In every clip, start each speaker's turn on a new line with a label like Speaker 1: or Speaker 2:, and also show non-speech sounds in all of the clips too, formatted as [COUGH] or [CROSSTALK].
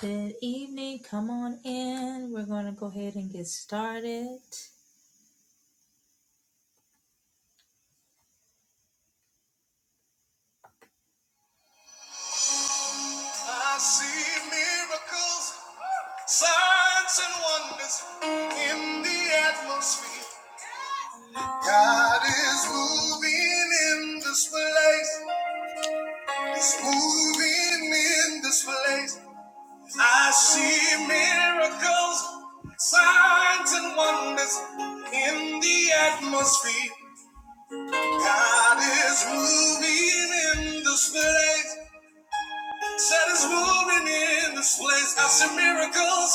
Speaker 1: Good evening. Come on in. We're going to go ahead and get started. I see miracles, signs, and wonders in the atmosphere. God is moving in this place. He's moving in this place. I see miracles, signs, and wonders in the atmosphere. God is moving in this place. Said it's moving in this place. I see miracles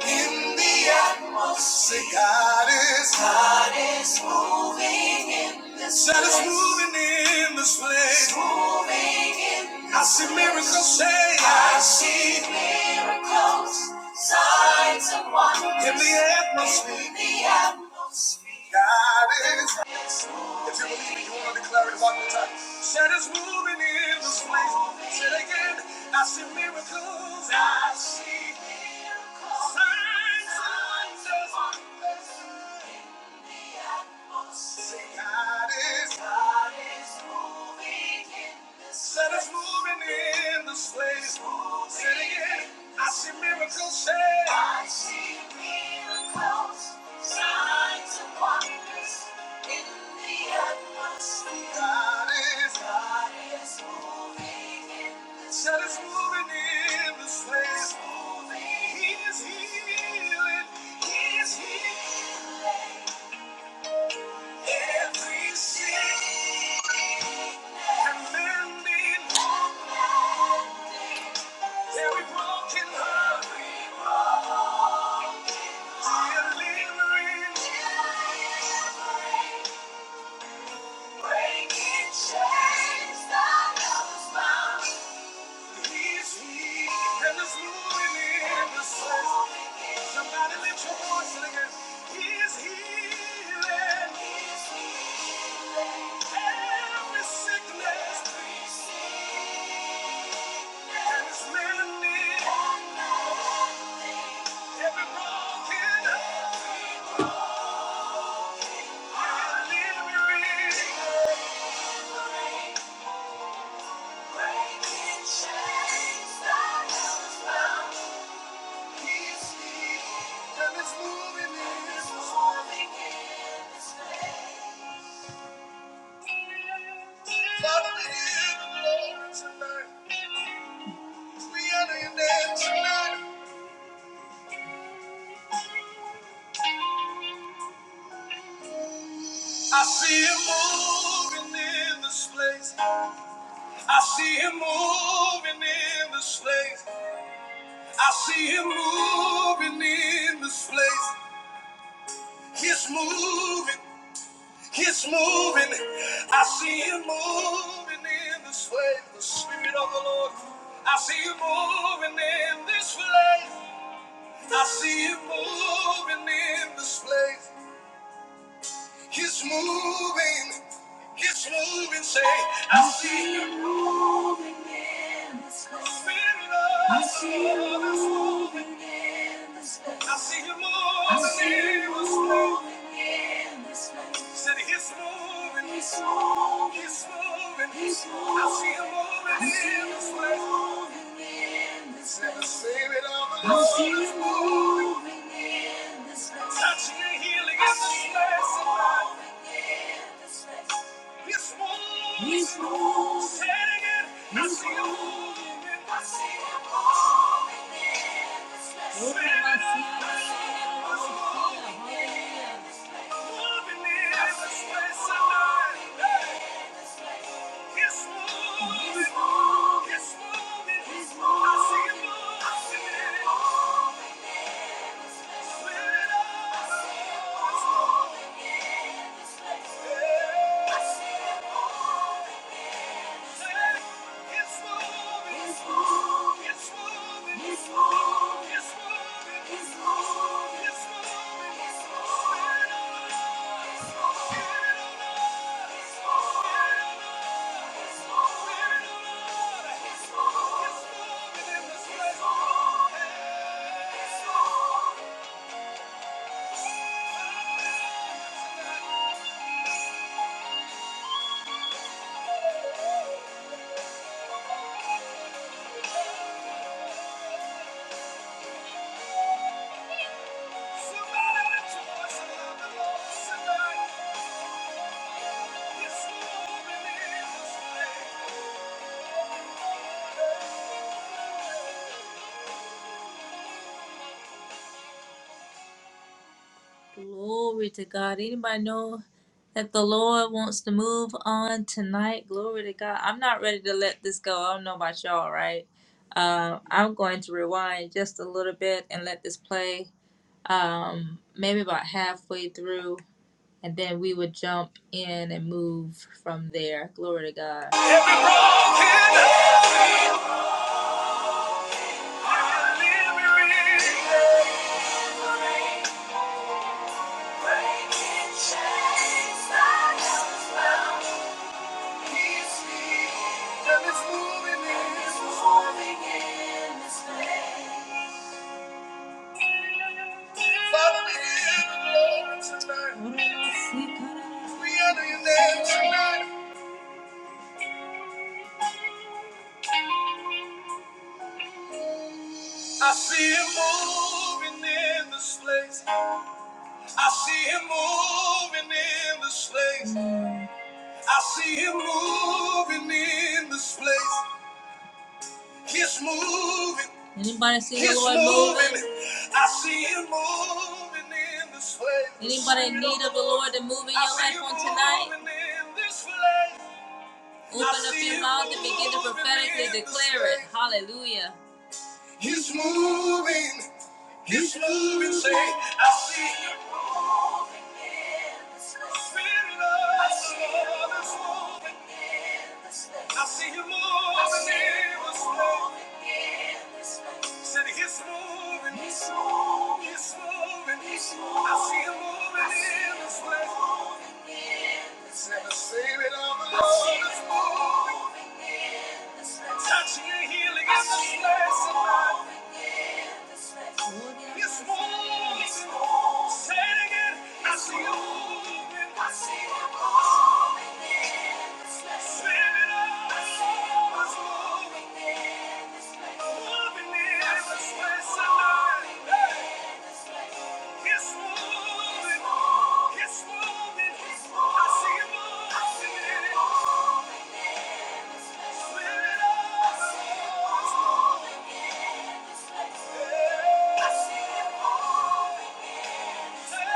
Speaker 1: in the atmosphere. God is God is moving in this place. Said it's place. moving in this place. It's Moving in this I see place. miracles. Say I see miracles, signs and wonders in the atmosphere. In the atmosphere. God is. If you believe it, you want to declare it one more time. Said it's moving in this place. Said again, I see miracles. I see miracles. Signs and wonders. Say God is, God is moving in this Said it's moving in this place. Say it I see miracles. signs and wonders in the atmosphere. God is, God is moving in this. Said moving in this healing. He's healing. Breaking chains that I was bound Breaking chains, I am found. I see him moving in this place. I see him moving in this place. I see him moving in this place. He's moving. He's moving. I see him moving in this place. The Spirit of the Lord. I see him moving in this place. I see him moving in this place. He's moving. He's moving. Say, I see him moving in this place. I see you moving in this place. I see you moving in this place. Said he's moving. He's moving. He's moving. He's moving. I see him moving in this place. Never seen it all I see you moving in this place. Touching and healing in this see in this place. He's moving. He's moving. Hallelujah. Somebody rejoice in the Lord tonight. It's moving in this place. Glory to God. Anybody know that the Lord wants to move on tonight? Glory to God. I'm not ready to let this go. I don't know about y'all, right? Uh, I'm going to rewind just a little bit and let this play um, maybe about halfway through, and then we would jump in and move from there. Glory to God. Every broken heart, every weary heart. I see him moving in this place. I see him moving in this place. I see him moving in this place. He's moving. Anybody see the Lord moving. I see him moving in this place. Anybody in need of the Lord to move in your life on tonight? Open up your mouth and begin to prophetically declare it. Hallelujah. He's moving. His moving, say, I see him moving in this place. Spirit of the Lord is moving in the space. I see him moving in the space. moving Said he's moving. I see it moving in this place. moving in this the Spirit is moving. in this place. Touching and healing in this place tonight. Hey. It's moving. It's moving. I see it moving. I see it moving. Yeah. I see it. Hey,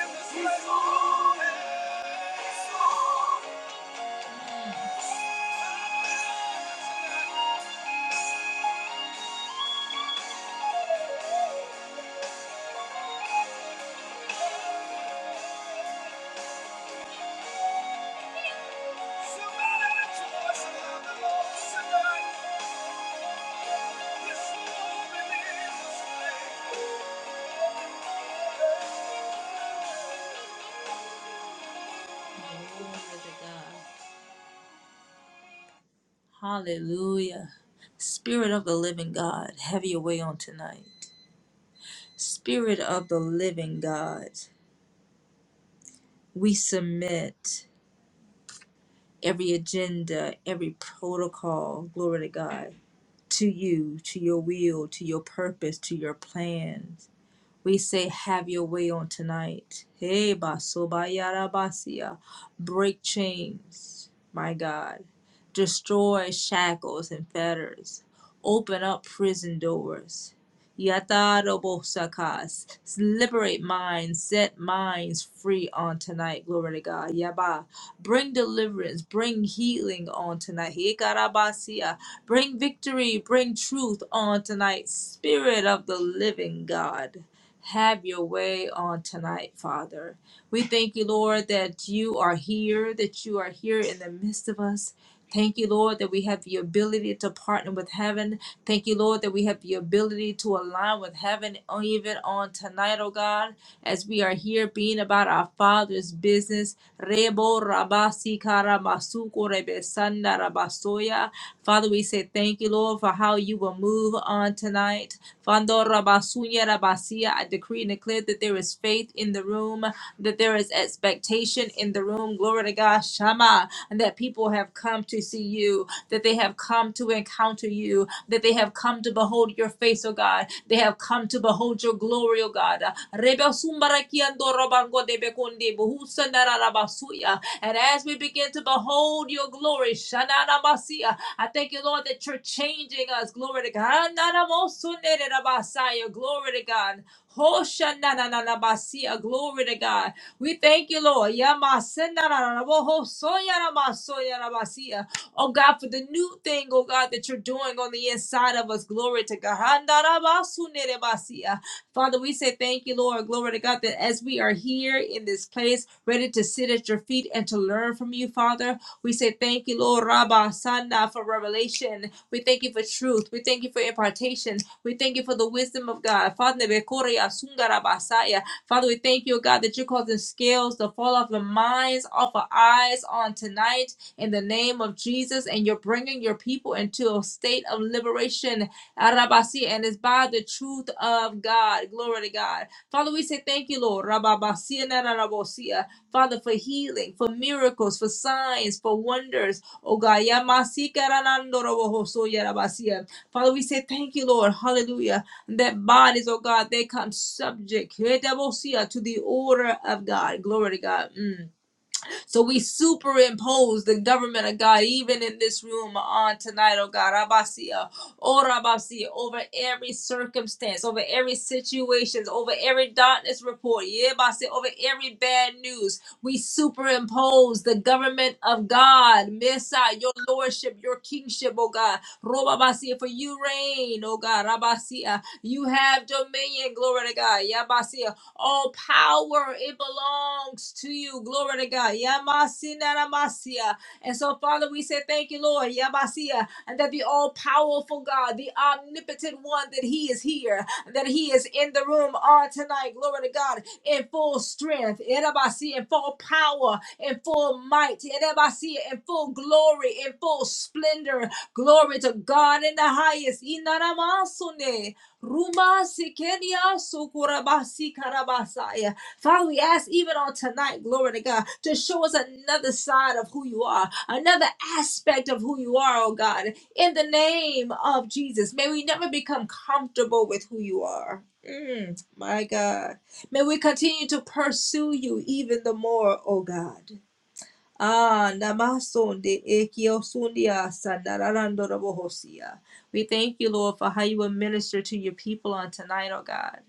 Speaker 1: in this place. Hallelujah. Spirit of the living God, have your way on tonight. Spirit of the living God, we submit every agenda, every protocol, glory to God, to you, to your will, to your purpose, to your plans. We say, have your way on tonight. Hey, basobayarabasia. Break chains, my God. Destroy shackles and fetters. Open up prison doors. Yatarobosakas. Liberate minds, set minds free on tonight. Glory to God. Yaba. Bring deliverance, bring healing on tonight. Hikarabasia. Bring victory, bring truth on tonight. Spirit of the living God. Have your way on tonight, Father. We thank you, Lord, that you are here, that you are here in the midst of us, Thank you, Lord, that we have the ability to partner with heaven. Thank you, Lord, that we have the ability to align with heaven even on tonight, oh God, as we are here being about our Father's business. Rebo rabasi karamasuko rebesanda rabasoya. Father, we say thank you, Lord, for how you will move on tonight. Fando rabasunya rabasia. I decree and declare that there is faith in the room, that there is expectation expectation in the room. Glory to God, Shama, and that people have come to see you, that they have come to encounter you, that they have come to behold your face, oh God. They have come to behold your glory, oh God. Rebe sumbarakiando robango de bekonde bohusandarabasuya. And as we begin to behold your glory, Shananabasia, I thank you, Lord, that you're changing us. Glory to God. Nanamosunerabasaya. Glory to God. Hoshanananabasia. Glory to God. We thank you, Lord. Yamasenararabohosoyaramasoyarabasiya. Oh God, for the new thing, oh God, that you're doing on the inside of us. Glory to God. Handarabasunerebasiya. Father, we say thank you, Lord. Glory to God, that as we are here in this place, ready to sit at your feet and to learn from you, Father, we say thank you, Lord Rabba Sana, for revelation. We thank you for truth. We thank you for impartation. We thank you for the wisdom of God. Father, Father, we thank you, God, that you're causing scales to fall off the minds, off of eyes on tonight in the name of Jesus. And you're bringing your people into a state of liberation. Arabasi, And it's by the truth of God. Glory to God. Father, we say thank you, Lord. Rababasi and Arabosia. Father, for healing, for miracles, for signs, for wonders. Oh God. Yamasi karanando robohoso yarabasia. Father, we say thank you, Lord. Hallelujah that bodies, oh God, they come subject to the order of God. Glory to God. Mm. So we superimpose the government of God, even in this room on tonight, oh God, Abasia, oh Rabasia, over every circumstance, over every situation, over every darkness report, Yebasi, over every bad news. We superimpose the government of God, Messiah, your lordship, your kingship, oh God, Robabasia, for you reign, oh God, Rabasia. You have dominion, glory to God, Yabasia, all power, it belongs to you. Glory to God. Yamasinaramasia. And so, Father, we say thank you, Lord. Yamasia. And that the all powerful God, the omnipotent one, that He is here, that He is in the room on tonight. Glory to God. In full strength, Erabasi, in full power, in full might, Erabasi, in full glory, in full splendor. Glory to God in the highest. Inaramasune. Ruma sikenia sukurabasi karabasaya. Father, we ask even on tonight, glory to God, to show us another side of who you are, another aspect of who you are, oh God. In the name of Jesus, may we never become comfortable with who you are. Mm, my God. May we continue to pursue you even the more, oh God. Ah, namasonde ekiosundia sandararandorobohosia. We thank you, Lord, for how you will minister to your people on tonight, oh God.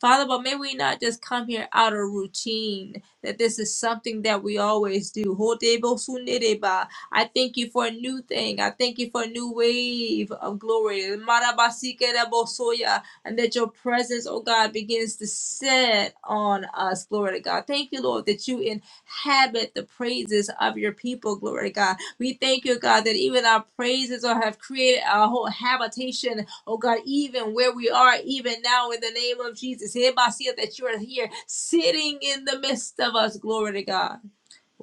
Speaker 1: Father, but may we not just come here out of routine, that this is something that we always do. Hodebosundereba. I thank you for a new thing. I thank you for a new wave of glory. Marabasikerebosoya. And that your presence, oh God, begins to set on us. Glory to God. Thank you, Lord, that you in inhabit the praises of your people, glory to God. We thank you, God, that even our praises or have created our whole habitation, oh God, even where we are, even now in the name of Jesus. Hereby see That you are here sitting in the midst of us, glory to God.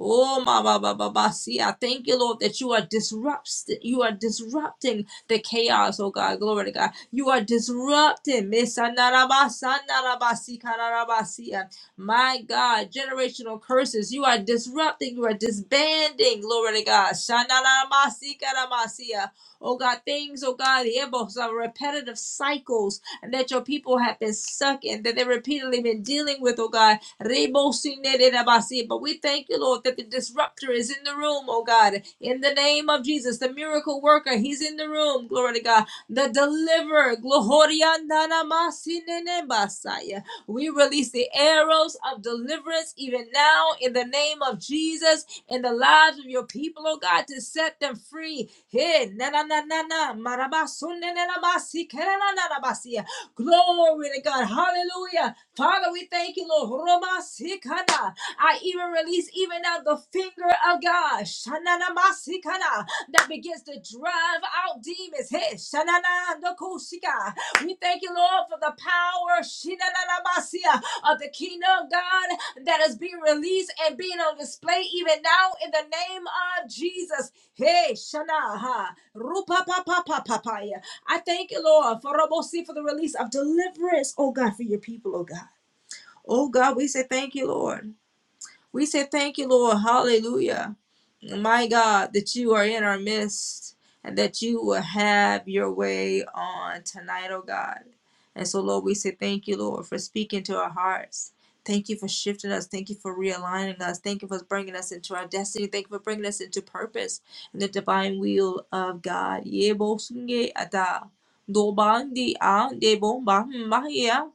Speaker 1: Oh, ma ba ba ba ba. See, I thank you, Lord, that you are disrupting. You are disrupting the chaos. Oh God, glory to God. You are disrupting. Misanarabasanarabasi kararabasi. My God, generational curses. You are disrupting. You are disbanding. Glory to God. Shanarabasi karamasi. Oh God, things. Oh God, the impulse of repetitive cycles and that your people have been stuck in that they've repeatedly been dealing with. Oh God, but we thank you, Lord, that the disruptor is in the room, oh God. In the name of Jesus, the miracle worker, he's in the room. Glory to God. The deliverer, Gloriandanamasine We release the arrows of deliverance even now in the name of Jesus in the lives of your people, oh God, to set them free. Hey, na na na na na, marabasunne na na basi, kera na kenenanabasi. Glory to God. Hallelujah. Father, we thank Thank you, Lord. Roma sikana. I even release even now the finger of God. Shanana masikana. That begins to drive out demons. Hey, shanana ndokushika. We thank you, Lord, for the power shinana masia, of the kingdom of God that is being released and being on display even now in the name of Jesus. Hey, Shanaha. Rupa pa pa pa pa pa. I thank you, Lord, for Robosi for the release of deliverance, oh God, for your people, oh God. Oh God, we say thank you, Lord. We say thank you, Lord. Hallelujah. My God, that you are in our midst and that you will have your way on tonight, oh God. And so, Lord, we say thank you, Lord, for speaking to our hearts. Thank you for shifting us. Thank you for realigning us. Thank you for bringing us into our destiny. Thank you for bringing us into purpose and the divine will of God. Yebosunge ata. 노반디앙 예봉마마이야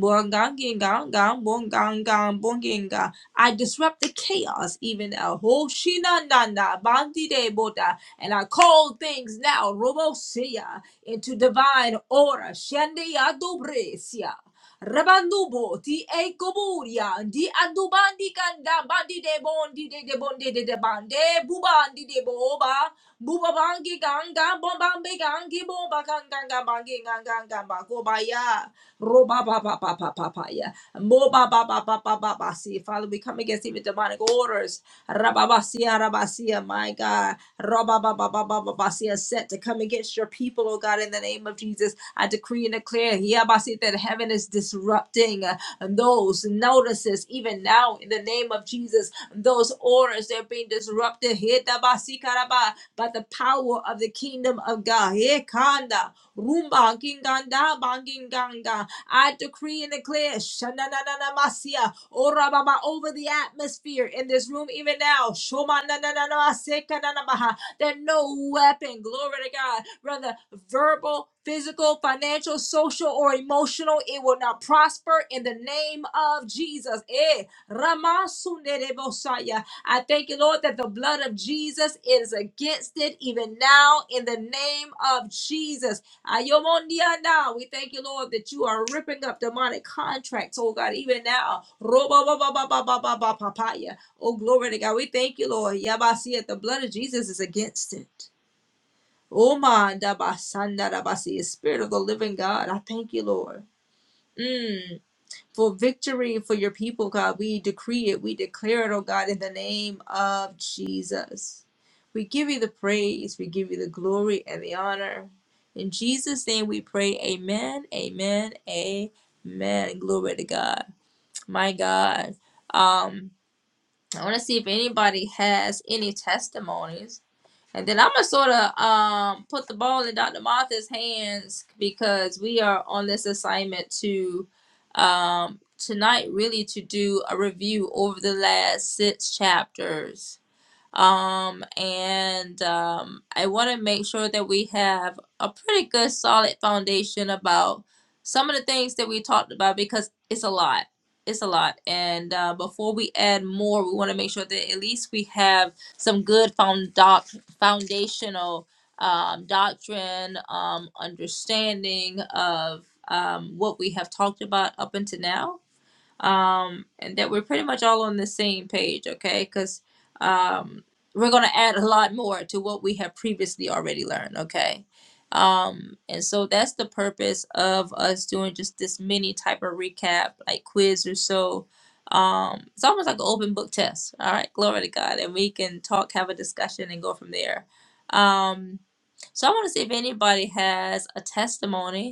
Speaker 1: 뭔강긴강강뭔강강뭔긴강 I disrupt the chaos even now. Hoshina nanda bandi de boda and I call things now robosia into divine order. Shandia dobresia. Rabandubo ti e koburia di adubandi kanda bandi de bondi de de bondi de de bande bubandi de boba buba bangi ganga bombambe gangi bomba ganga bangi ganga gamba kobaya roba ba ba ba ba ba ba ya moba ba ba ba ba ba ba see Father we come against even demonic orders rababasia rabasia my God roba ba ba ba ba ba ba see set to come against your people oh God in the name of Jesus I declare decree and declare Hiyabasi, that heaven is disrupting uh, those notices even now in the name of Jesus. Those orders they're being disrupted Hitabasi karaba, by the power of the kingdom of God. Hekanda, rumba, kinganda, banginganga. I decree and declare shanananamasia, orababa, over the atmosphere in this room even now. Shomanananamasekananamaha, That no weapon, glory to God, brother uh, verbal, physical, financial, social, or emotional. It will not prosper in the name of Jesus. Eh, Ramasunderebosaya. I thank you, Lord, that the blood of Jesus is against it even now in the name of Jesus. Ayomondiana. We thank you, Lord, that you are ripping up demonic contracts, oh God, even now. Robobobobobobobobopapaya. Oh, glory to God. We thank you, Lord. Yabasia, the blood of Jesus is against it. Oma Dabasandarabasi, Spirit of the Living God. I thank you, Lord. Mm. For victory for your people, God. We decree it. We declare it, oh God, in the name of Jesus. We give you the praise. We give you the glory and the honor. In Jesus' name we pray. Amen. Amen. Amen. Glory to God. My God. Um, I want to see if anybody has any testimonies and then I'm gonna sort of um put the ball in Dr. Martha's hands because we are on this assignment to um tonight really to do a review over the last six chapters um, and um, I want to make sure that we have a pretty good solid foundation about some of the things that we talked about because it's a lot. It's a lot. And uh, before we add more, we want to make sure that at least we have some good found doc- foundational um, doctrine, um, understanding of um, what we have talked about up until now um, and that we're pretty much all on the same page, okay? Because um, we're going to add a lot more to what we have previously already learned, okay? Um, and so that's the purpose of us doing just this mini type of recap, like quiz or so. Um, it's almost like an open book test, all right? Glory to God. And we can talk, have a discussion, and go from there. Um, so I want to see if anybody has a testimony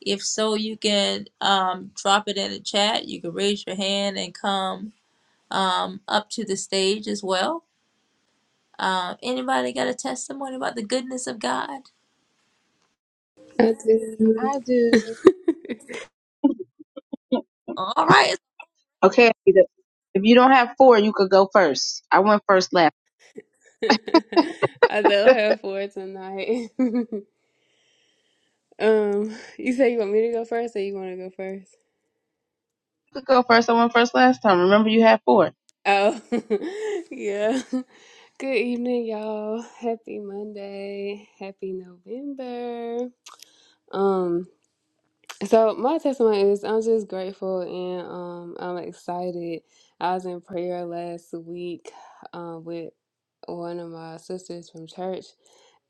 Speaker 1: if so, you can um, drop it in the chat. You can raise your hand and come um, up to the stage as well. Uh, anybody got a testimony about the goodness of God?
Speaker 2: I do.
Speaker 3: I do.
Speaker 1: All right.
Speaker 3: Okay. Anita. If you don't have four, you could go first. I went first last.
Speaker 2: [LAUGHS] I
Speaker 3: [LAUGHS]
Speaker 2: love
Speaker 3: you
Speaker 2: her for it tonight. [LAUGHS] um, you say you want me to go first, or you want to go first?
Speaker 3: could go first. I went first last time. Remember, you had four.
Speaker 2: Oh, [LAUGHS] yeah. Good evening, y'all. Happy Monday. Happy November. Um, so my testimony is I'm just grateful and um I'm excited. I was in prayer last week um with one of my sisters from church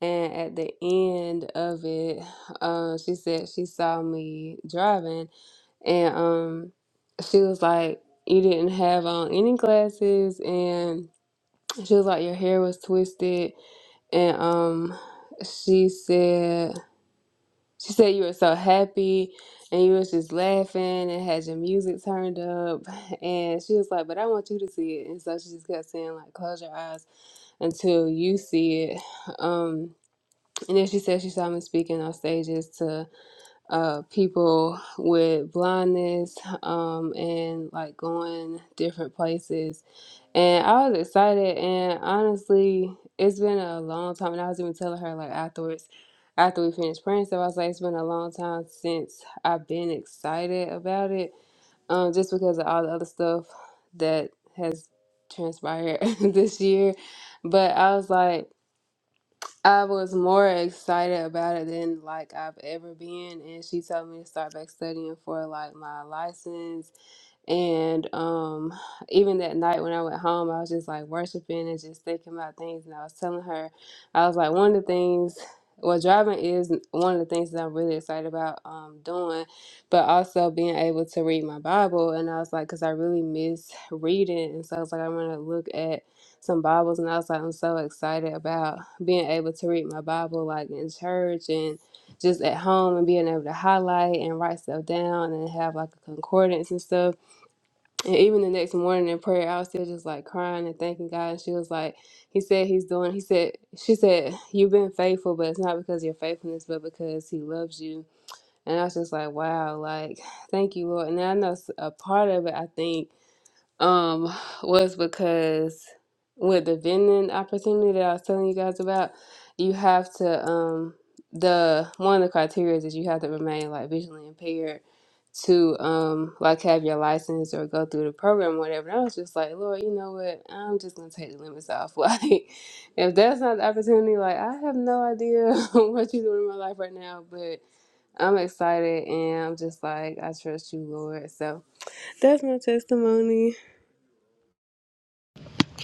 Speaker 2: And at the end of it, uh, she said she saw me driving, and um, she was like, "You didn't have on any glasses," and she was like, "Your hair was twisted," and um, she said, "She said you were so happy, and you was just laughing and had your music turned up," and she was like, "But I want you to see it," and so she just kept saying like, "Close your eyes until you see it," um. And then she said she saw me speaking on stages to uh, people with blindness um, and like going different places. And I was excited. And honestly, it's been a long time. And I was even telling her like afterwards, after we finished praying, so I was like, it's been a long time since I've been excited about it, um, just because of all the other stuff that has transpired [LAUGHS] this year. But I was like, I was more excited about it than like I've ever been, and she told me to start back studying for like my license and um, [SIGHS] even that night when I went home, I was just like worshiping and just thinking about things. And I was telling her, I was like, one of the things, well, driving is one of the things that I'm really excited about um, doing, but also being able to read my Bible. And I was like, because I really miss reading. And so I was like, I'm going to look at some Bibles. And I was like, I'm so excited about being able to read my Bible, like in church and just at home and being able to highlight and write stuff down and have like a concordance and stuff. And even the next morning in prayer, I was still just like crying and thanking God. And she was like, He said He's doing, He said, She said, You've been faithful, but it's not because of your faithfulness, but because He loves you. And I was just like, Wow, like, thank you, Lord. And I know s- a part of it, I think um was because with the vending opportunity that I was telling you guys about, you have to um the one of the criteria is you have to remain like visually impaired to um like have your license or go through the program or whatever. And I was just like, Lord, you know what? I'm just gonna take the limits off. [LAUGHS] Like if that's not the opportunity, like I have no idea [LAUGHS] what you're doing in my life right now, but I'm excited and I'm just like, I trust you, Lord. So that's my testimony.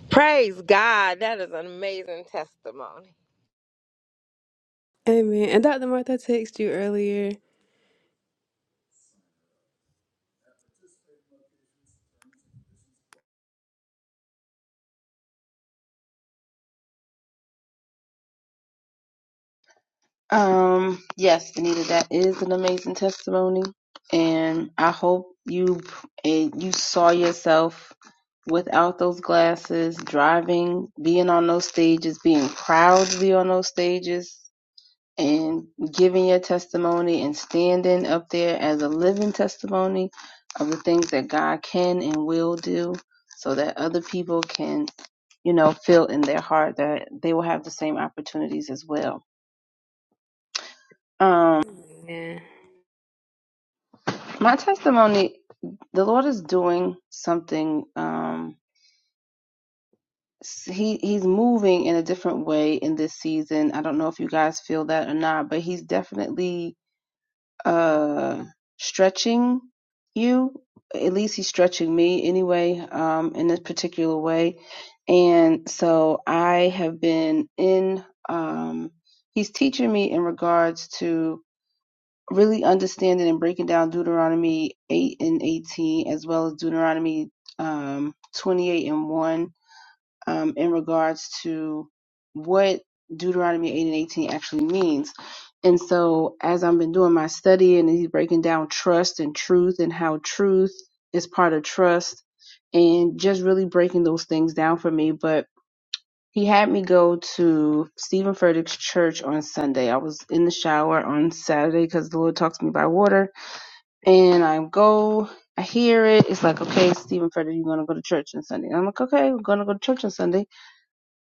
Speaker 4: Praise God. That is an amazing testimony.
Speaker 2: Amen. And Dr. Martha I texted you earlier.
Speaker 3: Um. Yes, Anita, that is an amazing testimony, and I hope you and you saw yourself without those glasses, driving, being on those stages, being proud to be on those stages. and giving your testimony and standing up there as a living testimony of the things that God can and will do so that other people can, you know, feel in their heart that they will have the same opportunities as well. Um,
Speaker 2: Yeah.
Speaker 3: my testimony, the Lord is doing something, um, he he's moving in a different way in this season. I don't know if you guys feel that or not, but he's definitely uh stretching you at least he's stretching me anyway um in this particular way and so i have been in um he's teaching me in regards to really understanding and breaking down deuteronomy 8 and 18 as well as deuteronomy um 28 and 1 um, in regards to what Deuteronomy 8 and 18 actually means. And so, as I've been doing my study and he's breaking down trust and truth and how truth is part of trust and just really breaking those things down for me. But he had me go to Stephen Furtick's church on Sunday. I was in the shower on Saturday because the Lord talks to me by water. And I go, I hear it. It's like, okay, Stephen Furtick, you're going to go to church on Sunday. And I'm like, okay, we're going to go to church on Sunday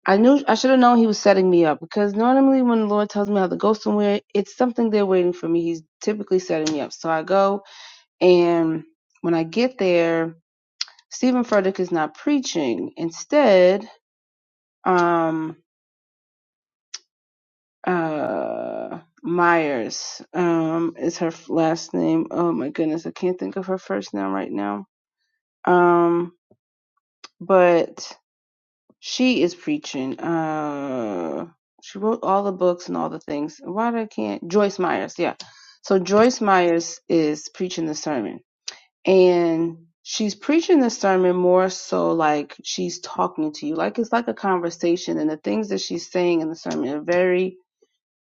Speaker 3: I knew I should have known he was setting me up because normally when the Lord tells me I have to go somewhere, it's something there waiting for me. He's typically setting me up. So I go and when I get there, Stephen Furtick is not preaching. Instead, um uh Myers um is her f- last name. Oh my goodness, I can't think of her first name right now. Um but She is preaching. Uh, she wrote all the books and all the things. Why did I can't Joyce Myers? Yeah. So Joyce Myers is preaching the sermon, and she's preaching the sermon more so like she's talking to you, like it's like a conversation. And the things that she's saying in the sermon are very,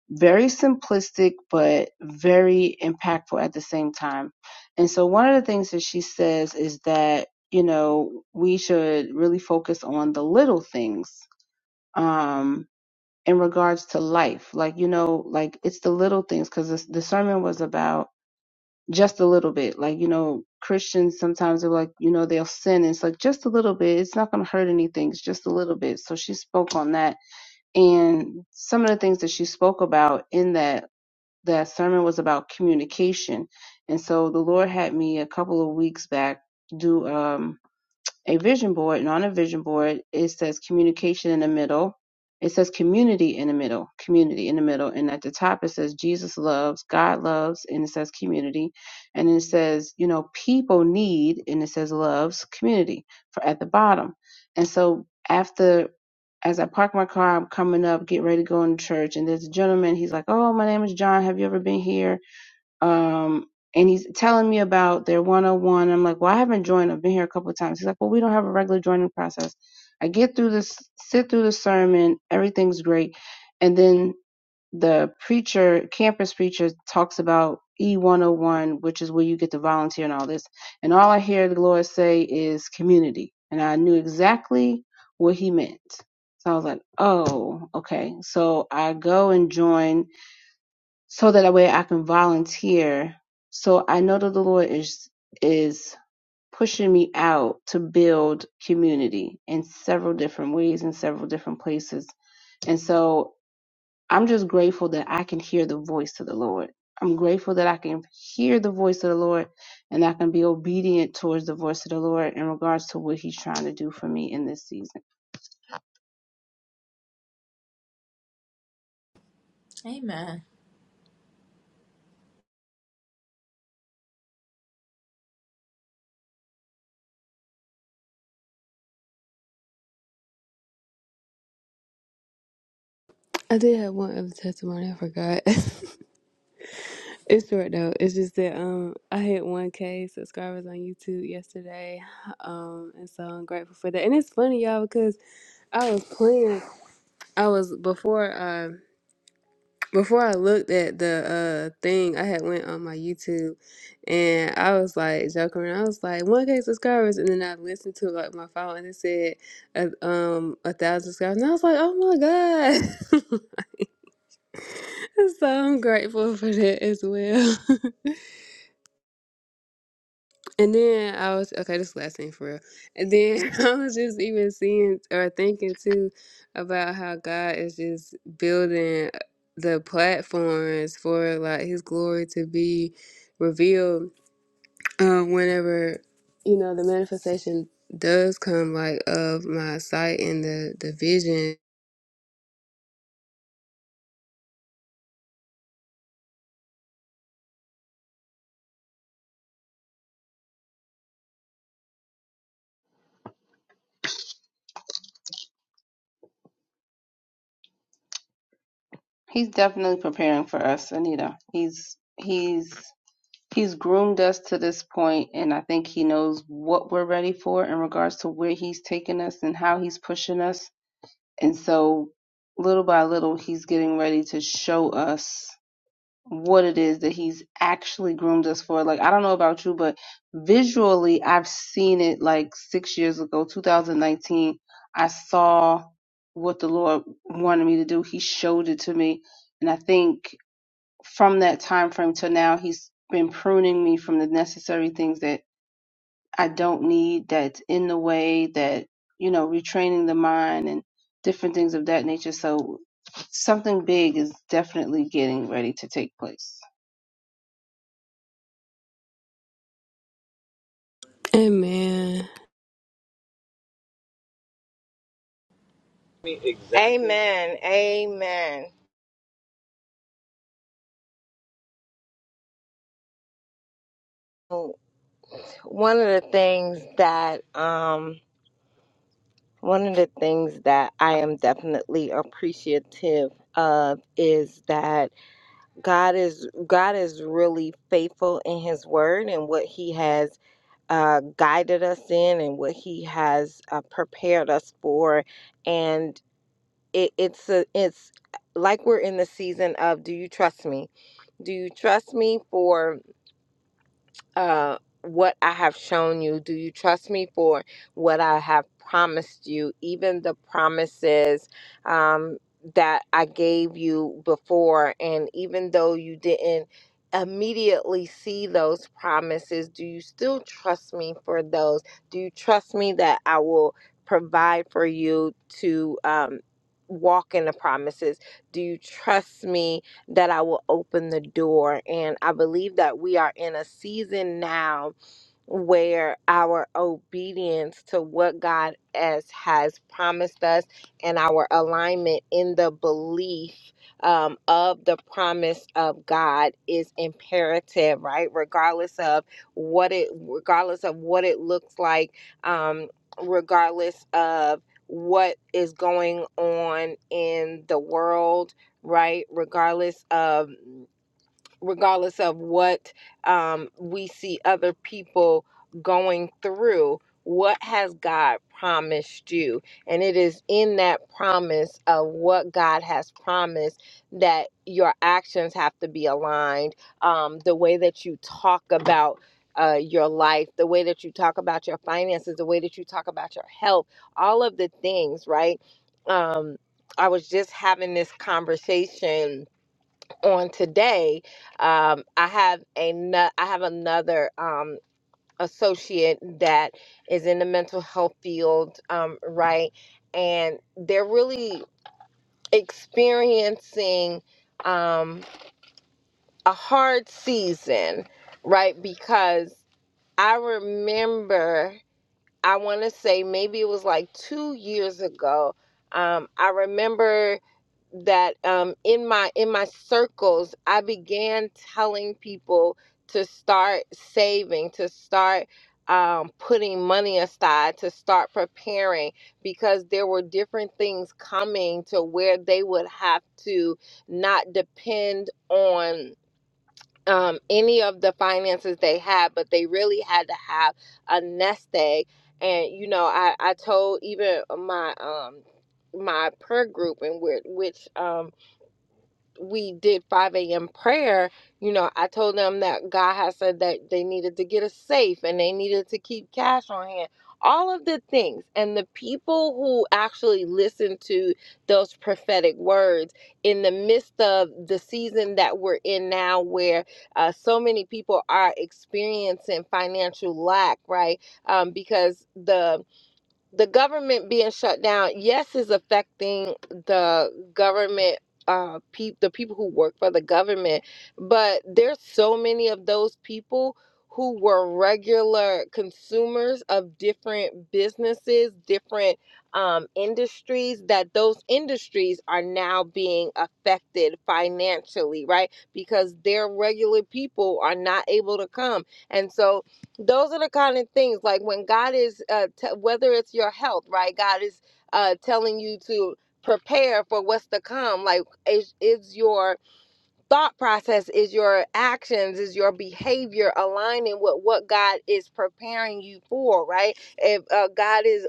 Speaker 3: very simplistic, but very impactful at the same time. And so one of the things that she says is that you know we should really focus on the little things um, in regards to life. Like, you know, like it's the little things because this, the sermon was about just a little bit. Like, you know, Christians sometimes are like, you know, they'll sin. And it's like just a little bit. It's not going to hurt anything. It's just a little bit. So she spoke on that. And some of the things that she spoke about in that, that sermon was about communication. And so the Lord had me a couple of weeks back do, um a vision board and on a vision board it says communication in the middle it says community in the middle community in the middle and at the top it says jesus loves god loves and it says community and it says you know people need and it says loves community for at the bottom and so after as I park my car, I'm coming up, get ready to go into church, and there's a gentleman. He's like, "Oh, my name is John. Have you ever been here?" Um, and he's telling me about their 101. I'm like, well, I haven't joined. I've been here a couple of times. He's like, well, we don't have a regular joining process. I get through this, sit through the sermon. Everything's great. And then the preacher, campus preacher talks about E101, which is where you get to volunteer and all this. And all I hear the Lord say is community. And I knew exactly what he meant. So I was like, oh, okay. So I go and join so that way I can volunteer. So I know that the Lord is is pushing me out to build community in several different ways in several different places. And so I'm just grateful that I can hear the voice of the Lord. I'm grateful that I can hear the voice of the Lord and I can be obedient towards the voice of the Lord in regards to what he's trying to do for me in this season.
Speaker 1: Amen.
Speaker 2: I did have one other testimony. I forgot. [LAUGHS] it's short though. It's just that um I hit 1K subscribers on YouTube yesterday, um and so I'm grateful for that. And it's funny y'all because I was playing. I was before. uh, Before I looked at the uh thing, I had went on my YouTube and I was like joking around. I was like, one K subscribers and then I listened to like my phone and it said a um a thousand subscribers and I was like, Oh my God. [LAUGHS] So I'm grateful for that as well. [LAUGHS] And then I was okay, this is the last thing for real. And then [LAUGHS] I was just even seeing or thinking too about how God is just building the platforms for like his glory to be revealed um whenever you know the manifestation does come like of my sight and the the vision.
Speaker 3: He's definitely preparing for us, Anita. He's he's he's groomed us to this point and i think he knows what we're ready for in regards to where he's taking us and how he's pushing us and so little by little he's getting ready to show us what it is that he's actually groomed us for like i don't know about you but visually i've seen it like 6 years ago 2019 i saw what the lord wanted me to do he showed it to me and i think from that time frame till now he's been pruning me from the necessary things that i don't need that's in the way that you know retraining the mind and different things of that nature so something big is definitely getting ready to take place
Speaker 2: Amen.
Speaker 4: Exactly. Amen. Amen. One of the things that um one of the things that I am definitely appreciative of is that God is God is really faithful in his word and what he has uh, guided us in and what he has uh, prepared us for and. it, it's a, it's like we're in the season of do you trust me? Do you trust me for uh, what I have shown you? Do you trust me for what I have promised you? Even the promises um, that I gave you before, and even though you didn't immediately see those promises, do you still trust me for those? Do you trust me that I will provide for you to um, walk in the promises? Do you trust me? that I will open the door. And I believe that we are in a season now where our obedience to what God has, has promised us and our alignment in the belief um, of the promise of God is imperative, right? Regardless of what it, regardless of what it looks like, um, regardless of what is going on in the world, right? Regardless of regardless of what um, we see other people going through. What has God promised you? And it is in that promise of what God has promised that your actions have to be aligned. Um, the way that you talk about uh, your life, the way that you talk about your finances, the way that you talk about your health, all of the things, right? Um, I was just having this conversation on today um i have a no- i have another um associate that is in the mental health field um right and they're really experiencing um a hard season right because i remember I want to say maybe it was like two years ago. Um, I remember that um, in my in my circles, I began telling people to start saving, to start um, putting money aside, to start preparing, because there were different things coming to where they would have to not depend on um, any of the finances they had, but they really had to have a nest egg. And you know, I I told even my um my prayer group and which which um we did 5 a.m. prayer, you know, I told them that God has said that they needed to get a safe and they needed to keep cash on hand, all of the things. And the people who actually listened to those prophetic words in the midst of the season that we're in now, where uh, so many people are experiencing financial lack, right? Um, because the the government being shut down, yes, is affecting the government. Uh, pe- the people who work for the government, but there's so many of those people who were regular consumers of different businesses, different um, industries. That those industries are now being affected financially, right? Because their regular people are not able to come, and so those are the kind of things like when god is uh, t- whether it's your health right god is uh, telling you to prepare for what's to come like is, is your thought process is your actions is your behavior aligning with what god is preparing you for right if uh, god is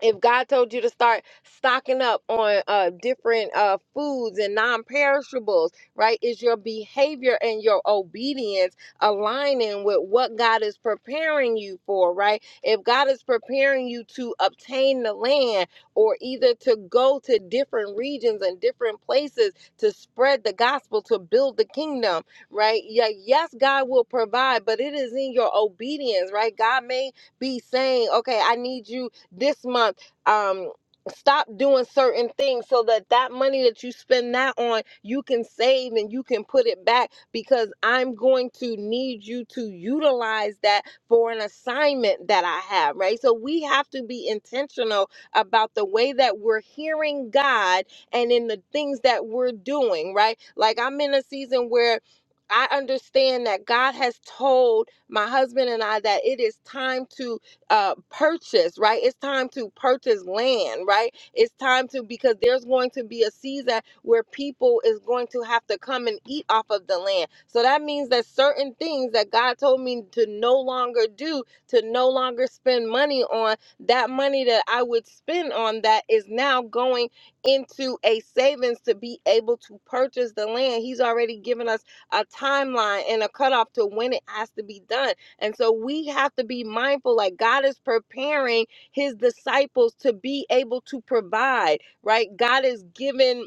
Speaker 4: if God told you to start stocking up on uh, different uh, foods and non perishables, right? Is your behavior and your obedience aligning with what God is preparing you for, right? If God is preparing you to obtain the land or either to go to different regions and different places to spread the gospel, to build the kingdom, right? Yeah, yes, God will provide, but it is in your obedience, right? God may be saying, okay, I need you this month um stop doing certain things so that that money that you spend now on you can save and you can put it back because i'm going to need you to utilize that for an assignment that i have right so we have to be intentional about the way that we're hearing god and in the things that we're doing right like i'm in a season where I understand that God has told my husband and I that it is time to uh, purchase, right? It's time to purchase land, right? It's time to, because there's going to be a season where people is going to have to come and eat off of the land. So that means that certain things that God told me to no longer do, to no longer spend money on, that money that I would spend on that is now going into a savings to be able to purchase the land. He's already given us a timeline and a cutoff to when it has to be done. And so we have to be mindful like God is preparing his disciples to be able to provide, right? God is giving.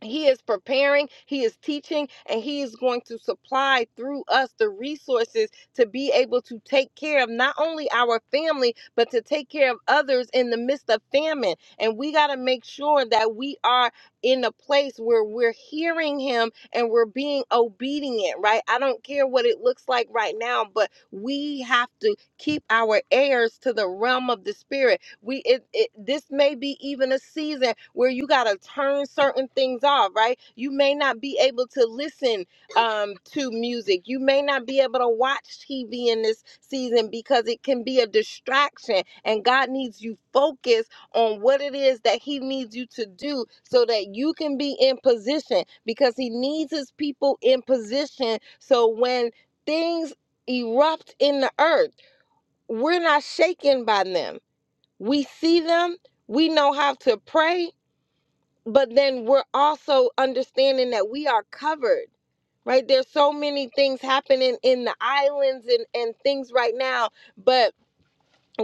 Speaker 4: He is preparing, He is teaching, and He is going to supply through us the resources to be able to take care of not only our family, but to take care of others in the midst of famine. And we got to make sure that we are in a place where we're hearing Him and we're being obedient, right? I don't care what it looks like right now, but we have to keep our ears to the realm of the Spirit we it, it this may be even a season where you got to turn certain things off right you may not be able to listen um to music you may not be able to watch tv in this season because it can be a distraction and god needs you focused on what it is that he needs you to do so that you can be in position because he needs his people in position so when things erupt in the earth we're not shaken by them we see them, we know how to pray, but then we're also understanding that we are covered, right? There's so many things happening in the islands and, and things right now, but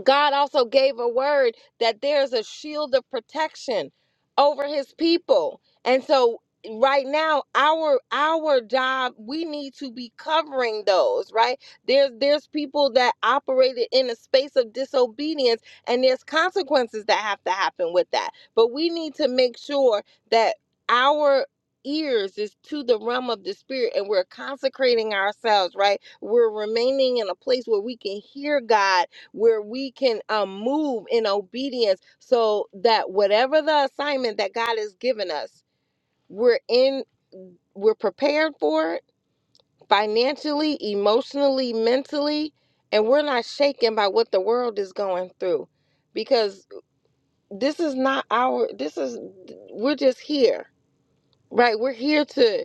Speaker 4: God also gave a word that there's a shield of protection over his people. And so right now our our job we need to be covering those right there's there's people that operated in a space of disobedience and there's consequences that have to happen with that but we need to make sure that our ears is to the realm of the spirit and we're consecrating ourselves right we're remaining in a place where we can hear god where we can um, move in obedience so that whatever the assignment that God has given us, we're in, we're prepared for it financially, emotionally, mentally, and we're not shaken by what the world is going through because this is not our, this is, we're just here, right? We're here to.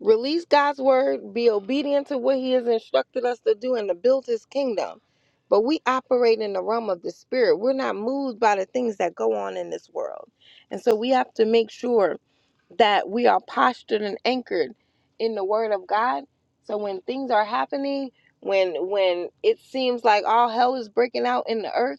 Speaker 4: Release God's word, be obedient to what He has instructed us to do, and to build His kingdom. But we operate in the realm of the spirit. We're not moved by the things that go on in this world. And so we have to make sure that we are postured and anchored in the word of God. So when things are happening, when when it seems like all hell is breaking out in the earth,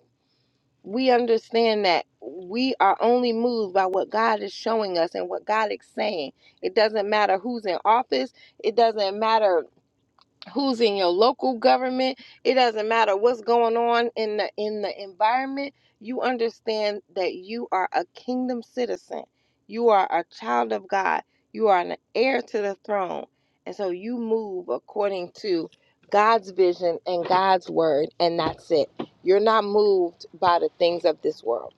Speaker 4: we understand that we are only moved by what God is showing us and what God is saying. It doesn't matter who's in office. It doesn't matter who's in your local government it doesn't matter what's going on in the in the environment you understand that you are a kingdom citizen you are a child of god you are an heir to the throne and so you move according to god's vision and god's word and that's it you're not moved by the things of this world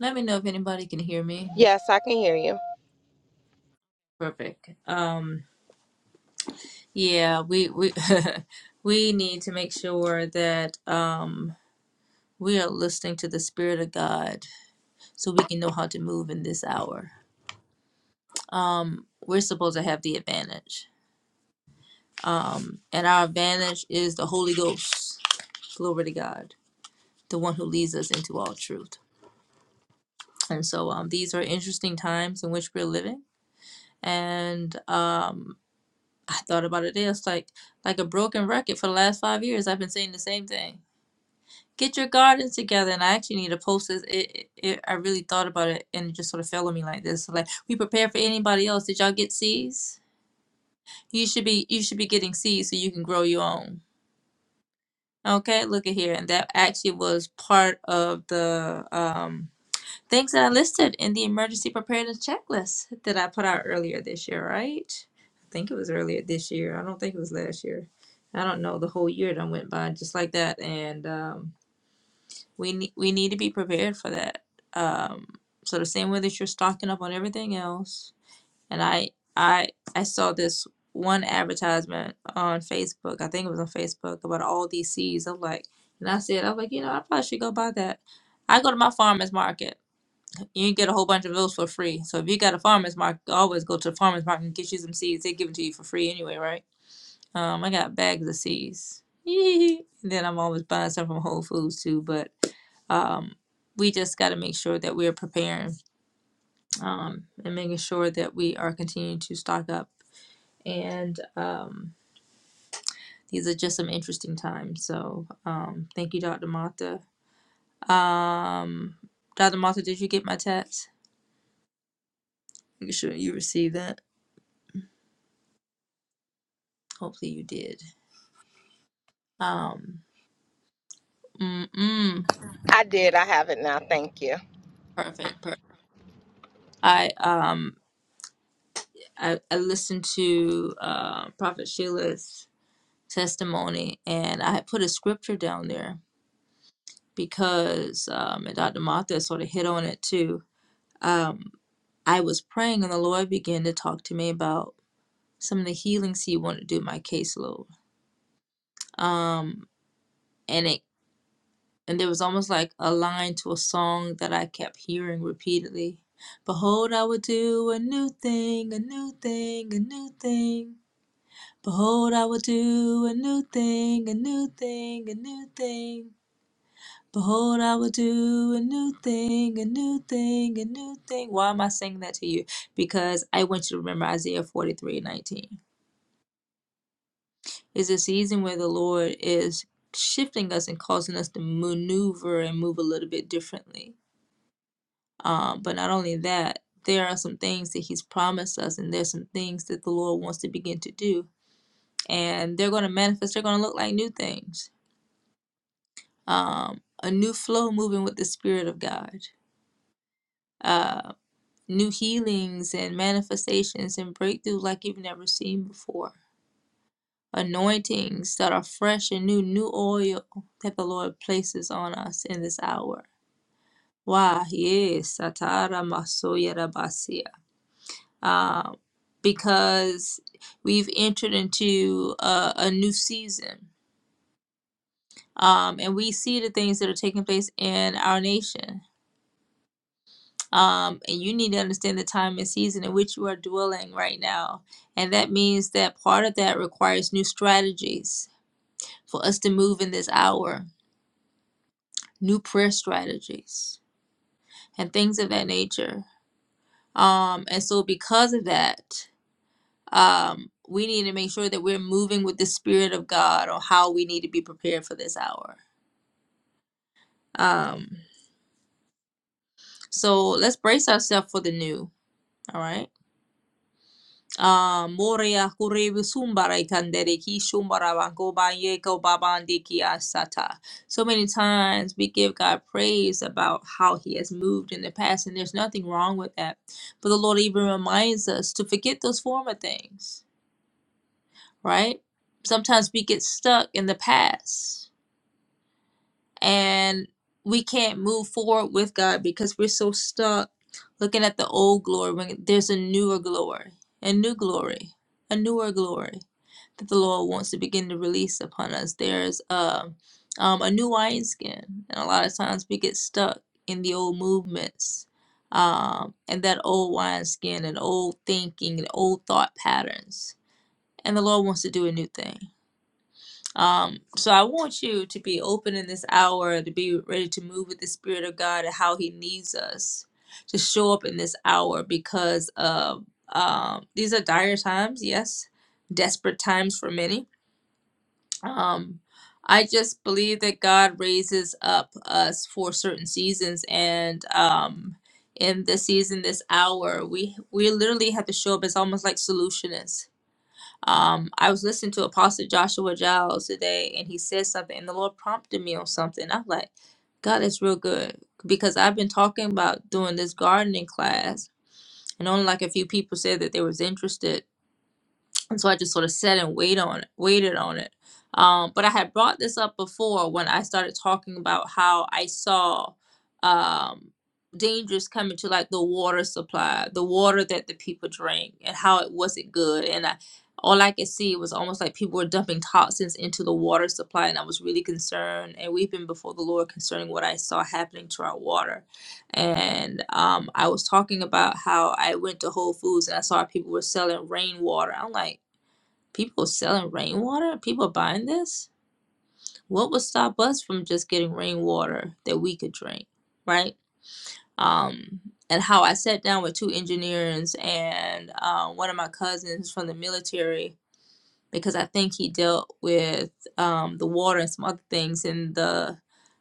Speaker 1: Let me know if anybody can hear me.
Speaker 4: yes i can hear you
Speaker 1: Perfect. Um, yeah, we we [LAUGHS] we need to make sure that um, we are listening to the Spirit of God so we can know how to move in this hour. Um, we're supposed to have the advantage. Um, and our advantage is the Holy Ghost. Glory to God, the one who leads us into all truth. And so um, these are interesting times in which we're living. And um, I thought about it. It's like like a broken record for the last five years. I've been saying the same thing. Get your gardens together. And I actually need to post this. It, it, it, I really thought about it, and it just sort of fell on me like this. So Like we prepare for anybody else. Did y'all get seeds? You should be you should be getting seeds so you can grow your own Okay, look at here. And that actually was part of the um, things that I listed in the emergency preparedness checklist that I put out earlier this year, right? I think it was earlier this year. I don't think it was last year. I don't know. The whole year that went by just like that. And um, we, ne- we need to be prepared for that. Um, so the same way that you're stocking up on everything else, and I I I saw this one advertisement on Facebook. I think it was on Facebook about all these seeds. I'm like, and I said, I was like, you know, I probably should go buy that. I go to my farmers market. You can get a whole bunch of those for free. So if you got a farmers market, always go to the farmers market and get you some seeds. They give them to you for free anyway, right? Um, I got bags of seeds. [LAUGHS] And then I'm always buying stuff from Whole Foods too, but um, we just got to make sure that we're preparing um, and making sure that we are continuing to stock up and um, these are just some interesting times. So um, thank you, Dr. Martha. Um, Dr. Martha, did you get my text? Make sure you received that. Hopefully you did. Um, mm, mm,
Speaker 4: i did i have it now thank you
Speaker 1: perfect, perfect. I um I, I listened to uh, Prophet Sheila's testimony, and I had put a scripture down there because um, and Dr. Martha sort of hit on it too. Um, I was praying, and the Lord began to talk to me about. some of the healings he wanted to do in my caseload. Um, and it and there was almost like a line to a song that I kept hearing repeatedly. Behold, I will do a new thing, a new thing, a new thing. Behold, I will do a new thing, a new thing, a new thing. Behold, I will do a new thing, a new thing, a new thing. Why am I saying that to you? Because I want you to remember Isaiah 43 19. Is a season where the Lord is shifting us and causing us to maneuver and move a little bit differently. Um, but not only that, there are some things that He's promised us, and there's some things that the Lord wants to begin to do. And they're going to manifest, they're going to look like new things. Um, a new flow moving with the Spirit of God, uh, new healings and manifestations and breakthrough like you've never seen before anointings that are fresh and new, new oil that the Lord places on us in this hour. Why? Yes, Satara Masoya Rabasia. Um, because we've entered into a, a new season. Um, and we see the things that are taking place in our nation. Um, and you need to understand the time and season in which you are dwelling right now. And that means that part of that requires new strategies for us to move in this hour new prayer strategies and things of that nature. Um, and so, because of that, um, we need to make sure that we're moving with the Spirit of God on how we need to be prepared for this hour. Um, so, let's brace ourselves for the new. All right. Ah, Moria Kurebu Sumbara Kandere Ki Shumbara Bango Banye Ko Babandi Ki Asata. So many times we give God praise about how He has moved in the past, and there's nothing wrong with that. But the Lord even reminds us to forget those former things, right? Sometimes we get stuck in the past and we can't move forward with God because we're so stuck looking at the old glory when there's a newer glory, a new glory, a newer glory that the Lord wants to begin to release upon us. There's uh, um, a new wineskin, and a lot of times we get stuck in the old movements um, and that old wineskin and old thinking and old thought patterns. And the Lord wants to do a new thing. Um, so I want you to be open in this hour, to be ready to move with the Spirit of God and how He needs us to show up in this hour because of um, these are dire times, yes, desperate times for many um, I just believe that God raises up us for certain seasons, and um, in this season, this hour, we we literally have to show up as almost like solutionists. Um, I was listening to Apostle Joshua Giles today, and he said something, and the Lord prompted me on something. I'm like, God is real good because I've been talking about doing this gardening class, and only like a few people said that they was interested and so I just sort of sat and wait on it, waited on it. Um, but I had brought this up before when I started talking about how I saw um, dangers coming to like the water supply, the water that the people drank, and how it wasn't good. And I, all I could see was almost like people were dumping toxins into the water supply, and I was really concerned and weeping before the Lord concerning what I saw happening to our water. And um, I was talking about how I went to Whole Foods and I saw people were selling rainwater. I'm like People selling rainwater? People buying this? What would stop us from just getting rainwater that we could drink, right? Um, and how I sat down with two engineers and uh, one of my cousins from the military because I think he dealt with um, the water and some other things in the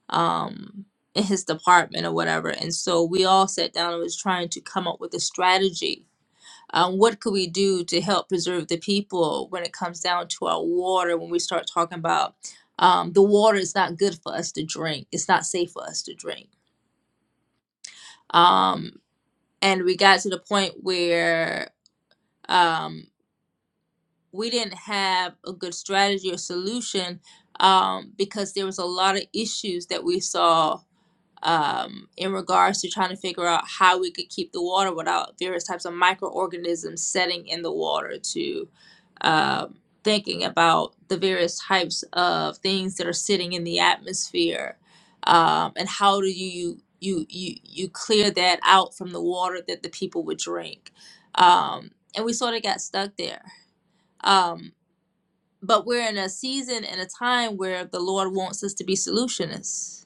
Speaker 1: um, in his department or whatever. And so we all sat down and was trying to come up with a strategy um, what could we do to help preserve the people when it comes down to our water? When we start talking about um, the water is not good for us to drink, it's not safe for us to drink. Um, and we got to the point where um, we didn't have a good strategy or solution um, because there was a lot of issues that we saw um, in regards to trying to figure out how we could keep the water without various types of microorganisms setting in the water to um, thinking about the various types of things that are sitting in the atmosphere um, and how do you you you you clear that out from the water that the people would drink um, and we sort of got stuck there um, but we're in a season and a time where the lord wants us to be solutionists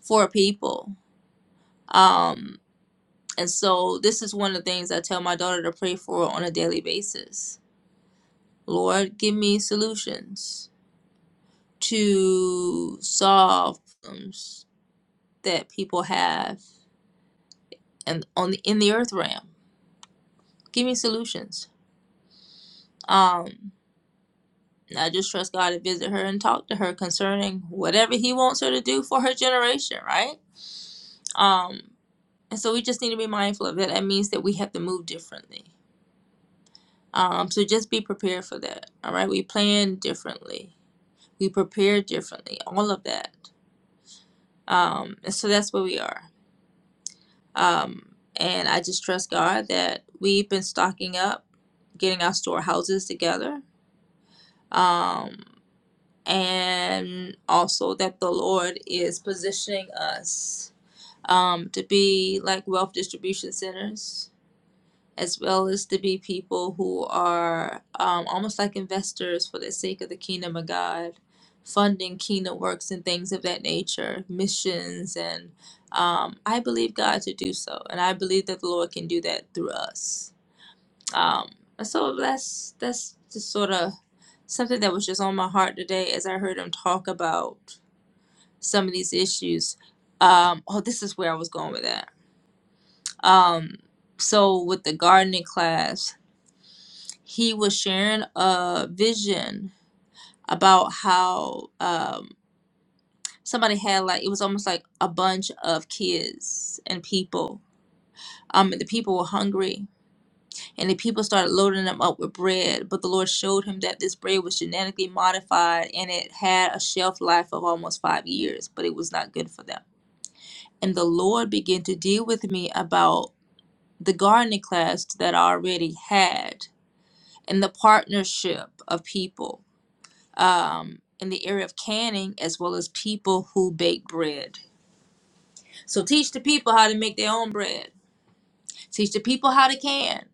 Speaker 1: for people um, and so this is one of the things I tell my daughter to pray for on a daily basis. Lord, give me solutions to solve problems that people have and on the in the earth realm. Give me solutions. Um I just trust God to visit her and talk to her concerning whatever he wants her to do for her generation, right? Um, and so we just need to be mindful of that. That means that we have to move differently. Um, so just be prepared for that. All right, we plan differently. we prepare differently all of that um and so that's where we are um and i just trust god that we've been stocking up getting our storehouses together um and also that the lord is positioning us um to be like wealth distribution centers as well as to be people who are um, almost like investors for the sake of the kingdom of God, funding kingdom works and things of that nature, missions, and um, I believe God to do so, and I believe that the Lord can do that through us. Um, and so that's that's just sort of something that was just on my heart today as I heard him talk about some of these issues. Um, oh, this is where I was going with that. Um, so with the gardening class, he was sharing a vision about how um, somebody had like it was almost like a bunch of kids and people. Um, the people were hungry, and the people started loading them up with bread. But the Lord showed him that this bread was genetically modified, and it had a shelf life of almost five years, but it was not good for them. And the Lord began to deal with me about the gardening class that I already had, and the partnership of people um, in the area of canning as well as people who bake bread. So teach the people how to make their own bread. Teach the people how to can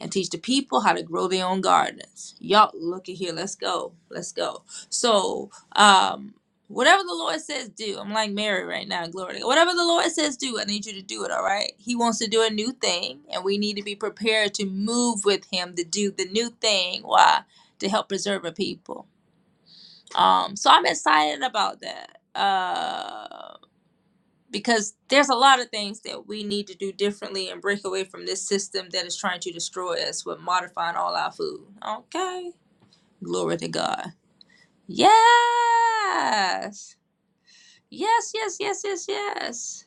Speaker 1: and teach the people how to grow their own gardens. Y'all look at here, let's go. Let's go. So um whatever the Lord says do, I'm like Mary right now, glory. to God. Whatever the Lord says do, I need you to do it, all right? He wants to do a new thing and we need to be prepared to move with him to do the new thing. Why? To help preserve a people. Um, so I'm excited about that uh, because there's a lot of things that we need to do differently and break away from this system that is trying to destroy us with modifying all our food. Okay, glory to God. Yes, yes, yes, yes, yes, yes.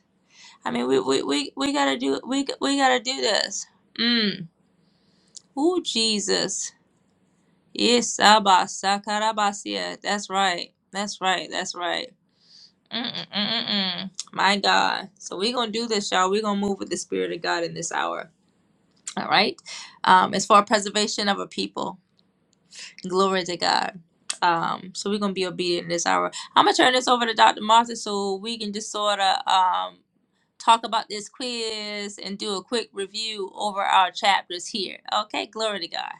Speaker 1: I mean, we we we, we gotta do we we gotta do this. Mm. Ooh, Jesus. Yes, Abba, Sakarabasia. That's right. That's right. That's right. Mm-mm, mm-mm. My God. So we're going to do this, y'all. We're going to move with the Spirit of God in this hour. All right. Um, it's for preservation of a people. Glory to God. Um, so we're going to be obedient in this hour. I'm going to turn this over to Dr. Martha so we can just sort of um, talk about this quiz and do a quick review over our chapters here. Okay. Glory to God.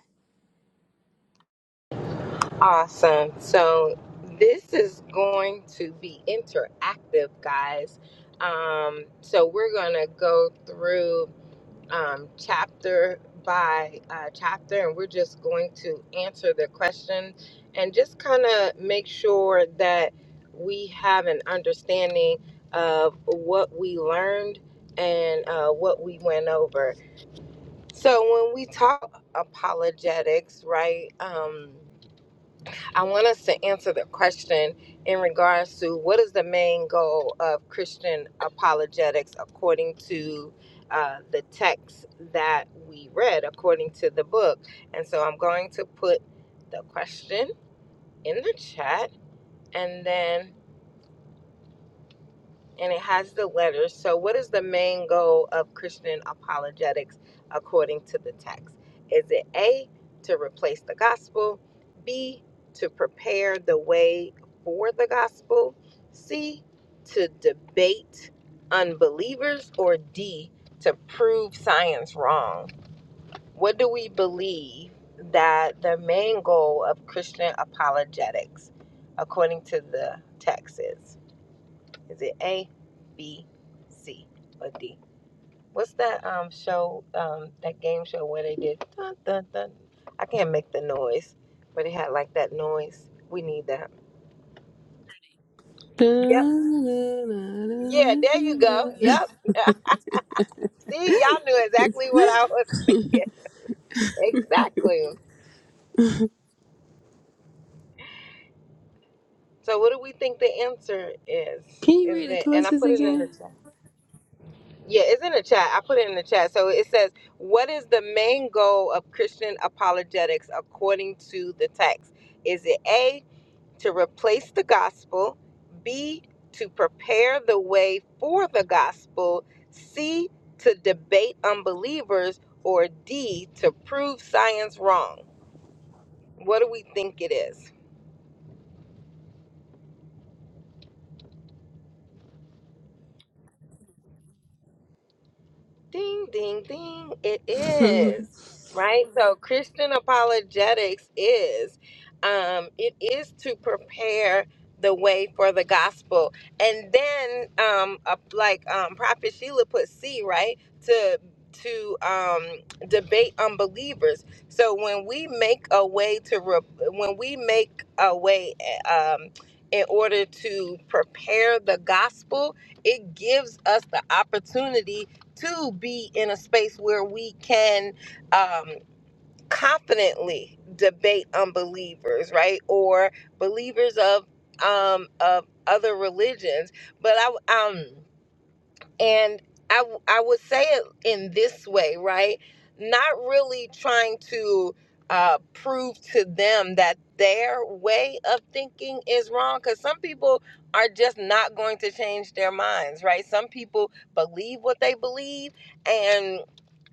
Speaker 4: Awesome. So this is going to be interactive, guys. Um, so we're going to go through um, chapter by uh, chapter and we're just going to answer the question and just kind of make sure that we have an understanding of what we learned and uh, what we went over. So when we talk apologetics, right? Um, I want us to answer the question in regards to what is the main goal of Christian apologetics according to uh, the text that we read, according to the book. And so I'm going to put the question in the chat. And then and it has the letters. So, what is the main goal of Christian apologetics according to the text? Is it A, to replace the gospel, B, to prepare the way for the gospel, C, to debate unbelievers, or D, to prove science wrong? What do we believe that the main goal of Christian apologetics according to the text is? Is it A, B, C, or D? What's that um show, um that game show where they did dun dun dun? I can't make the noise, but it had like that noise. We need that. Yep. Yeah, there you go.
Speaker 2: [LAUGHS]
Speaker 4: Yep. [LAUGHS] See, y'all knew exactly what I was thinking. Exactly. So what do we think the answer is?
Speaker 2: Can you
Speaker 4: Is
Speaker 2: read the
Speaker 4: it and I
Speaker 2: choices
Speaker 4: put it in the
Speaker 2: again?
Speaker 4: chat. Yeah, it's in the chat. I put it in the chat. So it says, What is the main goal of Christian apologetics according to the text? Is it A, to replace the gospel, B, to prepare the way for the gospel, C, to debate unbelievers, or D, to prove science wrong? What do we think it is? Ding, ding, ding. It is,
Speaker 2: [LAUGHS]
Speaker 4: right? So Christian apologetics is, um, it is to prepare the way for the gospel. And then, um, uh, like um, Prophet Sheila put C, right? To to um, debate unbelievers. So when we make a way to, re- when we make a way eh, um, in order to prepare the gospel, it gives us the opportunity to be in a space where we can um, confidently debate unbelievers, right, or believers of um, of other religions. But I um and I, w- I would say it in this way, right? Not really trying to uh, prove to them that their way of thinking is wrong, because some people are just not going to change their minds, right? Some people believe what they believe, and.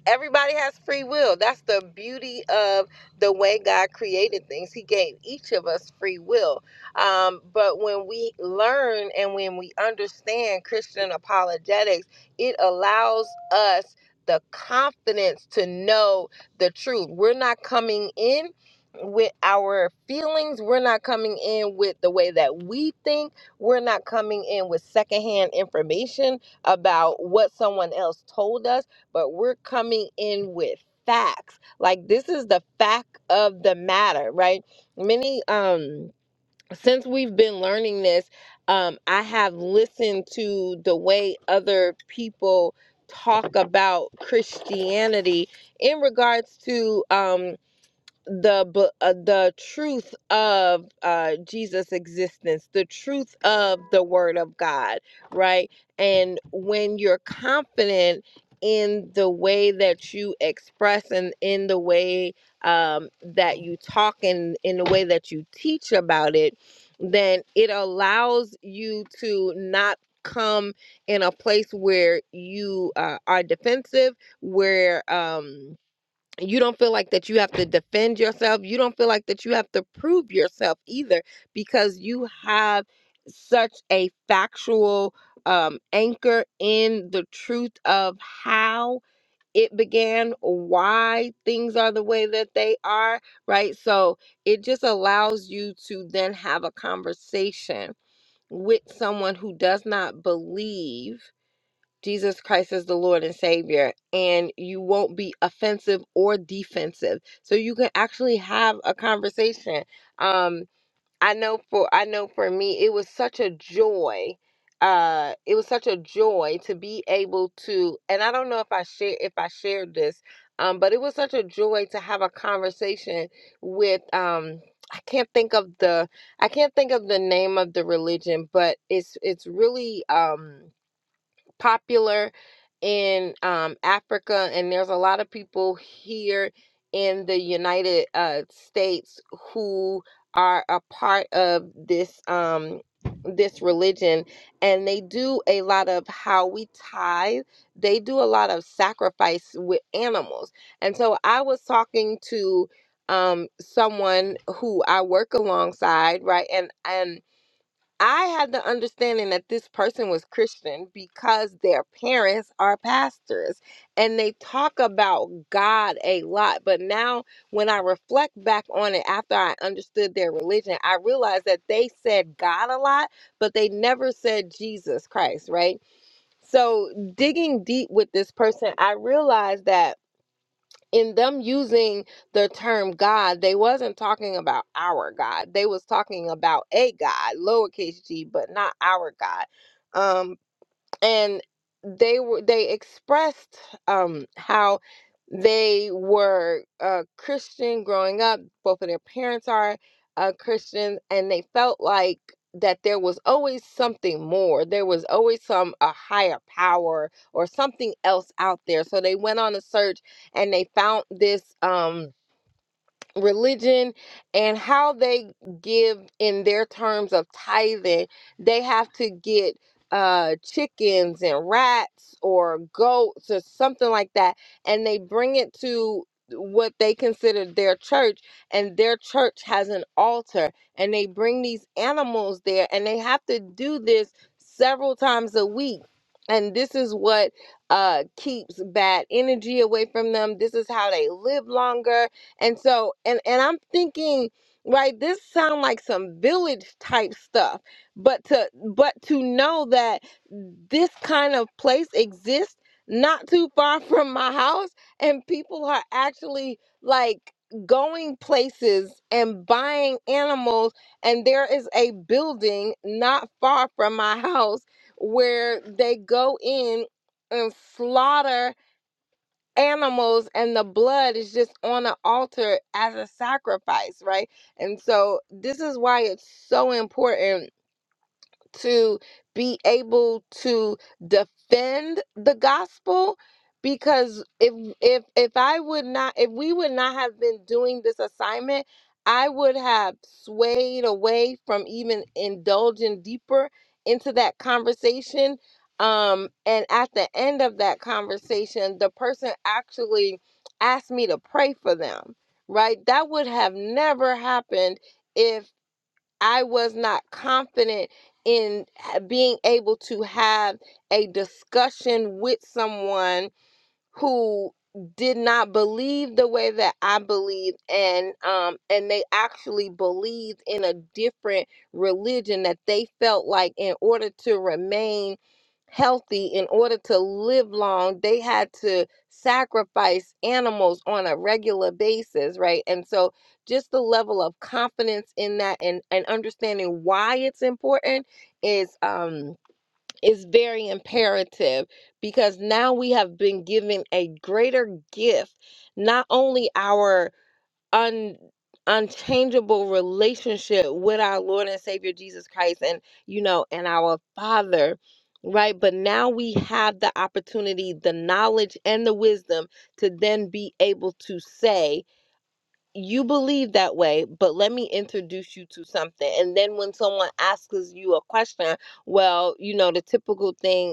Speaker 4: Everybody has free will. That's the beauty of the way God created things. He gave each of us free will. Um, but when we learn and when we understand Christian apologetics, it allows us the confidence to know the truth. We're not coming in with our feelings, we're not coming in with the way that we think, we're not coming in with secondhand information about what someone else told us but we're coming in with facts. Like this is the fact of the matter, right? Many um since we've been learning this, um I have listened to the way other people talk about Christianity in regards to um the b- uh, the truth of uh Jesus existence the truth of the word of God right and when you're confident in the way that you express and in the way um that you talk and in the way that you teach about it then it allows you to not come in a place where you uh, are defensive where um you don't feel like that you have to defend yourself. You don't feel like that you have to prove yourself either because you have such a factual um, anchor in the truth of how it began, why things are the way that they are, right? So it just allows you to then have a conversation with someone who does not believe Jesus Christ as the Lord and Savior, and you won't be offensive or defensive. So you can actually have a conversation. Um, I know for I know for me, it was such a joy. Uh, it was such a joy to be able to, and I don't know if I share if I shared this, um, but it was such a joy to have a conversation with um. I can't think of the I can't think of the name of the religion, but it's it's really um popular in um, Africa, and there's a lot of people here in the United uh, States who are a part of this um, this religion, and they do a lot of how we tithe. They do a lot of sacrifice with animals, and so I was talking to um someone who I work alongside, right? And and I had the understanding that this person was Christian because their parents are pastors and they talk about God a lot. But now, when I reflect back on it after I understood their religion, I realized that they said God a lot, but they never said Jesus Christ, right? So, digging deep with this person, I realized that in them using the term God, they wasn't talking about our God. They was talking about a God, lowercase g, but not our God. Um, and they were they expressed um how they were uh christian growing up both of their parents are uh christians and they felt like that there was always something more there was always some a higher power or something else out there so they went on a search and they found this um religion and how they give in their terms of tithing, they have to get uh chickens and rats or goats or something like that and they bring it to what they consider their church and their church has an altar and they bring these animals there and they have to do this several times a week and this is what uh keeps bad energy away from them this is how they live longer and so, and and I'm thinking, right, this sound like some village type stuff, but to but to know that this kind of place exists not too far [LAUGHS] from my house, and people are actually like going places and buying animals, and there is a building not far from my [LAUGHS] house where they go in and slaughter animals and the blood is just on the altar as a sacrifice, right? And so this is why it's so important to be able to defend the gospel because if if if I would not if we would not have been doing this assignment I would have swayed away from even indulging deeper into that conversation um and at the end of that conversation the person actually asked me to pray for them right that would have never happened if. I was not confident in uh, being able to have a discussion with someone who did not believe the way that I believe and um and they actually believed in a different religion that they felt like in order to remain healthy in order to live long they had to sacrifice animals on a regular basis right and so just the level of confidence in that and and understanding why it's important is um is very imperative because now we have been given a greater gift, not only our un unchangeable relationship with our Lord and Savior Jesus Christ and you know and our Father, right? But now we have the opportunity, the knowledge and the wisdom to then be able to say you believe that way, but let me introduce you to something. And then when someone asks you a question, well, you know, the typical thing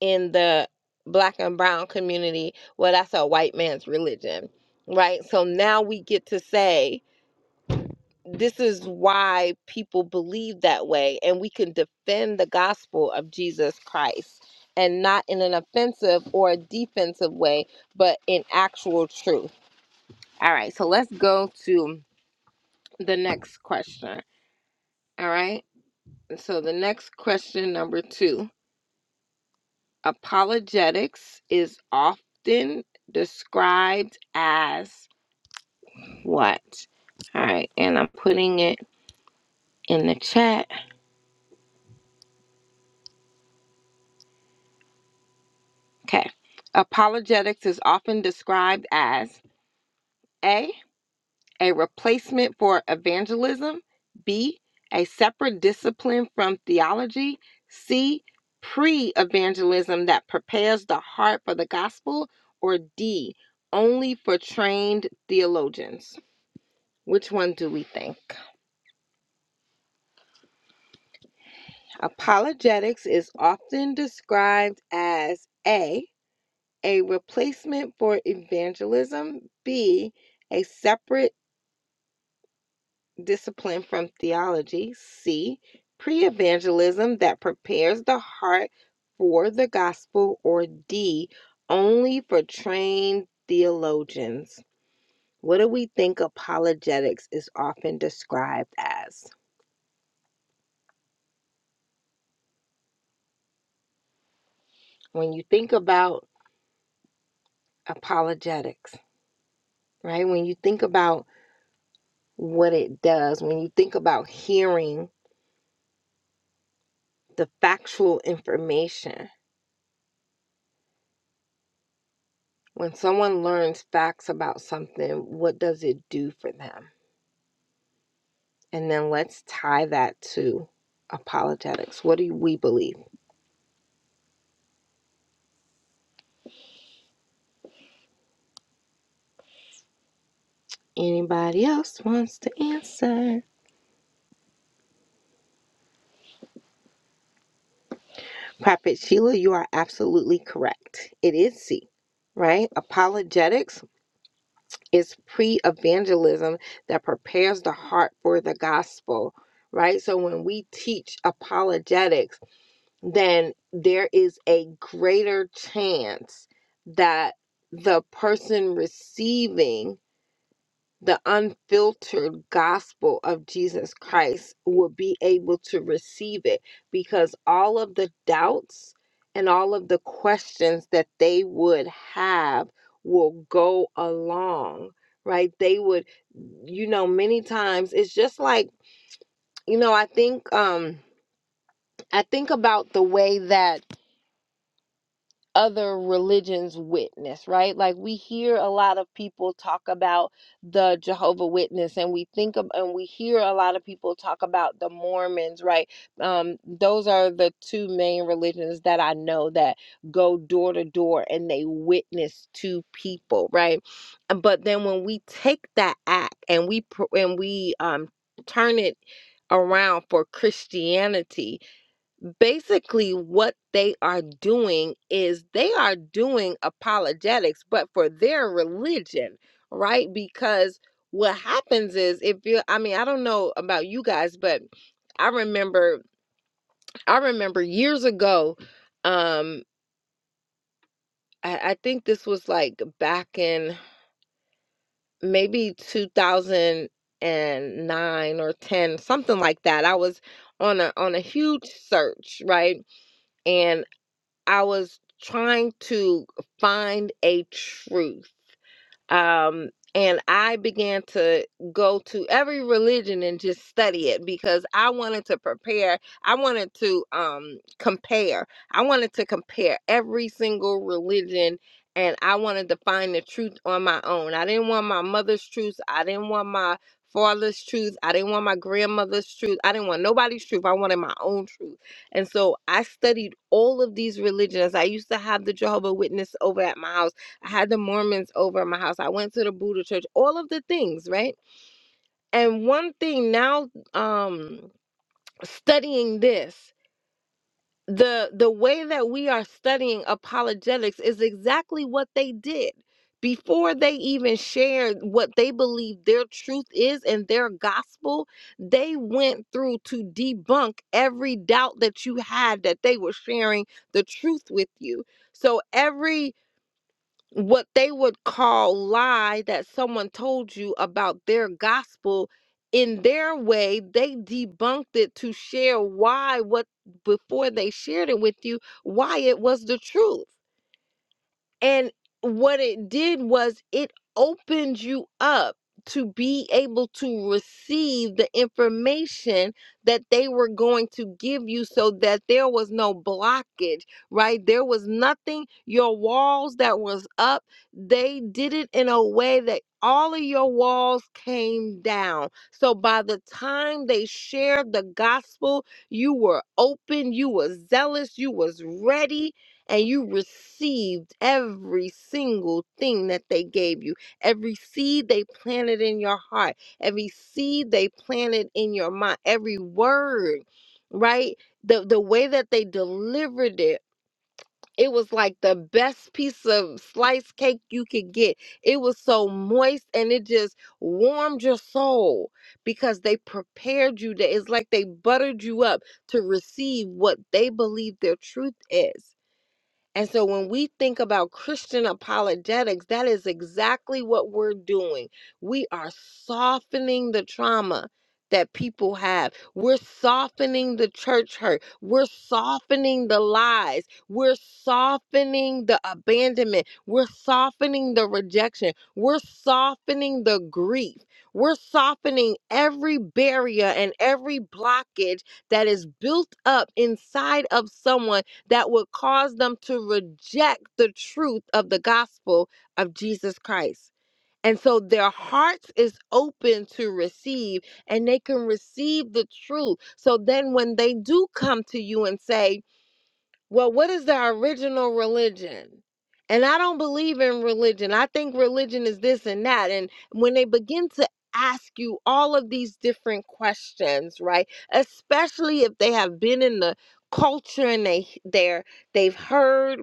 Speaker 4: in the black and brown community, well, that's a white man's religion, right? So now we get to say, this is why people believe that way, and we can defend the gospel of Jesus Christ and not in an offensive or a defensive way, but in actual truth. All right, so let's go to the next question. All right, so the next question, number two. Apologetics is often described as what? All right, and I'm putting it in the chat. Okay. Apologetics is often described as A, a replacement for evangelism, B, a separate discipline from theology, C, pre evangelism that prepares the heart for the gospel, or D, only for trained theologians. Which one do we think? Apologetics is often described as A, a replacement for evangelism, B, a separate discipline from theology, C, pre evangelism that prepares the heart for the gospel, or D, only for trained theologians. What do we think apologetics is often described as? When you think about apologetics, right? When you think about what it does when you think about hearing the factual information. When someone learns facts about something, what does it do for them? And then let's tie that to apologetics. What do we believe? Anybody else wants to answer? Prophet Sheila, you are absolutely correct. It is C, right? Apologetics is pre evangelism that prepares the heart for the gospel right? So when we teach apologetics, then there is a greater chance that the person receiving the unfiltered gospel of Jesus Christ will be able to receive it because all of the doubts and all of the questions that they would have will go along, right? They would, you know, many times it's just like, you know, I think, um, I think about the way that other religions witness right like we hear a lot of people talk about the jehovah witness and we think of and we hear a lot of people talk about the mormons right um those are the two main religions that i know that go door to door and they witness to people right but then when we take that act and we and we um turn it around for christianity basically what they are doing is they are doing apologetics but for their religion right because what happens is if you i mean i don't know about you guys but i remember i remember years ago um i, I think this was like back in maybe 2009 or 10 something like that i was on a on a huge search right and. I was trying to find a truth um, and I began to go to every religion and just study it because I wanted to prepare. I wanted to um, compare. I wanted to compare every single religion, and I wanted to find the truth on my own. I didn't want my mother's truth. I didn't want my father's truth. I didn't want my grandmother's truth. I didn't want nobody's truth. I wanted my own truth. And so I studied all of these religions. I used to have the Jehovah Witness over at my house. I had the Mormons over at my house. I went to the Buddha church, all of the things, right? And one thing now um studying this, the the way that we are studying apologetics is exactly what they did. Before they even shared what they believe their truth is and their gospel, they went through to debunk every doubt that you had that they were sharing the truth with you. So every what they would call lie that someone told you about their gospel in their way they debunked it to share why what before they shared it with you why it was the truth and what it did was it opened you up to be able to receive the information that they were going to give you so that there was no blockage, right? There was nothing, your walls that was up, they did it in a way that all of your walls came down. So by the time they shared the gospel, you were open, you were zealous, you was ready, and you received every single thing that they gave you, every seed they planted in your heart, every seed they planted in your mind, every word, right? The the way that they delivered it, it was like the best piece of sliced cake you could get. It was so moist and it just warmed your soul because they prepared you. To, it's like they buttered you up to receive what they believe their truth is and so when we think about Christian apologetics, that is exactly what we're doing. We are softening the trauma that people have. We're softening the church hurt. We're softening the lies. We're softening the abandonment. We're softening the rejection. We're softening the grief. We're softening every barrier and every blockage that is built up inside of someone that would cause them to reject the truth of the gospel of Jesus Christ. And so their hearts is open to receive and they can receive the truth. So then when they do come to you and say, well, what is the original religion? And I don't believe in religion. I think religion is this and that. And when they begin to ask you all of these different questions, right? Especially if they have been in the culture and they they're they've heard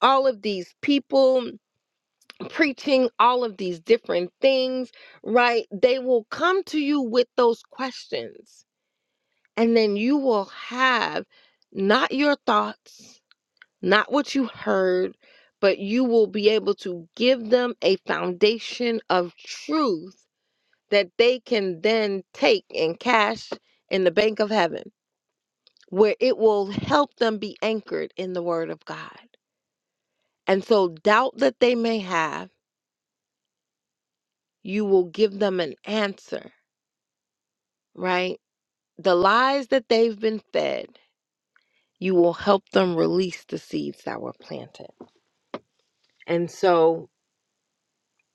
Speaker 4: all of these people preaching all of these different things, right? They will come to you with those questions. And then you will have not your thoughts not what you heard, but you will be able to give them a foundation of truth that they can then take and cash in the bank of heaven, where it will help them be anchored in the word of God. And so, doubt that they may have, you will give them an answer, right? The lies that they've been fed, you will help them release the seeds that were planted. And so,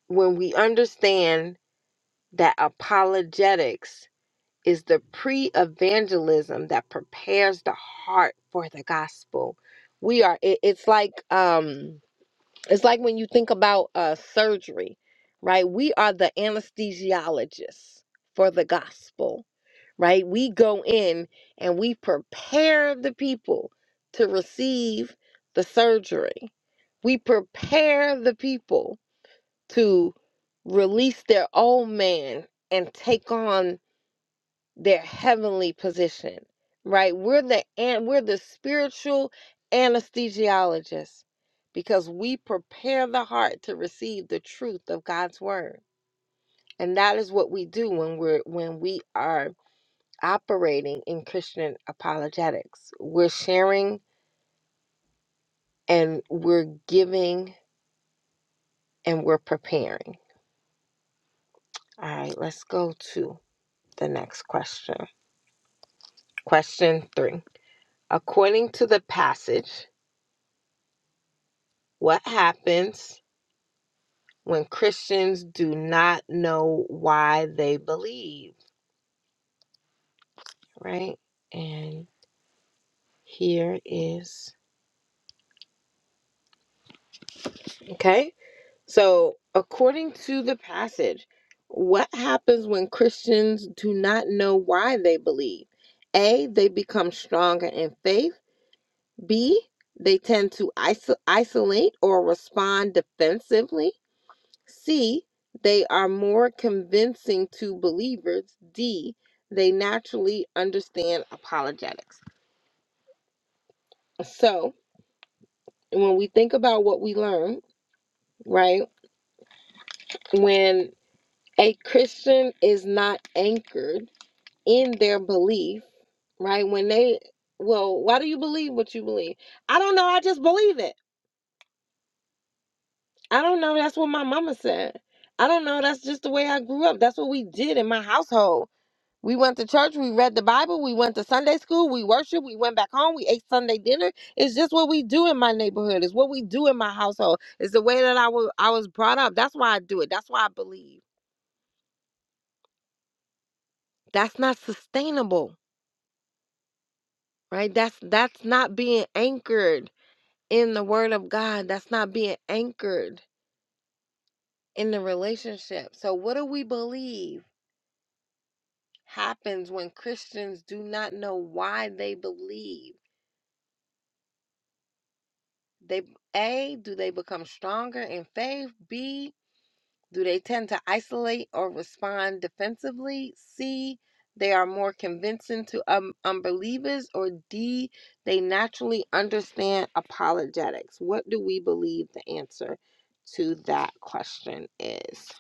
Speaker 4: when we understand that apologetics is the pre evangelism that prepares the heart for the gospel. We are, it- it's like, um, it's like when you think about uh, surgery, right? We are the anesthesiologists for the gospel, right? We go in and we prepare the people to receive the surgery. We prepare the people to release their old man and take on their heavenly position, right? We're the and we're the spiritual anesthesiologists because we prepare the heart to receive the truth of God's word. And that is what we do when we're when we are operating in Christian apologetics. We're sharing and we're giving and we're preparing. All right, let's go to the next question. Question 3. According to the passage, what happens when Christians do not know why they believe, right? And here is, okay? So, according to the passage, what happens when Christians do not know why they believe? A, they become stronger in faith. B, they tend to iso- isolate or respond defensively. C. They are more convincing to believers. D. They naturally understand apologetics. So, when we think about what we learn, right, when a Christian is not anchored in their belief, right, when they, well, why do you believe what you believe? I don't know. I just believe it. I don't know. That's what my mama said. I don't know. That's just the way I grew up. That's what we did in my household We went to church, we read the Bible, we went to Sunday school, we worshiped, we went back home, we ate Sunday dinner. It's just what we do in my neighborhood. It's what we do in my household. It's the way that I was I was brought up. That's why I do it. That's why I believe. That's not sustainable, right? That's that's not being anchored in the word of God. That's not being anchored in the relationship. So what do we believe happens when Christians do not know why they believe? They A, do they become stronger in faith? B, do they tend to isolate or respond defensively? C, they are more convincing to um, unbelievers or D, they naturally understand apologetics. What do we believe the answer to that question is?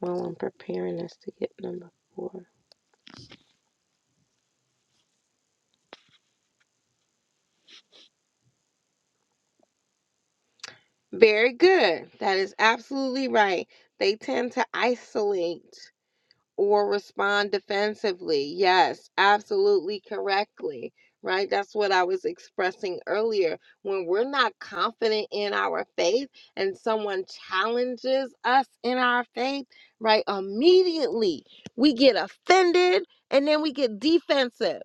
Speaker 4: Well, I'm preparing us to get number 4. Very good. That is absolutely right. They tend to isolate or respond defensively. Yes, absolutely correctly. Right? That's what I was expressing earlier. When we're not confident in our faith and someone challenges us in our faith, right? Immediately we get offended and then we get defensive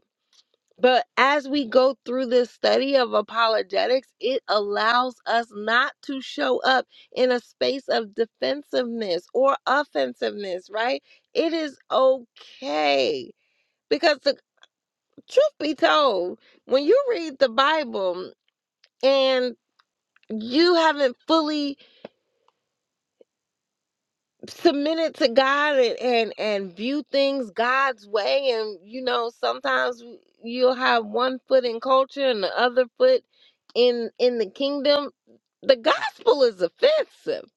Speaker 4: but as we go through this study of apologetics, it allows us not to show up in a space of defensiveness or offensiveness, right? It is okay. Because the truth be told, when you read the Bible and you haven't fully submit it to God and, and and view things God's way and you know sometimes you'll have one foot in culture and the other foot in in the kingdom the gospel is offensive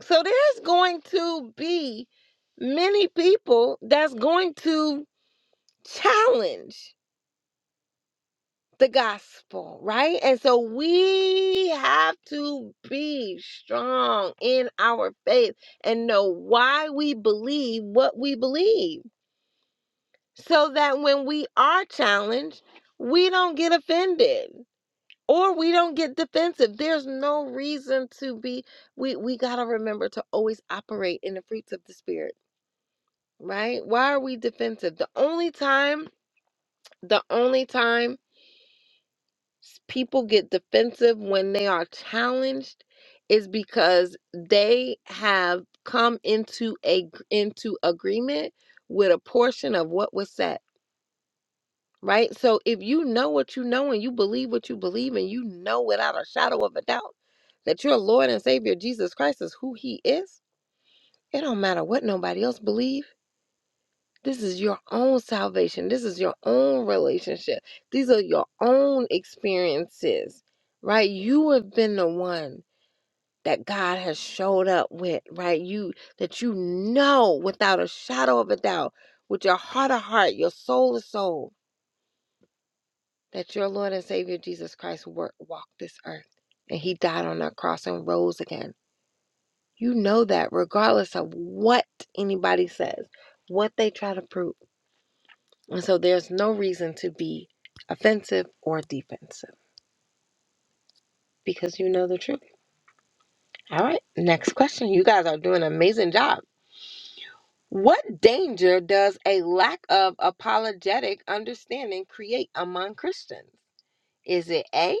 Speaker 4: so there's going to be many people that's going to challenge the gospel, right? And so we have to be strong in our faith and know why we believe what we believe so that when we are challenged, we don't get offended or we don't get defensive. There's no reason to be we we got to remember to always operate in the fruits of the spirit, right? Why are we defensive? The only time the only time s- people get defensive when they are challenged is because they have come into a gr- into agreement with a portion of what was said right so if you know what you know and you believe what you believe and you know without a shadow of a doubt that your lord and savior jesus christ is who he is it don't matter what nobody else believe this is your own salvation. This is your own relationship. These are your own experiences, right? You have been the one that God has showed up with, right? You that you know without a shadow of a doubt, with your heart of heart, your soul of soul, that your Lord and Savior Jesus Christ wor- walked this earth and he died on that cross and rose again. You know that regardless of what anybody says, what they try to prove. And so there's no reason to be offensive or defensive because you know the truth. All right, next question. You guys are doing an amazing job. What danger does a lack of apologetic understanding create among Christians? Is it A,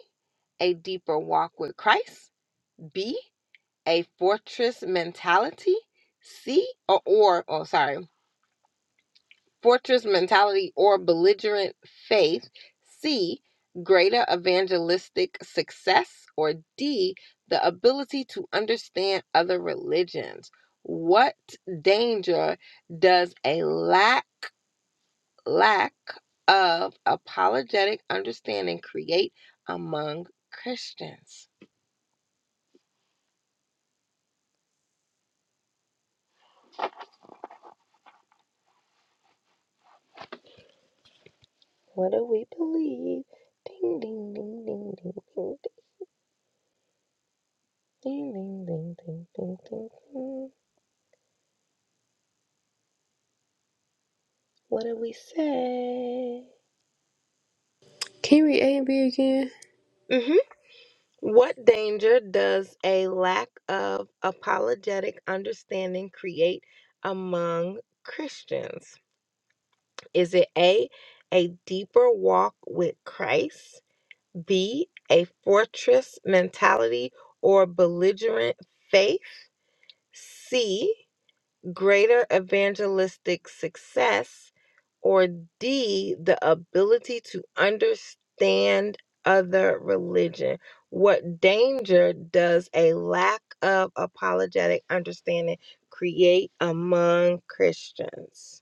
Speaker 4: a deeper walk with Christ? B, a fortress mentality? C, or, or oh, sorry. fortress mentality or belligerent faith. C, greater evangelistic success. Or D, the ability to understand other religions. What danger does a lack, lack of apologetic understanding create among Christians? What do we believe? Ding, ding, ding, ding, ding, ding, ding, ding, ding, ding, ding, ding, ding. What do we say?
Speaker 2: Can you read A and B again?
Speaker 4: hmm What danger does a lack of apologetic understanding create among Christians? Is it A, a deeper walk with Christ, B, a fortress mentality or belligerent faith, C, greater evangelistic success, or D, the ability to understand other religion? What danger does a lack of apologetic understanding create among Christians?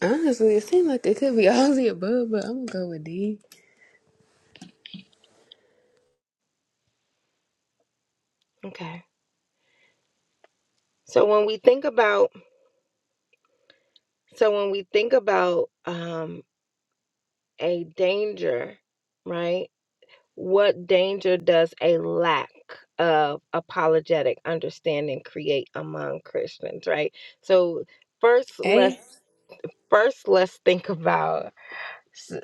Speaker 2: Honestly, it seemed like it could be all the above, but I'm gonna go with D.
Speaker 4: Okay. So when we think about so when we think about um, a danger, right? What danger does a lack of apologetic understanding create among Christians, right? So first let's
Speaker 2: A.
Speaker 4: Yeah. first let's think about s-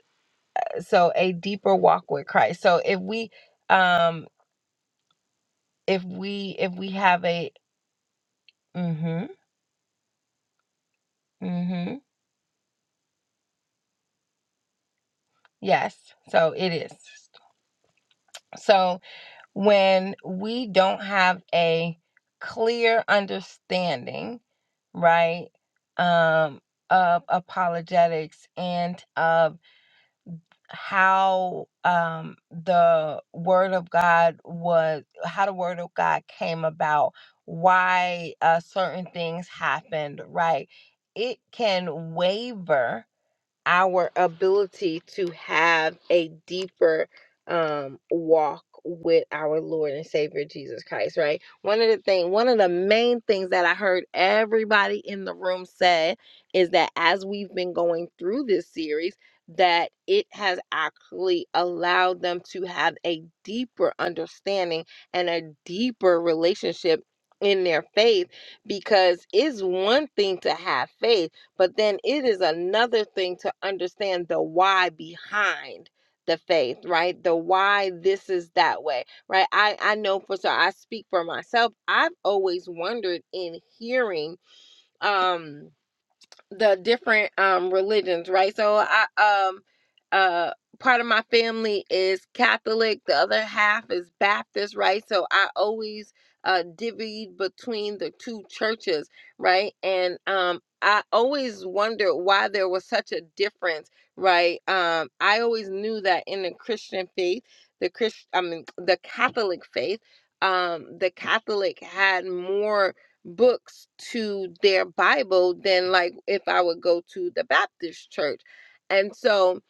Speaker 4: so a deeper walk with Christ. So if we um if we if we have a mhm mhm yes, so it is. So when we don't have a clear understanding, right, um, of apologetics and of how um, the Word of God was, how the Word of God came about, why uh, certain things happened, right? It can waver our ability to have a deeper um walk with our Lord and Savior Jesus Christ, right? One of the thing one of the main things that I heard everybody in the room say is that as we've been going through this series that it has actually allowed them to have a deeper understanding and a deeper relationship in their faith because it's one thing to have faith but then it is another thing to understand the why behind the faith, right? The why this is that way, right? I, I know for so I speak for myself. I've always wondered in hearing, um, the different um religions, right? So I um uh part of my family is Catholic, the other half is Baptist, right? So I always uh divvied between the two churches, right? And um I always wondered why there was such a difference, right? Um I always knew that in the Christian faith, the Christ I mean the Catholic faith, um the Catholic had more books to their Bible than like if I would go to the Baptist church. And so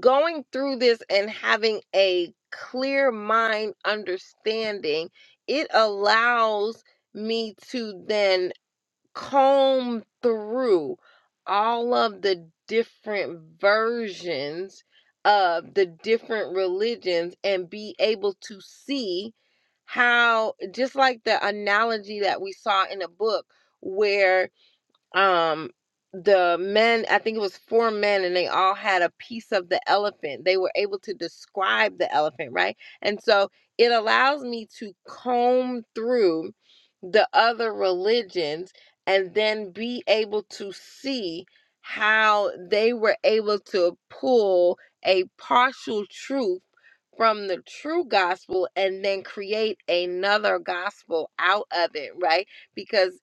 Speaker 4: going through this and having a clear mind understanding, it allows me to then comb through all of the different versions of the different religions and be able to see how just like the analogy that we saw in a book where um the men i think it was four men and they all had a piece of the elephant they were able to describe the elephant right and so it allows me to comb through the other religions and then be able to see how they were able to pull a partial truth from the true gospel and then create another gospel out of it right because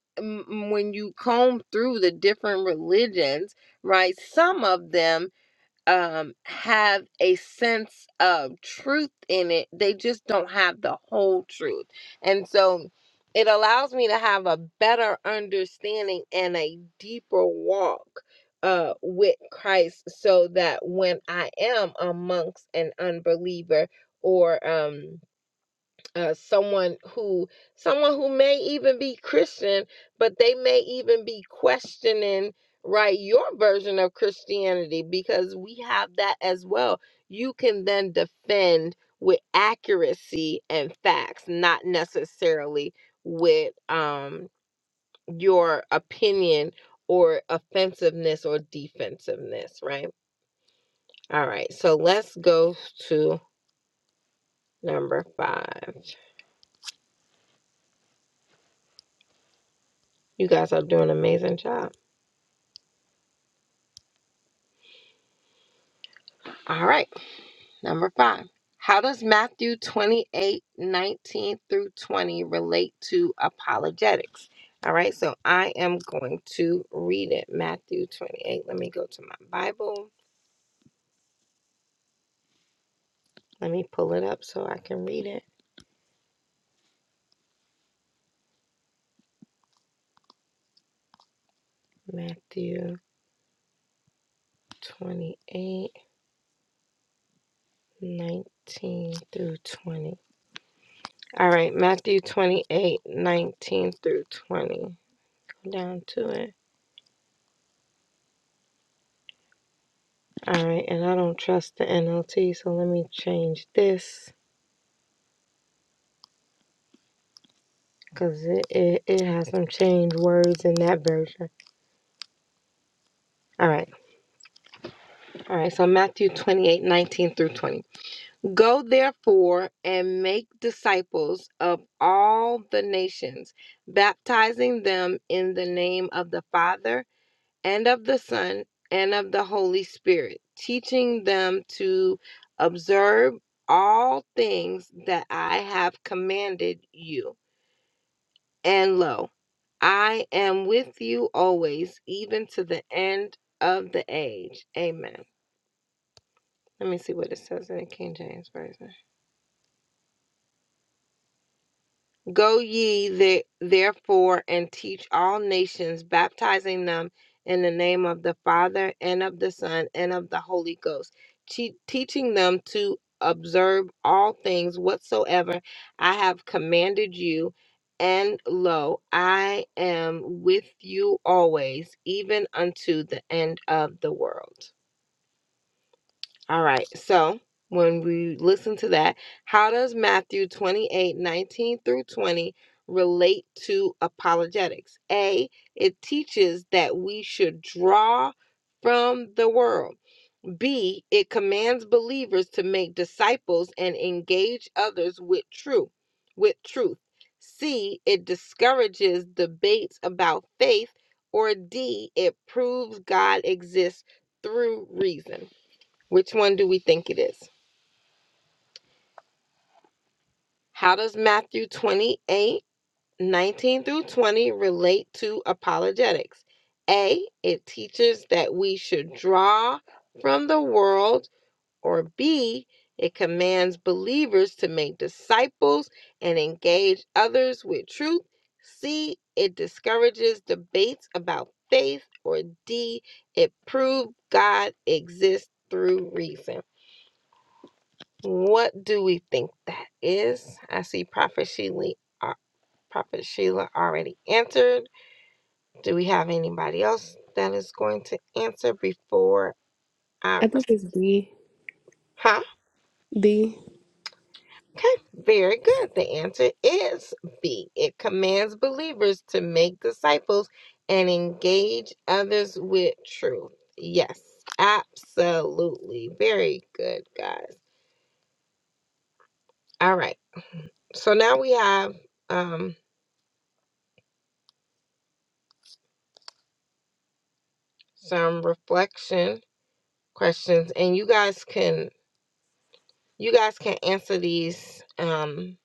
Speaker 4: when you comb through the different religions, right, some of them um, have a sense of truth in it. They just don't have the whole truth. And so it allows me to have a better understanding and a deeper walk uh, with Christ so that when I am amongst an unbeliever or, um, uh, someone who someone who may even be Christian, but they may even be questioning right your version of Christianity because we have that as well. You can then defend with accuracy and facts, not necessarily with um your opinion or offensiveness or defensiveness, right? All right. So let's go to number 5. You guys are doing an amazing job. All right. Number five, how does Matthew 28 19 through 20 relate to apologetics? All right, so I am going to read it. Matthew 28. Let me go to my Bible. Let me pull it up so I can read it. Matthew 28 19 through 20. All right, Matthew 28 19 through 20. Go down to it. All right, and I don't trust the NLT, so let me change this because it, it, it has some changed words in that version. All right. All right. So Matthew 28 19 through 20. Go therefore and make disciples of all the nations, baptizing them in the name of the Father and of the Son and of the Holy Spirit, teaching them to observe all things that I have commanded you And lo, I am with you always, even to the end of the age. Amen. Let me see what it says in the King James Version. Go ye the- therefore and teach all nations, baptizing them in the name of the Father and of the Son and of the Holy Ghost, te- teaching them to observe all things whatsoever I have commanded you. And lo, I am with you always, even unto the end of the world. All right. So when we listen to that, how does Matthew 28 19 through 20 relate to apologetics? A, it teaches that we should draw from the world. B, it commands believers to make disciples and engage others with truth, with truth. C, it discourages debates about faith, or D, it proves God exists through reason. Which one do we think it is? How does Matthew 28 19 through 20 relate to apologetics? A. It teaches that we should draw from the world, or B. It commands believers to make disciples and engage others with truth. C. It discourages debates about faith, or D. It proves God exists through reason. What do we think that is? I see Prophet Sheila, uh, Prophet Sheila already answered. Do we have anybody else that is going to answer before I?
Speaker 2: I think
Speaker 4: res-
Speaker 2: it's D.
Speaker 4: Huh?
Speaker 2: D.
Speaker 4: Okay, very good. The answer is B. It commands believers to make disciples and engage others with truth. Yes, absolutely. Very good, guys. All right. So now we have um, some reflection questions and you guys can you guys can answer these um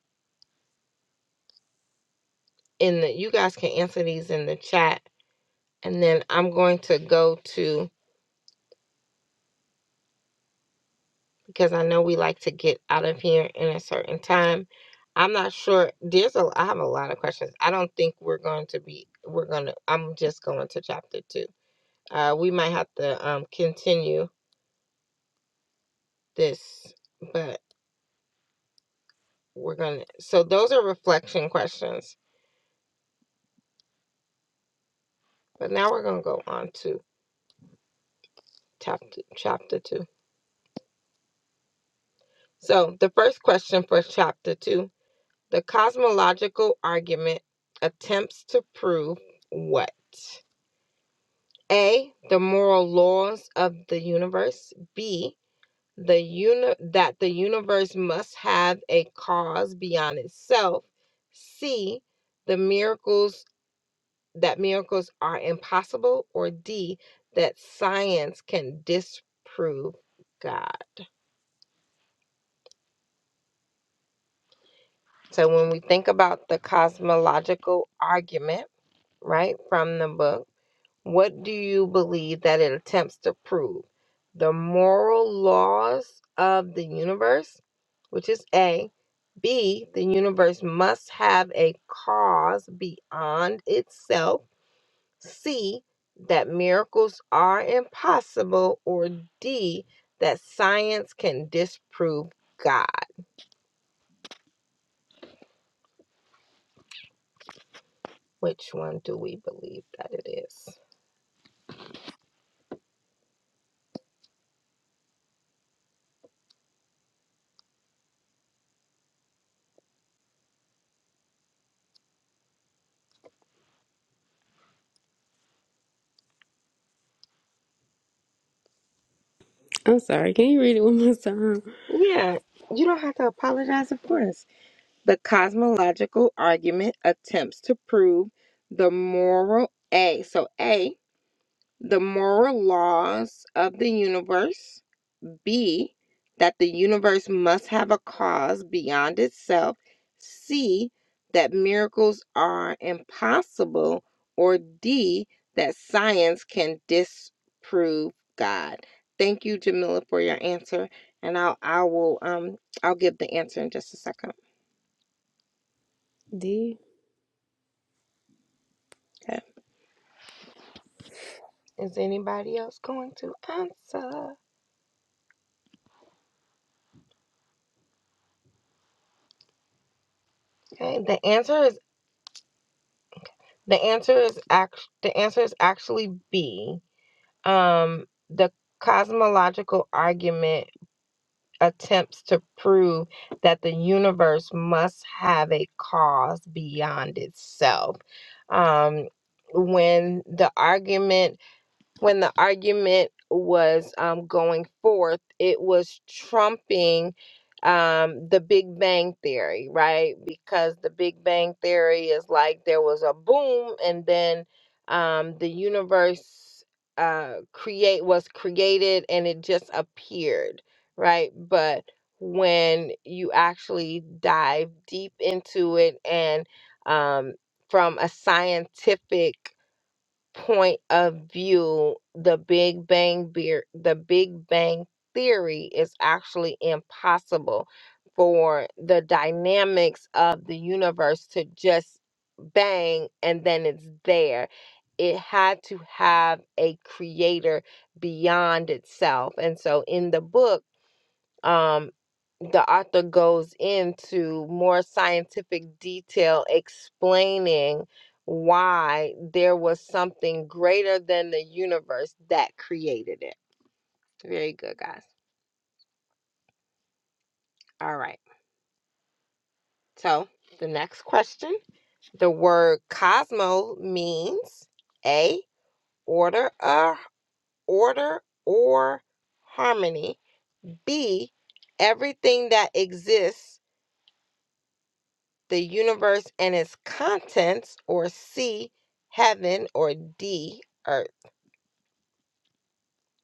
Speaker 4: in the you guys can answer these in the chat and then i'm going to go to because i know we like to get out of here in a certain time i'm not sure there's a i have a lot of questions i don't think we're going to be we're going to i'm just going to chapter two uh we might have to um continue this but we're gonna so those are reflection questions but now we're gonna go on to chapter chapter two So, the first question for chapter two the cosmological argument attempts to prove what? A. The moral laws of the universe. B. The uni- that the universe must have a cause beyond itself. C. The miracles that miracles are impossible. Or D. That science can disprove God. So when we think about the cosmological argument, right, from the book. What do you believe that it attempts to prove? The moral laws of the universe, which is A. B. The universe must have a cause beyond itself. C. That miracles are impossible. Or D. That science can disprove God. Which one do we believe that it is?
Speaker 2: I'm sorry. Can you read it one more time?
Speaker 4: Yeah, you don't have to apologize, of course. The cosmological argument attempts to prove the moral A. So A, the moral laws of the universe. B, that the universe must have a cause beyond itself. C, that miracles are impossible. Or D, that science can disprove God. Thank you, Jamila, for your answer. And I'll I will um I'll give the answer in just a second.
Speaker 2: D.
Speaker 4: Okay. Is anybody else going to answer? Okay, the answer is the answer is act the answer is actually B. Um, the cosmological argument attempts to prove that the universe must have a cause beyond itself. Um, when the argument when the argument was um, going forth, it was trumping um, the Big Bang Theory, right? Because the Big Bang Theory is like there was a boom, and then um, the universe uh, create was created, and it just appeared, right? But when you actually dive deep into it, and um, from a scientific point of view, the Big Bang beer, the Big Bang theory is actually impossible for the dynamics of the universe to just bang and then it's there. It had to have a creator beyond itself. And so in the book, um the author goes into more scientific detail explaining why there was something greater than the universe that created it. Very good, guys. All right. So, the next question the word cosmo means A, order, uh, order or harmony, B, everything that exists the universe and its contents, or C, heaven, or D, earth.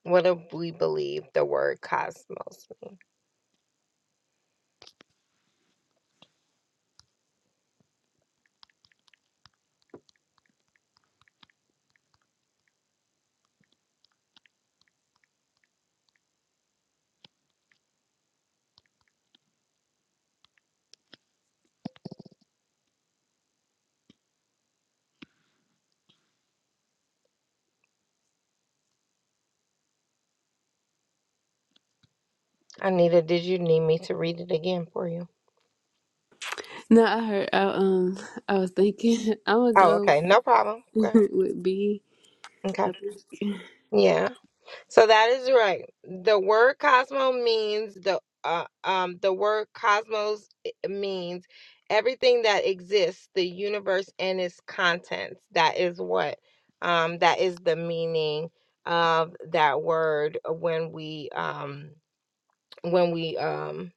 Speaker 4: What do we believe the word cosmos means? Anita, did you need me to read it again for you?
Speaker 2: No, I heard. I, um, I was thinking. [LAUGHS] I'm gonna
Speaker 4: Oh,
Speaker 2: go
Speaker 4: okay. No problem.
Speaker 2: with,
Speaker 4: Okay.
Speaker 2: [LAUGHS] with B.
Speaker 4: Okay.
Speaker 2: I think
Speaker 4: Yeah. So that is right. The word cosmo means the uh, um the word cosmos i- means everything that exists, the universe and its contents. That is what um that is the meaning of that word when we um when we um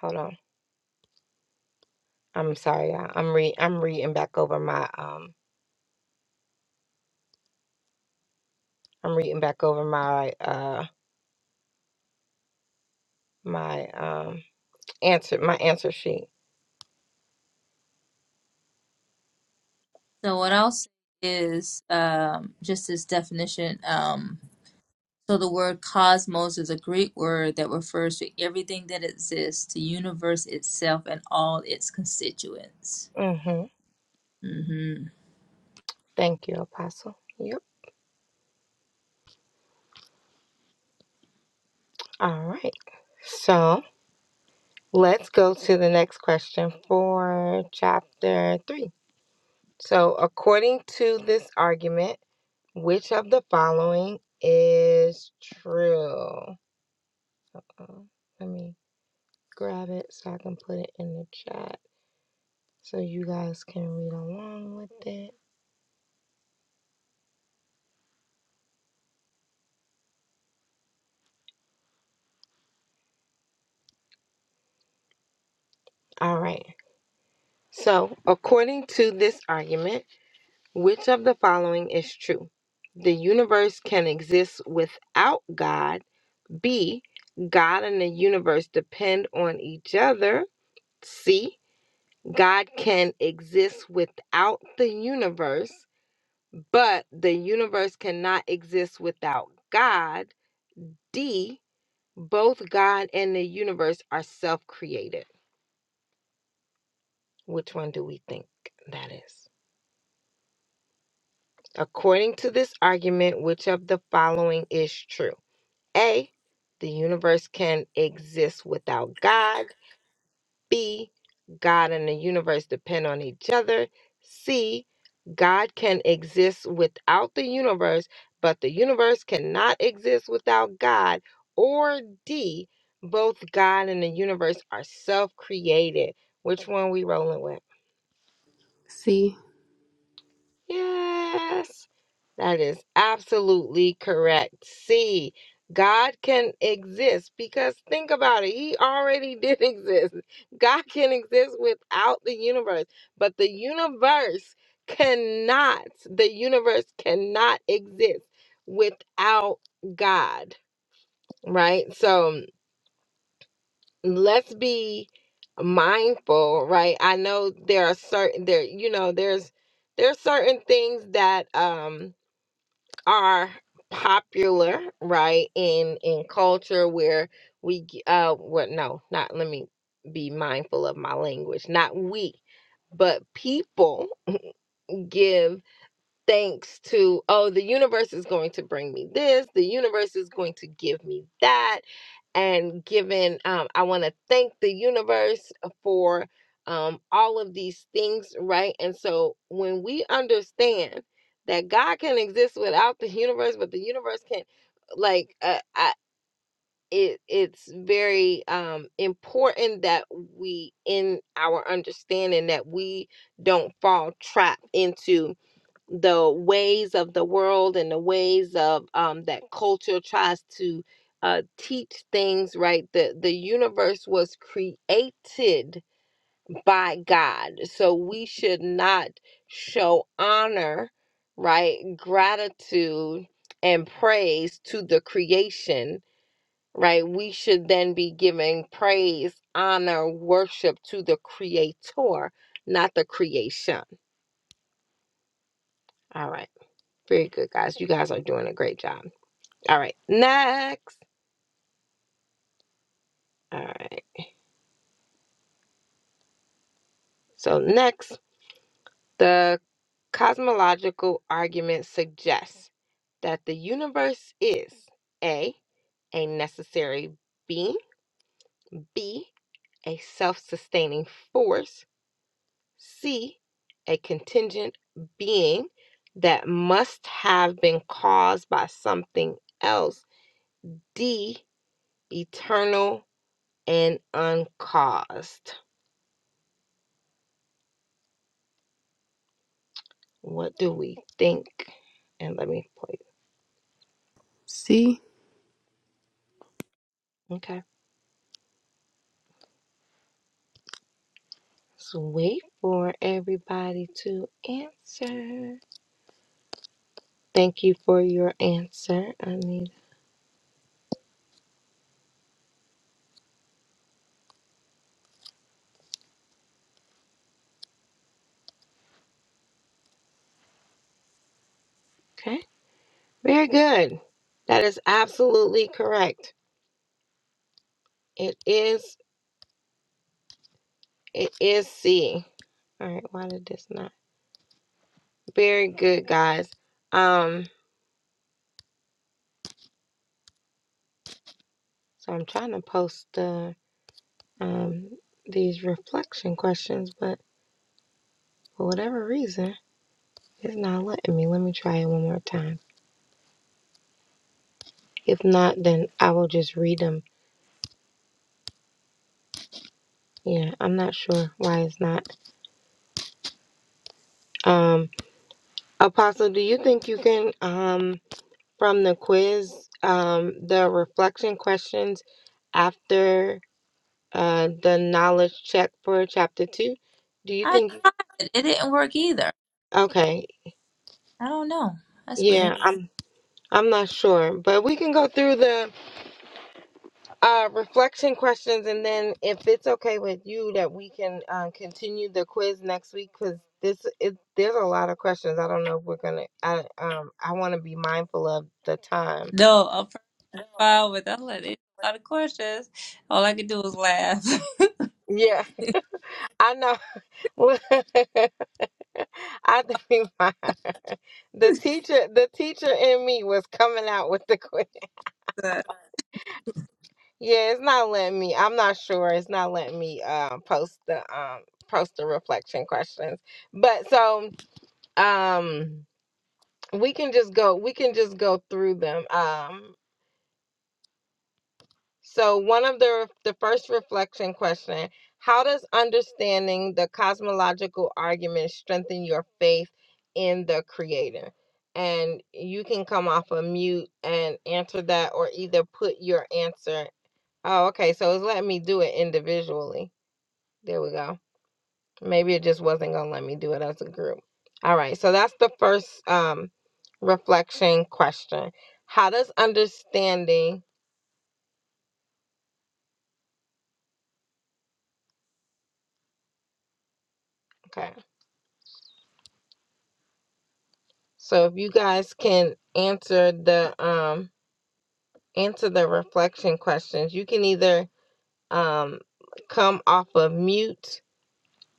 Speaker 4: hold on. I'm sorry. y'all. I'm re I'm reading back over my um I'm reading back over my uh my um answer my answer sheet.
Speaker 1: So what else is um, just this definition? Um, So the word cosmos is a Greek word that refers to everything that exists, the universe itself and all its constituents.
Speaker 4: Mhm.
Speaker 1: hmm
Speaker 4: Thank you, apostle. Yep. All right. So let's go to the next question for chapter three. So, according to this argument, which of the following is true? Uh, let me grab it so I can put it in the chat so you guys can read along with it. All right. So, according to this argument, which of the following is true? The universe can exist without God B. God and the universe depend on each other. C. God can exist without the universe, but the universe cannot exist without God. D. Both God and the universe are self created. Which one do we think that is? According to this argument, which of the following is true? A. The universe can exist without God. B. God and the universe depend on each other. C. God can exist without the universe, but the universe cannot exist without God. Or D. Both God and the universe are self created. Which one we rolling with?
Speaker 2: C.
Speaker 4: Yes. That is absolutely correct. See, God can exist because think about it. He already did [LAUGHS] exist. God can exist without the universe, but the universe cannot, the universe cannot exist without God, right? So let's be mindful, right? I know there are certain there, you know, there's there's certain things that um are popular right in in culture where we g- uh what no not let me be mindful of my language not we but people give thanks to oh the universe is going to bring me this the universe is going to give me that and given um, i want to thank the universe for um, all of these things right and so when we understand that god can exist without the universe but the universe can like uh, I, it, it's very um, important that we in our understanding that we don't fall trapped into the ways of the world and the ways of um, that culture tries to uh, teach things right the the universe was created by god so we should not show honor right gratitude and praise to the creation right we should then be giving praise honor worship to the creator not the creation all right very good guys you guys are doing a great job All right, next. All right, so next, the cosmological argument suggests that the universe is A, a necessary being, B, a self sustaining force, C, a contingent being that must have been caused by something else, D, eternal and uncaused. What do we think? And let me play.
Speaker 2: C.
Speaker 4: Okay. Just wait for everybody to answer. Thank you for your answer, Anita. Okay. Very good. That is absolutely correct. It is it is C. All right, why did this not? Very good, guys. Um so I'm trying to post the um these reflection questions, but for whatever reason, it's not letting me. Let me try it one more time. If not, then I will just read them. Yeah, I'm not sure why it's not Um, Apostle, do you think you can, um, from the quiz, um, the reflection questions after uh, the knowledge check for chapter two? Do you
Speaker 1: I
Speaker 4: think?
Speaker 1: tried it. It didn't work either.
Speaker 4: Okay,
Speaker 1: I don't know. That's weird.
Speaker 4: yeah, I'm I'm not sure, but we can go through the uh, reflection questions, and then if it's okay with you, that we can uh, continue the quiz next week because this it, there's a lot of questions. I don't know if we're gonna. I um I want to be mindful of the time.
Speaker 1: No, a profile with all of these a lot of questions. All I could do was laugh.
Speaker 4: Yeah. [LAUGHS] I know. [LAUGHS] I think my, the teacher, the teacher in me was coming out with the quiz. [LAUGHS]
Speaker 1: [LAUGHS] But-
Speaker 4: Yeah, it's not letting me. I'm not sure. It's not letting me um post the um post the reflection questions. But so um we can just go. We can just go through them. Um So one of the the first reflection question, how does understanding the cosmological argument strengthen your faith in the creator? And you can come off a mute and answer that or either put your answer. Oh, okay. So it's letting me do it individually. There we go. Maybe it just wasn't gonna let me do it as a group. All right, so that's the first um reflection question. How does understanding okay So if you guys can answer the um answer the reflection questions, you can either um come off of mute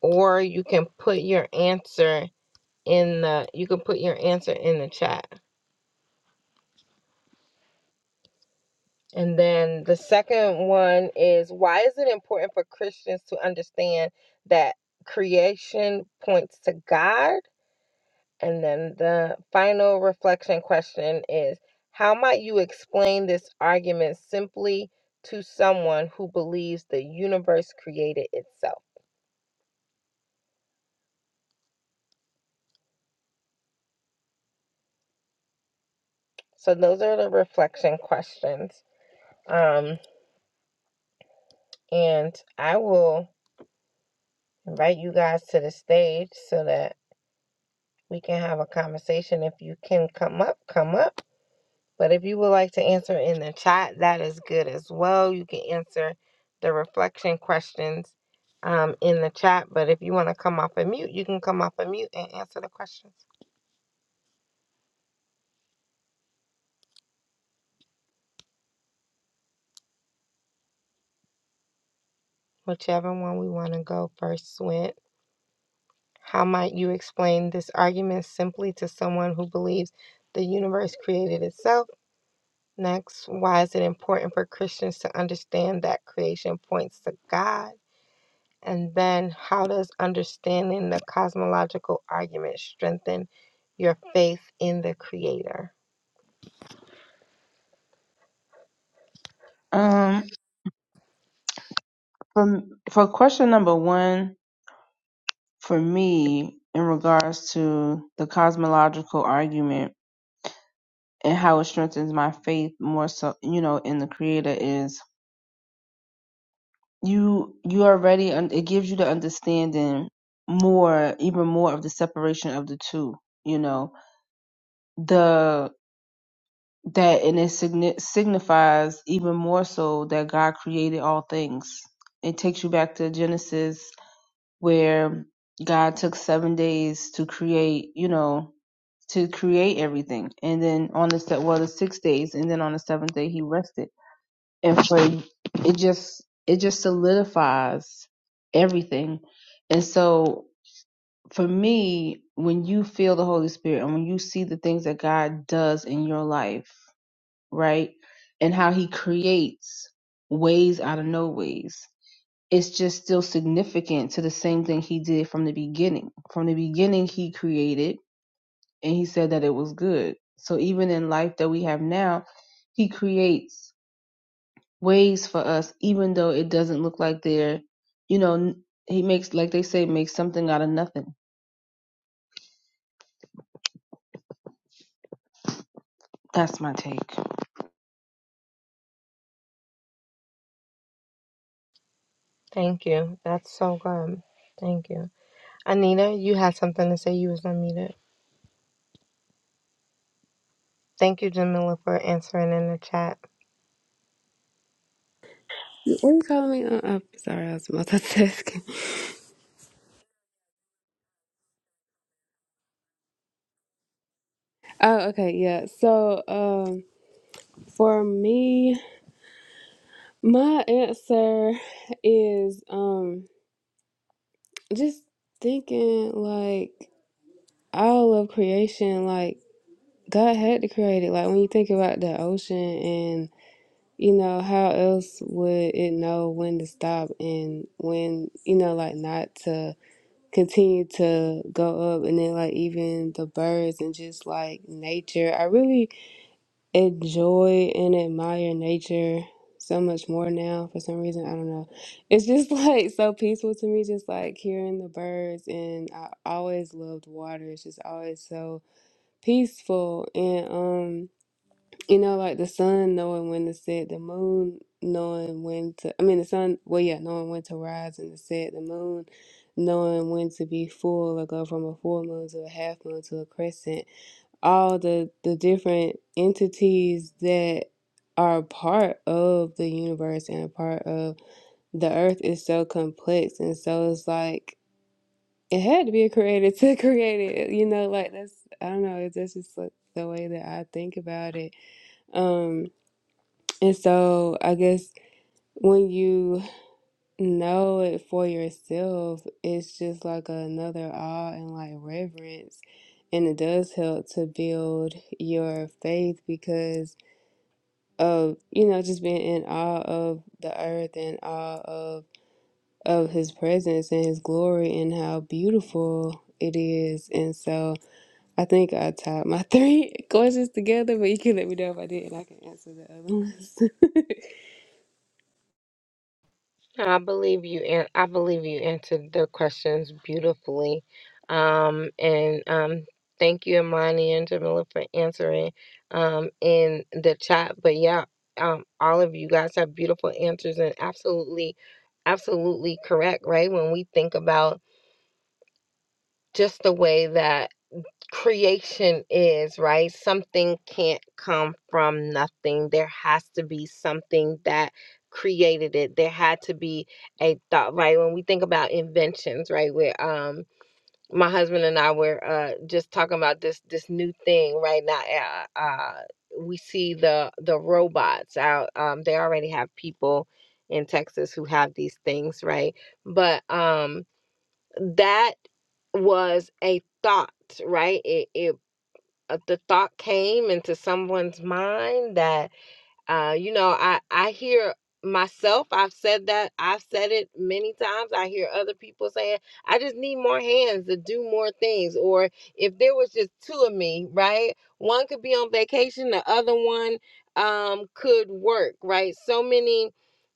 Speaker 4: or you can put your answer in the you can put your answer in the chat. And then the second one is why is it important for Christians to understand that creation points to God And then the final reflection question is How might you explain this argument simply to someone who believes the universe created itself? So, those are the reflection questions. Um, and I will invite you guys to the stage so that we can have a conversation. If you can come up, come up. But if you would like to answer in the chat, that is good as well. You can answer the reflection questions um, in the chat. But if you want to come off a mute, you can come off a mute and answer the questions. Whichever one we want to go first with. How might you explain this argument simply to someone who believes the universe created itself? Next, why is it important for Christians to understand that creation points to God? And then, how does understanding the cosmological argument strengthen your faith in the Creator?
Speaker 3: Um, for for question number one, for me, in regards to the cosmological argument and how it strengthens my faith more so, you know, in the Creator is you you already un- it gives you the understanding more even more of the separation of the two you know the that and it signi- signifies even more so that god created all things it takes you back to genesis where god took seven days to create you know to create everything and then on the se- well the six days and then on the seventh day he rested and for it just it just solidifies everything and so for me when you feel the holy spirit and when you see the things that god does in your life right and how he creates ways out of no ways it's just still significant to the same thing he did from the beginning from the beginning he created and he said that it was good so even in life that we have now he creates ways for us, even though it doesn't look like they're, you know, he makes, like they say, makes something out of nothing. That's my take.
Speaker 4: Thank you. That's so good. Thank you. Anita, you had something to say. You was unmuted. Thank you, Jamila, for answering in the chat.
Speaker 2: What are you calling me? Uh, I'm sorry, I was multitasking. [LAUGHS] Oh, okay, yeah. So, um, for me, my answer is um, just thinking like. all of creation, like God had to create it. Like when you think about the ocean and you know, how else would it know when to stop and when, you know, like not to continue to go up and then like even the birds and just like nature. I really enjoy and admire nature so much more now for some reason. I don't know. It's just [LAUGHS] like so peaceful to me, just like hearing the birds and I always loved water. It's just always so peaceful and um you know like the sun knowing when to set the moon knowing when to i mean the sun well yeah knowing when to rise and to set the moon knowing when to be full or go from a full moon to a half moon to a crescent all the the different entities that are a part of the universe and a part of the earth is so complex and so it's like it had to be a creator [LAUGHS] to create it you know like that's i don't know that's just like the way that i think about it um and so i guess when you know it for yourself it's just like another awe and like reverence and it does help to build your faith because of you know just being in awe of the earth and awe of of his presence and his glory and how beautiful it is and so I think I tied my [LAUGHS] three questions together, but you can let me know if I did, and I can answer the other ones. [LAUGHS]
Speaker 4: I believe you an- I believe you answered the questions beautifully. Um, and um, thank you, Imani and Jamila, for answering um, in the chat. But yeah, um, all of you guys have beautiful answers and absolutely, absolutely correct, right? When we think about just the way that creation is, right? Something can't come from nothing. There has to be something that created it. There had to be a thought, right? When we think about inventions, right? Where um my husband and I were uh just talking about this this new thing right now. Uh, uh we see the the robots out. Um they already have people in Texas who have these things, right? But um that was a thought, right? it it uh, the thought came into someone's mind that uh, you know I I hear myself I've said that I've said it many times I hear other people saying I just need more hands to do more things or if there was just two of me right one could be on vacation the other one um could work right so many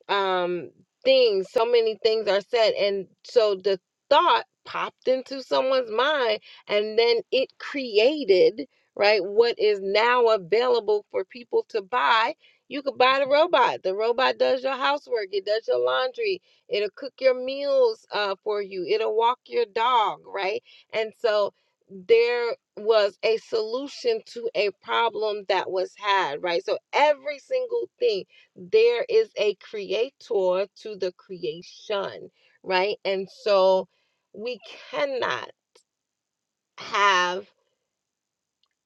Speaker 4: um things so many things are said and so the thought popped into someone's mind and then it created right what is now available for people to buy you could buy the robot the robot does your housework it does your laundry it'll cook your meals uh, for you it'll walk your dog right and so there was a solution to a problem that was had right so every single thing there is a creator to the creation, right? And so we cannot have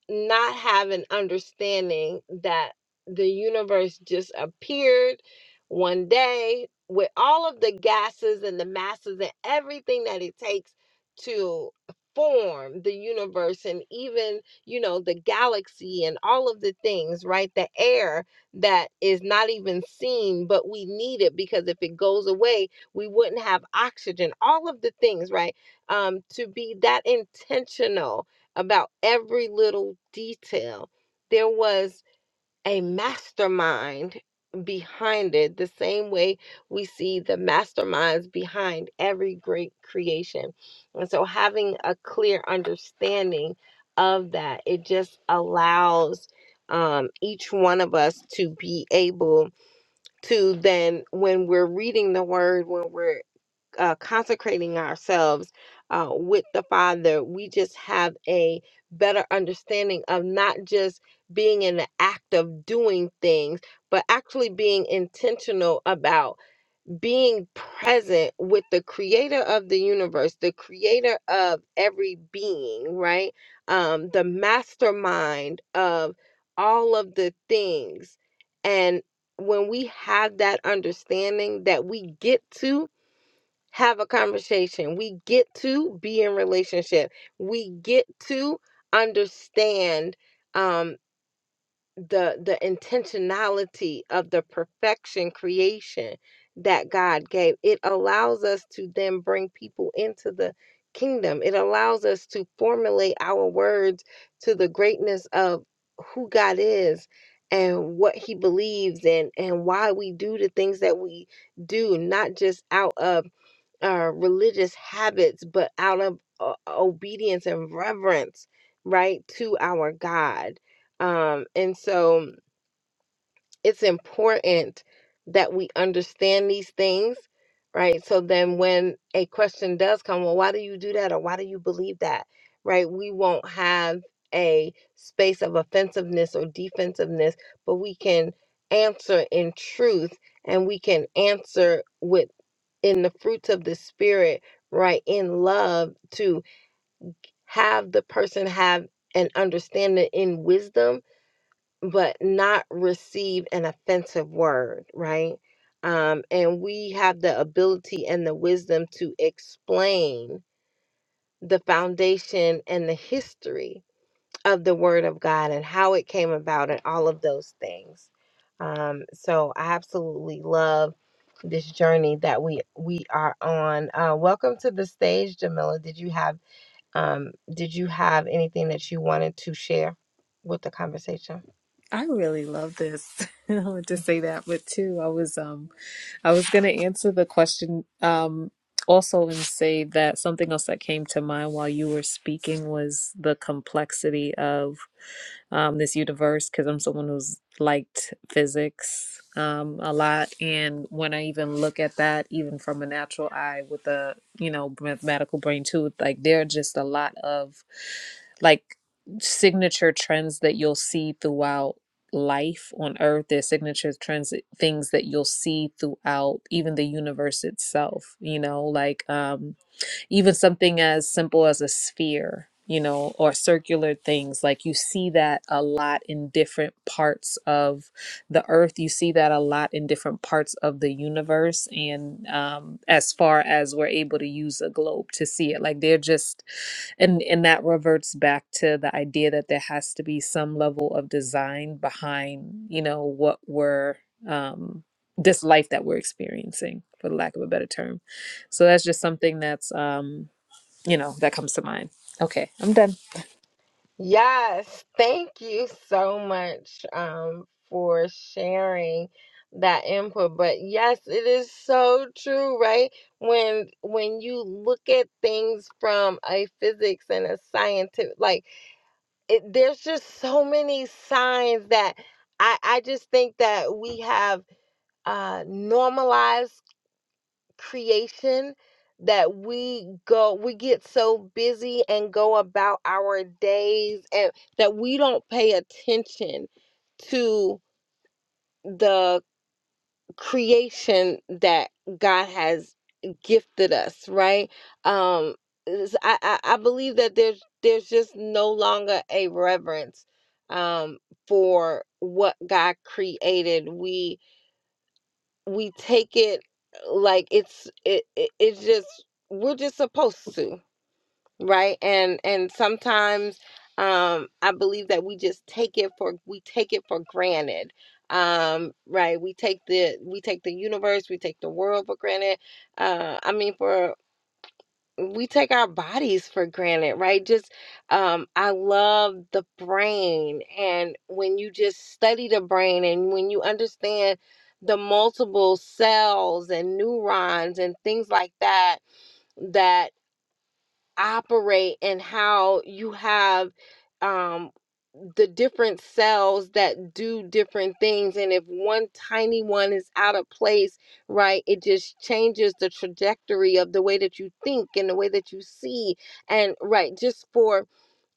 Speaker 4: not have an understanding that the universe just appeared one day with all of the gases and the masses and everything that it takes to form the universe and even you know the galaxy and all of the things right the air that is not even seen but we need it because if it goes away we wouldn't have oxygen all of the things right um to be that intentional about every little detail. There was a mastermind behind it, the same way we see the masterminds behind every great creation. And so, having a clear understanding of that, it just allows um, each one of us to be able to then, when we're reading the word, when we're uh, consecrating ourselves uh, with the Father, we just have a better understanding of not just being in the act of doing things, but actually being intentional about being present with the creator of the universe, the creator of every being, right? Um, the mastermind of all of the things. And when we have that understanding that we get to, have a conversation. We get to be in relationship. We get to understand um, the the intentionality of the perfection creation that God gave. It allows us to then bring people into the kingdom. It allows us to formulate our words to the greatness of who God is and what he believes in and why we do the things that we do not just out of uh, religious habits, but out of uh, obedience and reverence, right, to our God. Um, and so it's important that we understand these things, right? So then when a question does come, well, why do you do that? Or why do you believe that? Right? We won't have a space of offensiveness or defensiveness, but we can answer in truth and we can answer with in the fruits of the spirit, right? In love to have the person have an understanding in wisdom, but not receive an offensive word, right? Um, and we have the ability and the wisdom to explain the foundation and the history of the Word of God and how it came about and all of those things. Um, so I absolutely love this journey that we we are on. Uh, welcome to the stage, Jamila. Did you have um, did you have anything that you wanted to share with the conversation?
Speaker 5: I really love this. [LAUGHS] I wanted to say that, but too, I was um I was gonna answer the question um also and say that something else that came to mind while you were speaking was the complexity of um this universe because I'm someone who's liked physics um a lot and when I even look at that even from a natural eye with a you know mathematical brain too like there are just a lot of like signature trends that you'll see throughout life on earth there's signature trends things that you'll see throughout even the universe itself you know like um even something as simple as a sphere, you know, or circular things. Like you see that a lot in different parts of the earth. You see that a lot in different parts of the universe. And um, as far as we're able to use a globe to see it, like they're just, and, and that reverts back to the idea that there has to be some level of design behind, you know, what we're, um, this life that we're experiencing, for the lack of a better term. So that's just something that's um, you know, that comes to mind. Okay, I'm done.
Speaker 4: Yes, thank you so much um, for sharing that input. But yes, it is so true, right? When when you look at things from a physics and a scientific, like it, there's just so many signs that I I just think that we have uh, normalized creation that we go we get so busy and go about our days and that we don't pay attention to the creation that God has gifted us, right? Um is- I, I, I believe that there's there's just no longer a reverence um for what God created. We we take it like it's it, it it's just we're just supposed to right and and sometimes um i believe that we just take it for we take it for granted um right we take the we take the universe we take the world for granted uh i mean for we take our bodies for granted, right? Just um I love the brain and when you just study the brain and when you understand the multiple cells and neurons and things like that that operate and how you have um, the different cells that do different things. And if one tiny one is out of place, right, it just changes the trajectory of the way that you think and the way that you see. And, right, just for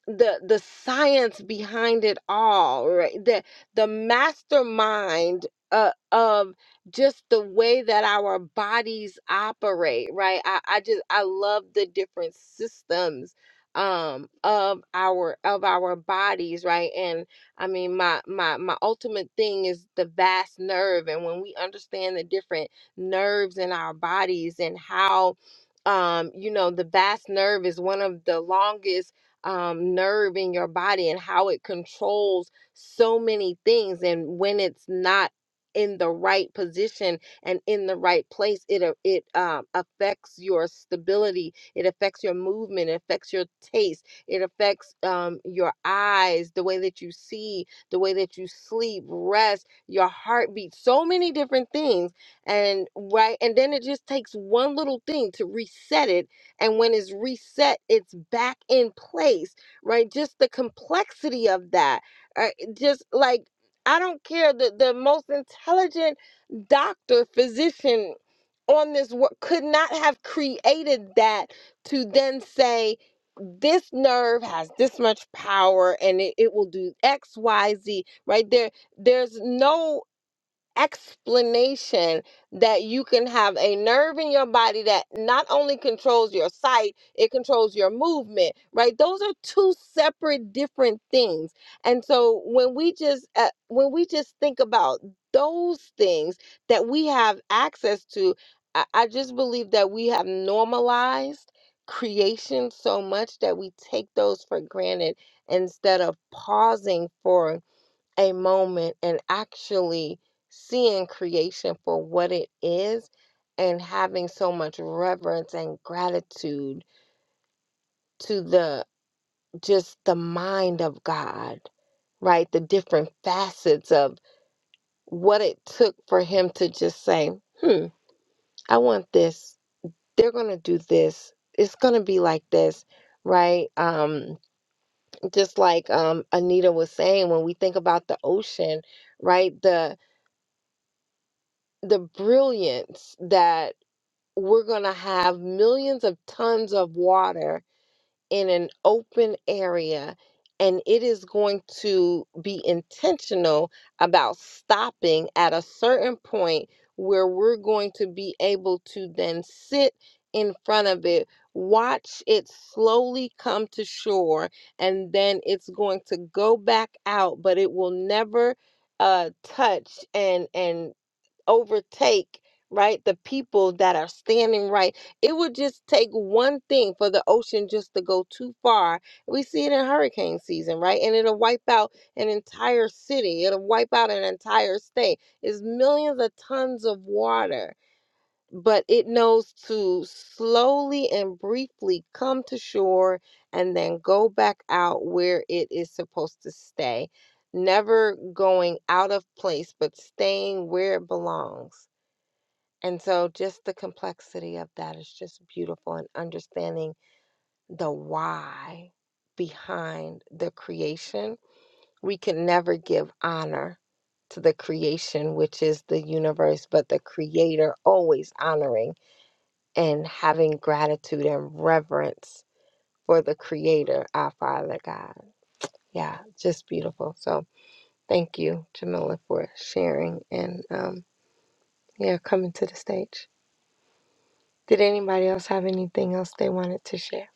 Speaker 4: the the science behind it all right the the mastermind uh, of just the way that our bodies operate right I, I just i love the different systems um of our of our bodies right and i mean my my my ultimate thing is the vast nerve and when we understand the different nerves in our bodies and how um you know the vast nerve is one of the longest um, nerve in your body and how it controls so many things. And when it's not in the right position and in the right place, it a- it um, affects your stability. It affects your movement. It affects your taste. It affects um, your eyes, the way that you see, the way that you sleep, rest, your heartbeat. So many different things, and right, and then it just takes one little thing to reset it and when it's reset, it's back in place, right? Just the complexity of that. uh, Just like, I don't care, the, the most intelligent doctor, physician on this world could not have created that to then say, this nerve has this much power and it, it will do X, Y, Z, right? There, there's no explanation that you can have a nerve in your body that not only controls your sight, it controls your movement, right? Those are two separate different things. And so when we just uh, when we just think about those things that we have access to, I, I just believe that we have normalized creation so much that we take those for granted instead of pausing for a moment and actually seeing creation for what it is and having so much reverence and gratitude to the just the mind of God, right? The different facets of what it took for him to just say, hmm, I want this. They're going to do this. It's going to be like this, right? Um, just like um, Anita was saying, when we think about the ocean, right? The the brilliance that we're going to have millions of tons of water in an open area and it is going to be intentional about stopping at a certain point where we're going to be able to then sit in front of it watch it slowly come to shore and then it's going to go back out but it will never uh touch and and overtake right the people that are standing right it would just take one thing for the ocean just to go too far we see it in hurricane season right and it'll wipe out an entire city it'll wipe out an entire state it's millions of tons of water but it knows to slowly and briefly come to shore and then go back out where it is supposed to stay never going out of place, but staying where it belongs. And so just the complexity of that is just beautiful and understanding the why behind the creation. We can never give honor to the creation, which is the universe, but the creator always honoring and having gratitude and reverence for the creator, our Father God. Yeah, just beautiful. So thank you, Jamila, for sharing and um yeah, coming to the stage. Did anybody else have anything else they wanted to share?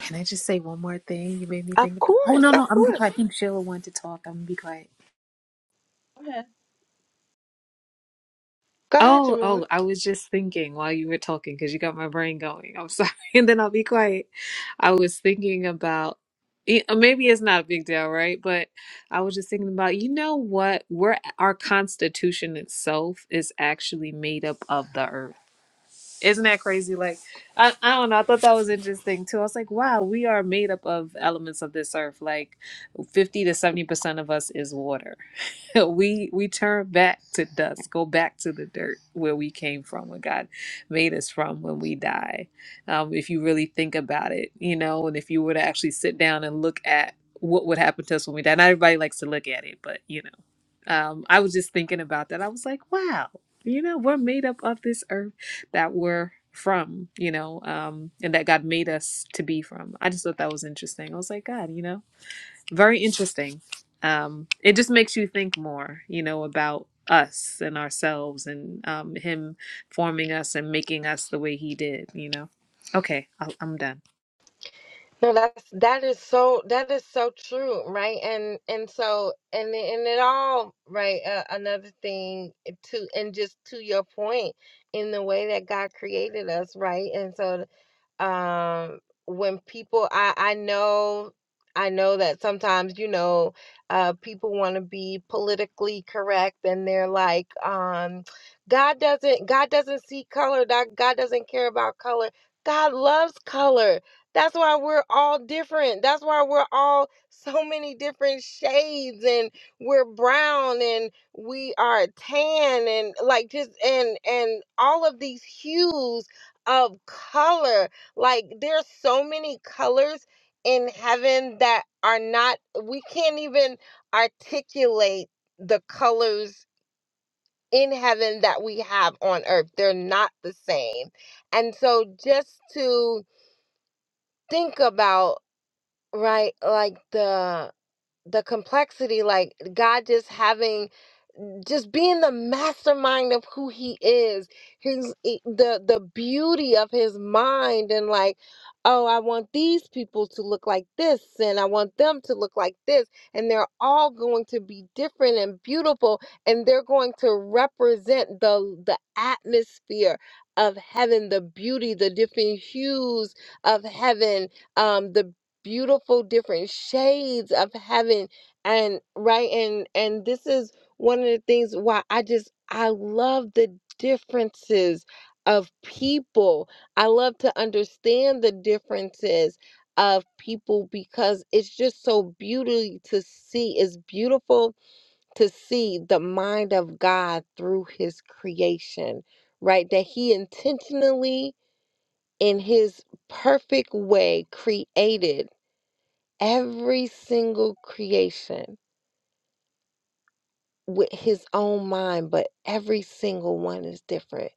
Speaker 5: Can I just say one more thing? You made me think
Speaker 4: Of
Speaker 5: about. Oh
Speaker 4: course,
Speaker 5: no, no,
Speaker 4: of
Speaker 5: I'm gonna be quiet.
Speaker 4: course.
Speaker 5: I think Sheila wanted to talk. I'm gonna be quiet.
Speaker 3: Okay.
Speaker 4: Go ahead,
Speaker 5: Oh,
Speaker 4: Jamila.
Speaker 5: oh, I was just thinking while you were talking because you got my brain going. I'm sorry, [LAUGHS] and then I'll be quiet. I was thinking about y- uh, maybe it's not a big deal, right? But I was just thinking about you know what? We're our constitution itself is actually made up of the earth. Isn't that crazy? Like, I, I don't know. I thought that was interesting too. I was like, wow, we are made up of elements of this earth. Like, fifty to seventy percent of us is water. [LAUGHS] we we turn back to dust, go back to the dirt where we came from, where God made us from when we die. Um, if you really think about it, you know, and if you were to actually sit down and look at what would happen to us when we die. Not everybody likes to look at it, but you know um, I was just thinking about that. I was like, wow, you know, we're made up of this earth that we're from, you know, um, and that God made us to be from. I just thought that was interesting. I was like, God, you know, very interesting. Um, it just makes you think more, you know, about us and ourselves and um, Him forming us and making us the way He did, you know. Okay, I'll, I'm done.
Speaker 4: No, that's that is so that is so true, right? And and so and and it all right. Uh, another thing to and just to your point, in the way that God created us, right? And so um when people i i know i know that sometimes you know uh people want to be politically correct and they're like um god doesn't god doesn't see color god, god doesn't care about color god loves color that's why we're all different that's why we're all [LAUGHS] so many different shades and we're brown and we are tan and like just and and all of these hues of color like there's so many colors in heaven that are not we can't even articulate the colors in heaven that we have on earth. They're not the same. And so just to think about right like the the complexity like God just having just being the mastermind of who he is his i- the the beauty of his mind and like oh i want these people to look like this and i want them to look like this and they're all going to be different and beautiful and they're going to represent the the atmosphere of heaven the beauty the different hues of heaven um the beautiful different shades of heaven and right and and this is one of the things why I just I love the differences of people. I love to understand the differences of people because it's just so beauty to see. It's beautiful to see the mind of God through his creation, right? That he intentionally in his perfect way created every single creation with his own mind, but every single one is different.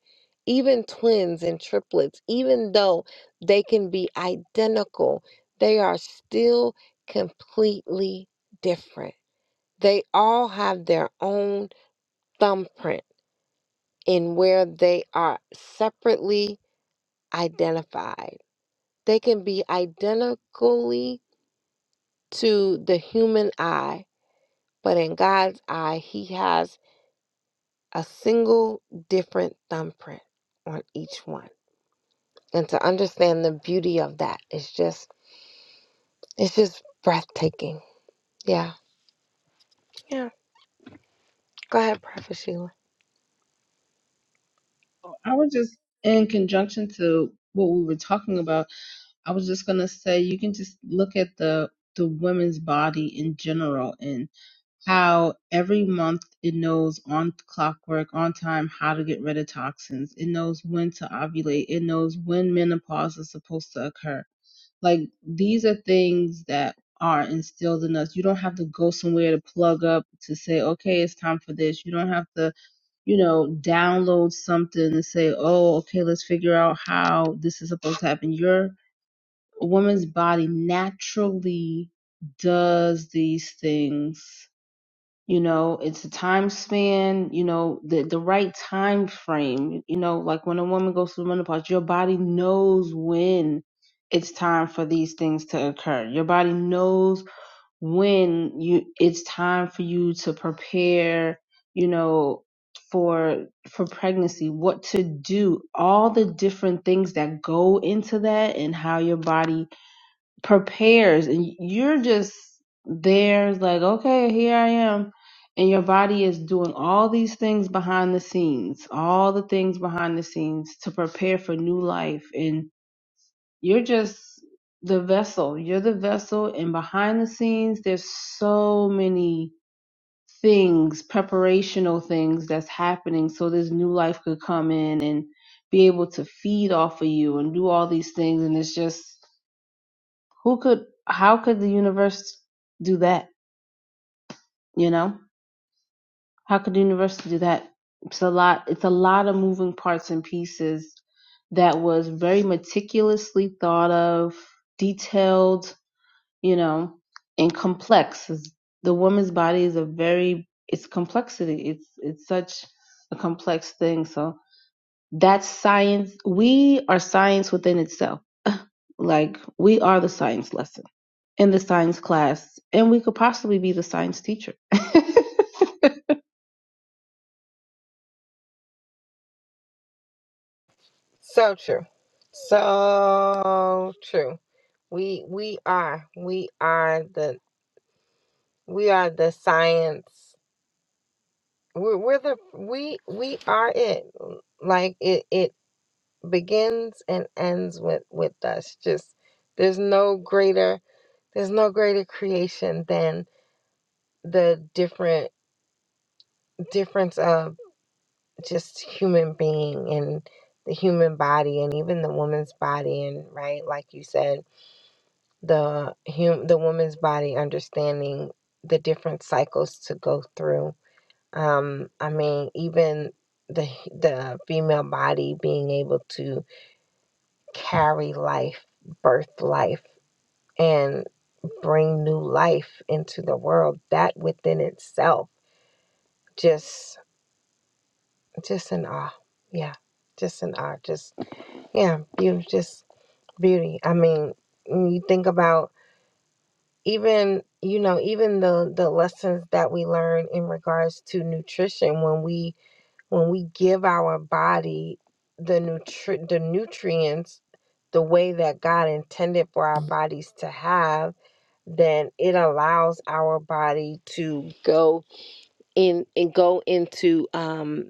Speaker 4: Even twins and triplets, even though they can be identical, they are still completely different. They all have their own thumbprint in where they are separately identified. They can be identically to the human eye, but in God's eye, He has a single different thumbprint on each one. And to understand the beauty of that is just it's just breathtaking. Yeah. Yeah. Go ahead, Prophet Sheila.
Speaker 3: Well, I was just in conjunction to what we were talking about. I was just gonna say you can just look at the the women's body in general and how every month it knows on clockwork, on time, how to get rid of toxins. It knows when to ovulate. It knows when menopause is supposed to occur Like these are things that are instilled in us. You don't have to go somewhere to plug up to say, okay, it's time for this. You don't have to, you know, download something and say, oh, okay, let's figure out how this is supposed to happen. Your woman's body naturally does these things you know it's a time span you know the the right time frame you know like when a woman goes through menopause your body knows when it's time for these things to occur your body knows when you it's time for you to prepare you know for for pregnancy what to do all the different things that go into that and how your body prepares and you're just there like okay here i am and your body is doing all these things behind the scenes all the things behind the scenes to prepare for new life and you're just the vessel you're the vessel and behind the scenes there's so many things preparational things that's happening so this new life could come in and be able to feed off of you and do all these things and it's just who could? How could the universe do that? You know, how could the universe do that? It's a lot. It's a lot of moving parts and pieces that was very meticulously thought of, detailed, you know, and complex. Is- The woman's body is a very it's complexity. It's it's such a complex thing. So that's science. We are science within itself. Like we are the science lesson in the science class, and we could possibly be the science teacher. [LAUGHS]
Speaker 4: So true. So true. We we are we are the we are the science. We're we're the we we are it. Like it it begins and ends with with us. Just there's no greater there's no greater creation than the different difference of just human being and the human body and even the woman's body and right like you said the hum the woman's body understanding the different cycles to go through um i mean even the the female body being able to carry life birth life and bring new life into the world that within itself just. Just in awe. Yeah. Just in awe. Just, yeah, beauty, just beauty. I mean, when you think about even, you know, even the, the lessons that we learn in regards to nutrition when we, when we give our body the nutri- the nutrients the way that God intended for our bodies to have, then it allows our body to go in and go into um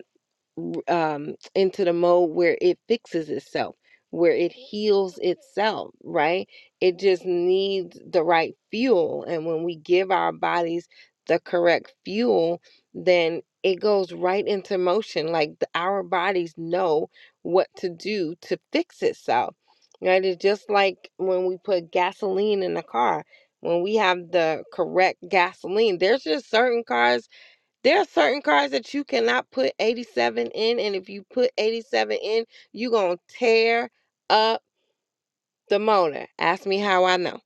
Speaker 4: um, into the mode where it fixes itself, where it heals itself, right? It just needs the right fuel. And when we give our bodies the correct fuel, then it goes right into motion. Like the, our bodies know what to do to fix itself, right? It's just like when we put gasoline in a car. When we have the correct gasoline, there's just certain cars there are certain cars that you cannot put 87 in, and if you put 87 in, you gonna tear up the motor. Ask me how I know,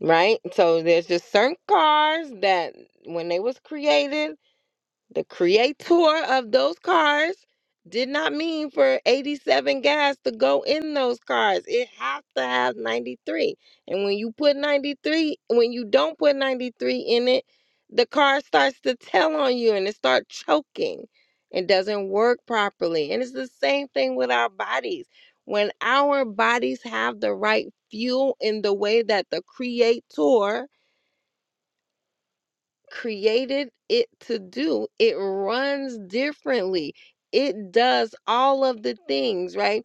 Speaker 4: right? So there's just certain cars that when they was created the creator [LAUGHS] of those cars did not mean for 87 gas to go in those cars. It has to have 93. And when you put 93, when you don't put 93 in it, the car starts to tell on you and it starts choking. It doesn't work properly. And it's the same thing with our bodies. When our bodies have the right fuel in the way that the creator created it to do. It runs differently. It does all of the things, right?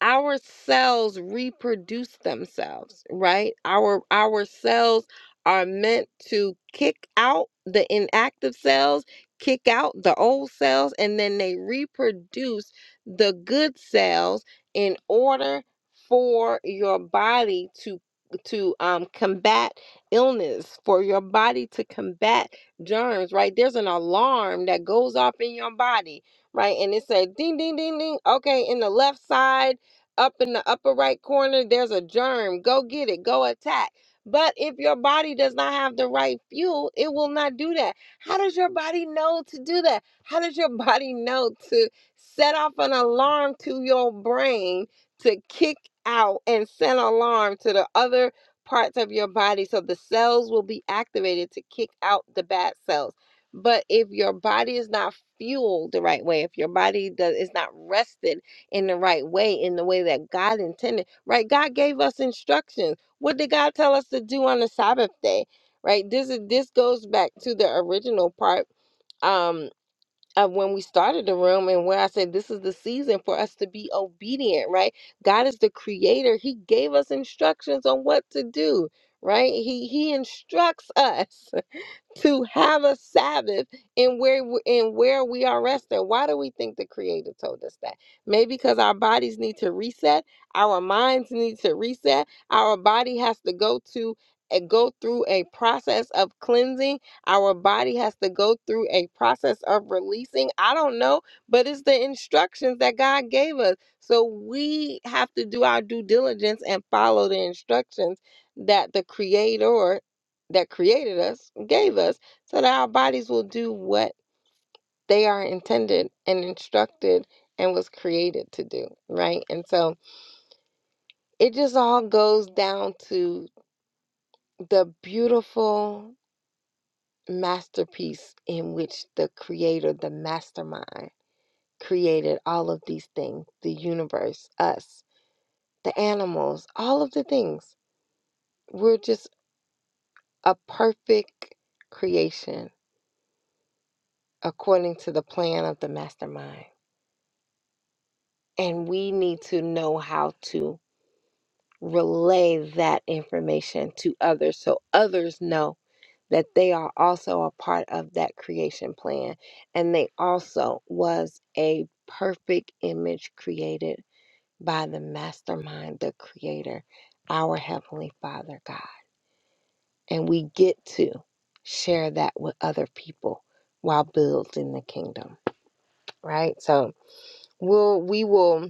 Speaker 4: our cells reproduce themselves right our our cells are meant to kick out the inactive cells kick out the old cells and then they reproduce the good cells in order for your body to to um, combat illness for your body to combat germs right there's an alarm that goes off in your body right and it said ding ding ding ding okay in the left side up in the upper right corner, there's a germ. Go get it, go attack. But if your body does not have the right fuel, it will not do that. How does your body know to do that? How does your [LAUGHS] body know to set off an alarm to your brain to kick out and send alarm to the other parts of your body so the cells will be activated to kick out the bad cells? But if your body is not fueled the right way, if your body does is not rested in the right way, in the way that God intended, right? God gave us instructions. What did God tell us to do on the Sabbath day, right? This is this goes back to the original part um, of when we started the room and where I said this is the season for us to be obedient, right? God is the creator. He gave us instructions on what to do, right? He he instructs us. [LAUGHS] to have a Sabbath in where w- in where we are resting. Why do we think the Creator told us that? Maybe because our bodies need to reset, our minds need to reset, our body has to go to uh, go through a process of cleansing. Our body has to go through a process of releasing. I don't know, but it's the instructions that God gave us. So we have to do our due diligence and follow the instructions that the creator that created us gave us so that our bodies will do what they are intended and instructed and was created to do right and so it just all goes down to the beautiful masterpiece in which the creator the mastermind created all of these things the universe us the animals all of the things we're just a perfect creation according to the plan of the mastermind And we need to know how to relay that information to others so others know that they are also a part of that creation plan and they also was a perfect image created by the mastermind the creator our heavenly father god and we get to share that with other people while building the kingdom right so we'll we will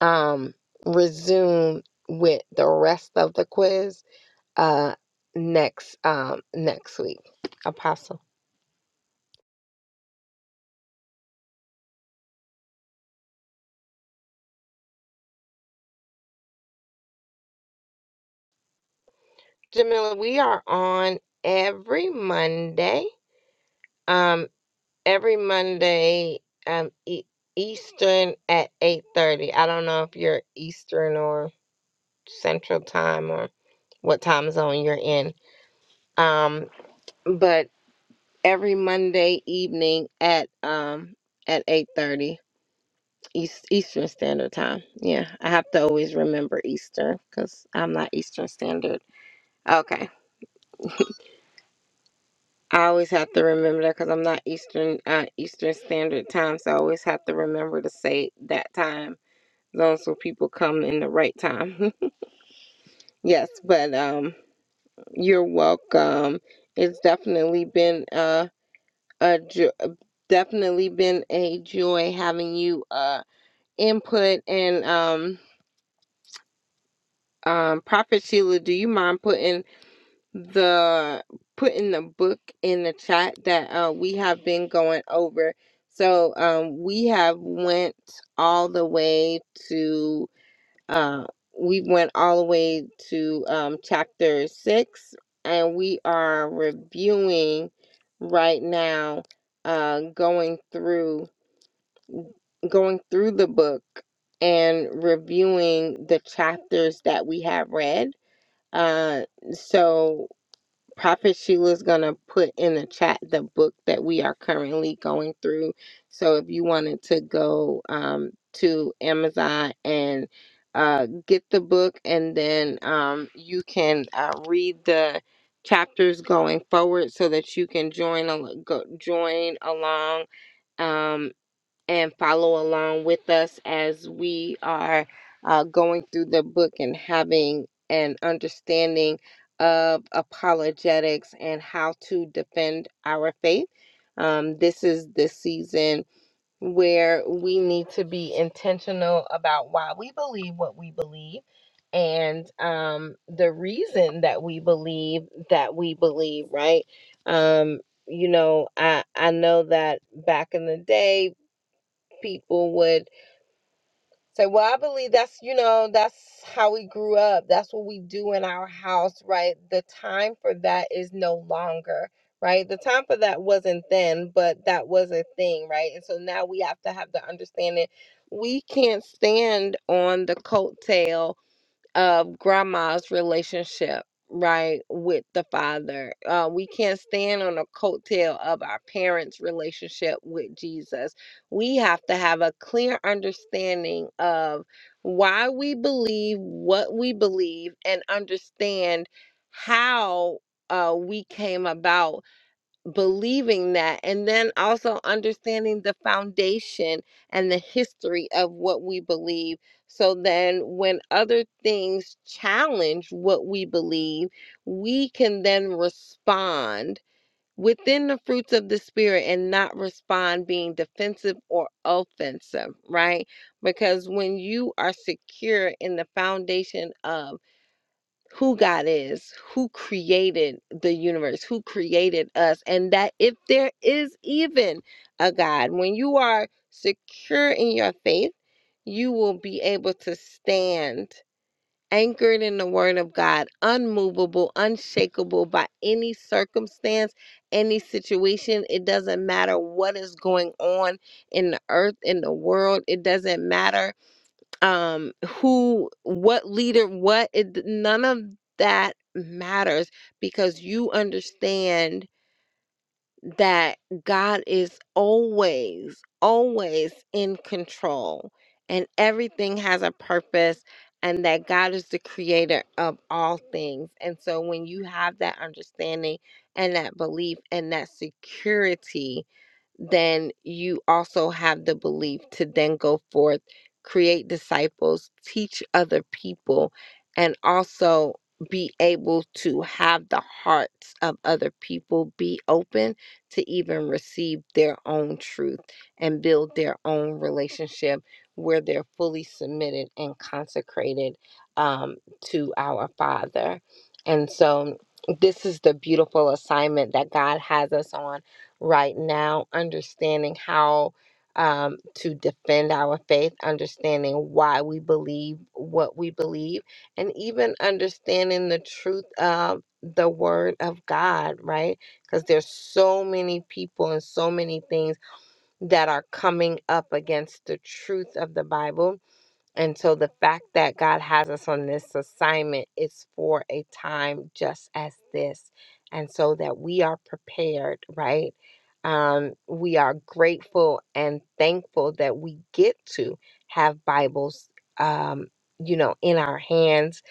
Speaker 4: um, resume with the rest of the quiz uh, next um, next week. Apostle Jamila, we are on every Monday. Um, every Monday, um, e- Eastern at eight thirty. I don't know if you're Eastern or Central Time or what time zone you're in. Um, but every Monday evening at um at eight thirty East Eastern Standard Time. Yeah, I have to always remember Eastern because I'm not Eastern Standard. Okay, I always have to remember that because I'm not Eastern uh, Eastern Standard Time, so I always have to remember to say that time zone so people come in the right time. [LAUGHS] yes, but um, you're welcome. It's definitely been uh, a jo- uh, definitely been a joy having you uh input and um um prophet sheila do you mind putting the putting the book in the chat that uh, we have been going over. So um, we have went all the way to uh, we went all the way to um, chapter six, and we are reviewing right now, uh, going through going through the book and reviewing the chapters that we have read. Uh, so Prophet Sheila's gonna put in the chat the book that we are currently going through. So if you wanted to go um, to Amazon and uh, get the book, and then um, you can uh, read the chapters going forward, so that you can join al- go, join along um, and follow along with us as we are uh, going through the book and having an understanding of apologetics and how to defend our faith. Um, this is the season where we need to be intentional about why we believe what we believe and um, the reason that we believe that we believe, right? Um, you know, I I know that back in the day people would say, Well, I believe that's, you know, that's how we grew up. That's what we do in our house, right? The time for that is no longer, right? The time for that wasn't then, but that was a thing, right? And so now we have to have the understanding we can't stand on the coattail of grandma's relationship right with the father uh, we can't stand on the coattail of our parents relationship with jesus we have to have a clear understanding of why we believe what we believe and understand how uh, we came about believing that and then also understanding the foundation and the history of what we believe so then when other things challenge what we believe we can then respond within the fruits of the spirit and not respond being defensive or offensive right because when you are secure in the foundation of who God is, who created the universe, who created us, and that if there is even a God, when you are secure in your faith, you will be able to stand anchored in the word of God, unmovable, unshakable by any circumstance, any situation. It doesn't matter what is going on in the earth, in the world. It doesn't matter um who what leader what it, none of that matters because you understand that God is always always in control and everything has a purpose and that God is the creator of all things and so when you have that understanding and that belief and that security then you also have the belief to then go forth, create disciples, teach other people, and also be able to have the hearts of other people be open to even receive their own truth and build their own relationship where they're fully submitted and consecrated um, to our Father. And so, this is the beautiful assignment that God has us on right now, understanding how um, to defend our faith, understanding why we believe what we believe, and even understanding the truth of the word of God, right? Because there's so many people and so many things that are coming up against the truth of the Bible and so the fact that God has us on this assignment is for a time just as this. And so that we are prepared, right? Um, we are grateful and thankful that we get to have Bibles, um, you know, in our hands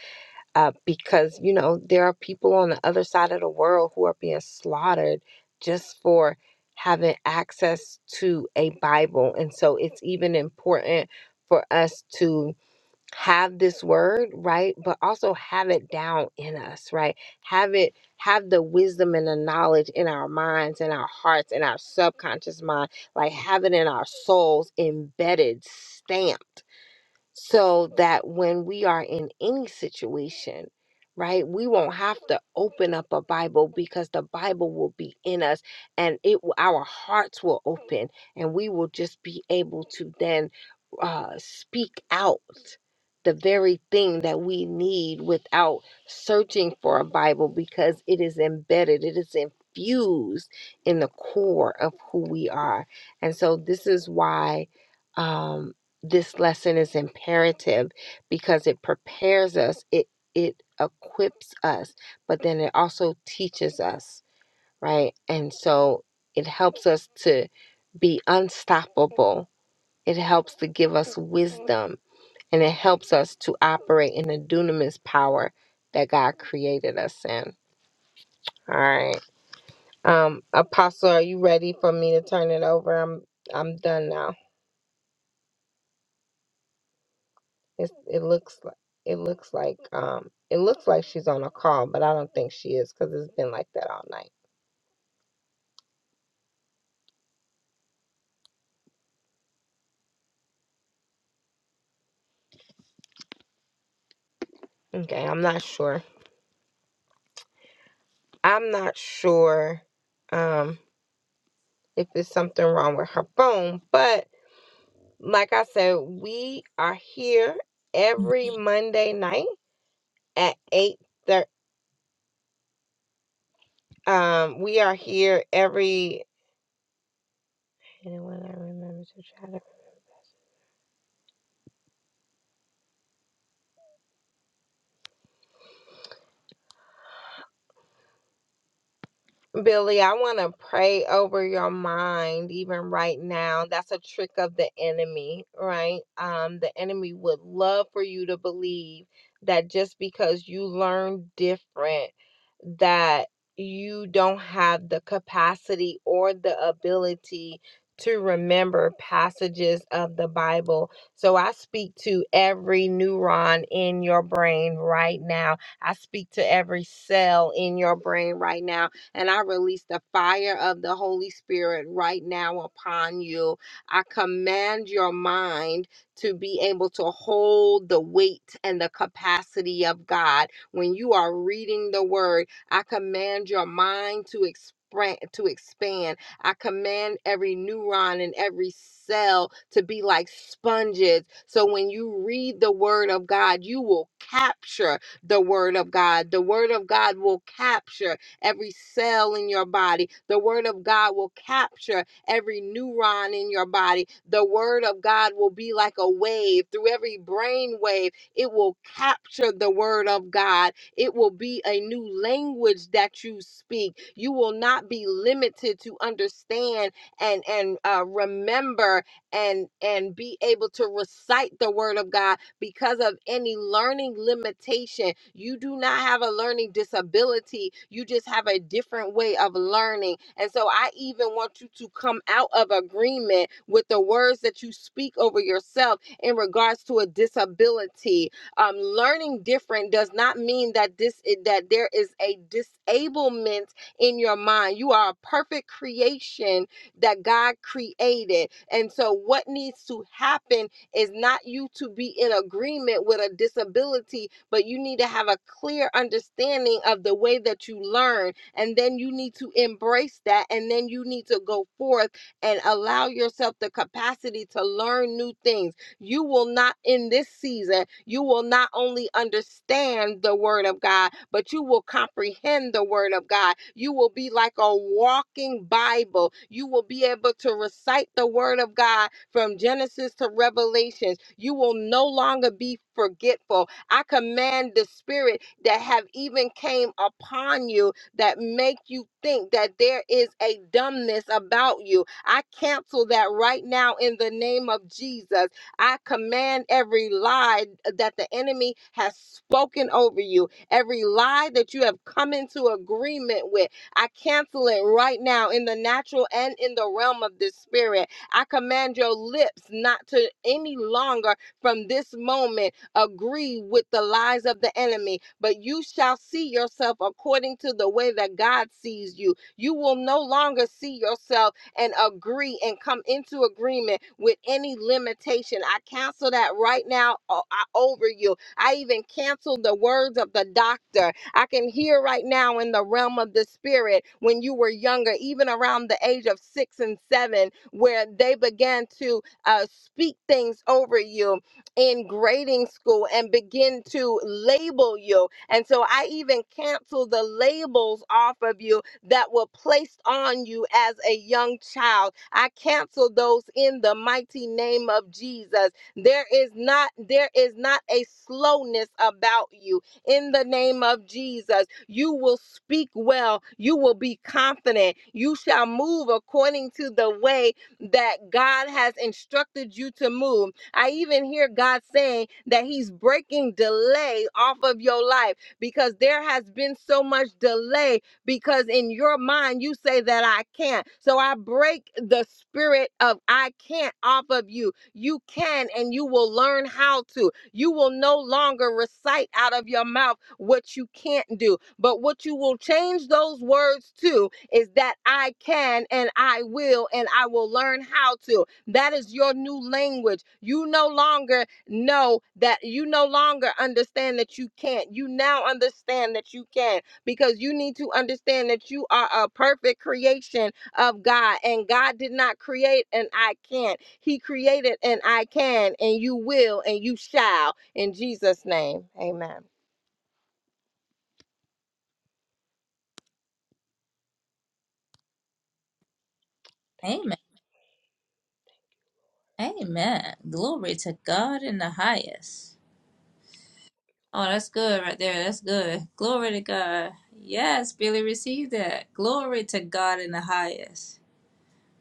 Speaker 4: uh, because, you know, there are people on the other side of the world who are being slaughtered just for having access to a Bible. And so it's even important for us to have this word right but also have it down in us right have it have the wisdom and the knowledge in our minds in our hearts in our subconscious mind like have it in our souls embedded stamped so that when we are in any situation, right, we won't have to open up a Bible because the Bible will be in us and it will, our hearts will open and we will just be able to then uh, speak out the very thing that we need without searching for a Bible because it is embedded, it is infused in the core of who we are. And so this is why. Um, this lesson is imperative because it prepares us it it equips us but then it also teaches us right and so it helps us to be unstoppable it helps to give us wisdom and it helps us to operate in the dunamis power that god created us in all right um apostle are you ready for me to turn it over i'm i'm done now It's, it looks like it looks like um it looks like she's on a call, but I don't think she is because it's been like that all night. Okay, I'm not sure. I'm not sure um if it's something wrong with her phone, but like I said, we are here every Monday night at eight thirty. Um, we are here every. Anyone I remember to try to. Billy, I want to pray over your mind even right now. That's a trick of the enemy, right? Um the enemy would love for you to believe that just because you learn different that you don't have the capacity or the ability to remember passages of the Bible. So I speak to every neuron in your brain right now. I speak to every cell in your brain right now. And I release the fire of the Holy Spirit right now upon you. I command your mind to be able to hold the weight and the capacity of God. When you are reading the word, I command your mind to expand. To expand, I command every neuron and every cell to be like sponges. So when you read the word of God, you will capture the word of God. The word of God will capture every cell in your body. The word of God will capture every neuron in your body. The word of God will be like a wave through every brain wave. It will capture the word of God. It will be a new language that you speak. You will not be limited to understand and and uh, remember and and be able to recite the word of God because of any learning limitation. You do not have a learning disability, you just have a different way of learning. And so I even want you to come out of agreement with the words that you speak over yourself in regards to a disability. Um, learning different does not mean that this eh, that there is a disablement in your mind. You are a perfect creation that God created. And so what needs to happen is not you to be in agreement with a disability, but you need to have a clear understanding of the way that you learn. And then you need to embrace that. And then you need to go forth and allow yourself the capacity to learn new things. You will not, in this season, you will not only understand the word of God, but you will comprehend the word of God. You will be like a walking Bible. You will be able to recite the word of God from Genesis to Revelations. You will no longer be forgetful. I command the spirit that have even came upon you that make you think that there is a dumbness about you. I cancel that right now in the name of Jesus. I command every lie that the enemy has spoken over you, every lie that you have come into agreement with. I cancel it right now in the natural and in the realm of the spirit. I command your lips not to any longer from this moment agree with the lies of the enemy, but you shall see yourself according to the way that God sees you. You will no longer see yourself and agree and come into agreement with any limitation. I cancel that right now o- I- over you. I even cancel the words of the doctor I can hear right now in the realm of the spirit when you were younger, even around the age of six and seven, where they began to uh, speak things over you in grading school and begin to label you. And so I even cancel the labels off of you that were placed on you as a young child. I cancel those in the mighty name of Jesus. There is not there is not a slowness about you in the name of Jesus. You will speak well. You will be confident. You shall move according to the way that God has instructed you to move. I even hear God saying that He's breaking delay off of your life because there has been so much delay because in your mind you say that I can't. So I break the spirit of I can't off of you. You can and you will learn how to. You will no longer recite out of your mouth what you can't do. But what you will change those words to is that I can and I will and I will learn how to. That is your new language. You no longer know that you no longer understand that you can't. You now understand that you can because you need to understand that you are a perfect creation of God. And God did not create an I can't. He created an I can and you will and you shall. In Jesus' name. Amen.
Speaker 1: Amen. Amen. Glory to God in the highest. Oh, that's good right there. That's good. Glory to God. Yes, Billy received that. Glory to God in the highest.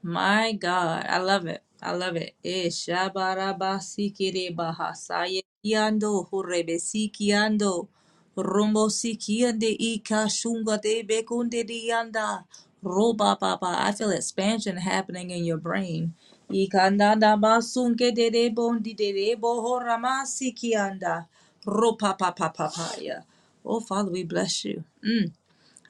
Speaker 1: My God, I love it. I love it. Eh, shabarabasikirebahasaya kiando, hurebesikiando, rumbo sikiande ikashunga de bekunde dianda, roba baba. I feel expansion happening in your brain. Ikandanda basunke de de bondi de de bohoramasikianda, ropa papa papaya. Oh, Father, we bless you. Mm.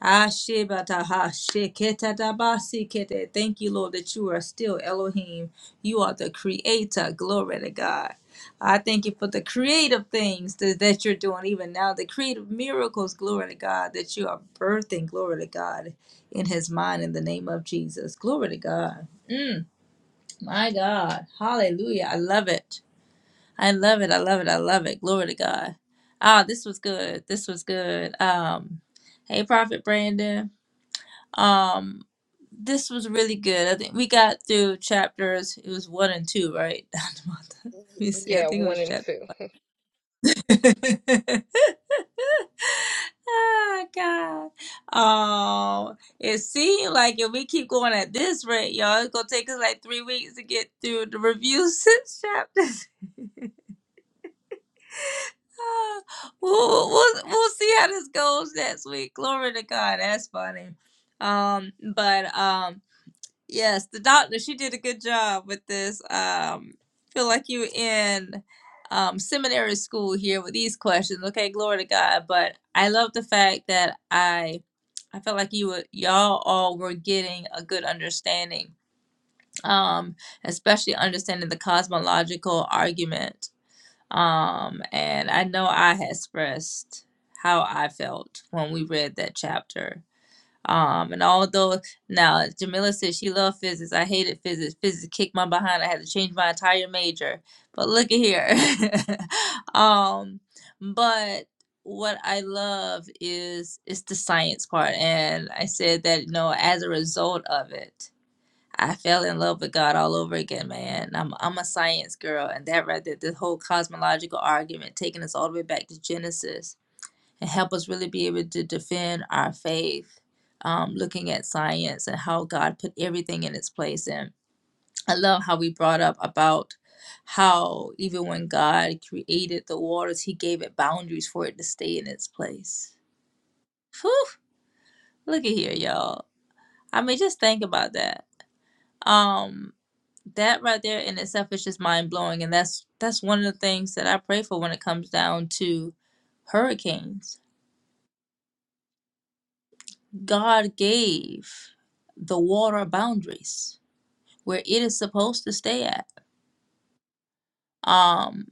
Speaker 1: Ashibataha sheketadabasikete. Thank you, Lord, that you are still Elohim. You are the creator. Glory to God. I thank you for the creative things that, that you're doing even now, the creative miracles, glory to God, that you are birthing, glory to God, in his mind in the name of Jesus. Glory to God. Mm, my God. Hallelujah. I love it. I love it. I love it. I love it. Glory to God. Ah, this was good. This was good. Um, hey, Prophet Brandon. Um, this was really good. I think we got through chapters. It was one and two, right? [LAUGHS] Let me see. I
Speaker 4: Yeah,
Speaker 1: think it
Speaker 4: one
Speaker 1: was
Speaker 4: and
Speaker 1: chapter.
Speaker 4: two.
Speaker 1: [LAUGHS] Ah, God. Oh, it seemed like if we keep going at this rate, y'all, it's gonna take us like three weeks to get through the review [LAUGHS] six chapters. Ah, we'll, we'll, we'll see how this goes next week. Glory to God. That's funny. Um, but um. Yes, the doctor, she did a good job with this. Um, feel like you in um, seminary school here with these questions. Okay, glory to God. But I love the fact that I I felt like you were y'all all were getting a good understanding. Um, especially understanding the cosmological argument. Um, and I know I had expressed how I felt when we read that chapter um, and although now Jamila said she loved physics, I hated physics. Physics kicked my behind. I had to change my entire major. But look at here. [LAUGHS] um, but what I love is is the science part, and I said that you know as a result of it, I fell in love with God all over again, man. I'm I'm a science girl, and that right there, the whole cosmological argument taking us all the way back to Genesis and help us really be able to defend our faith, um, looking at science and how God put everything in its place. And I love how we brought up about how even when God created the waters, He gave it boundaries for it to stay in its place. Whew, look at here, y'all. I mean, just think about that. Um, that right there in itself is just mind blowing, and that's that's one of the things that I pray for when it comes down to hurricanes God gave the water boundaries where it is supposed to stay at. Um,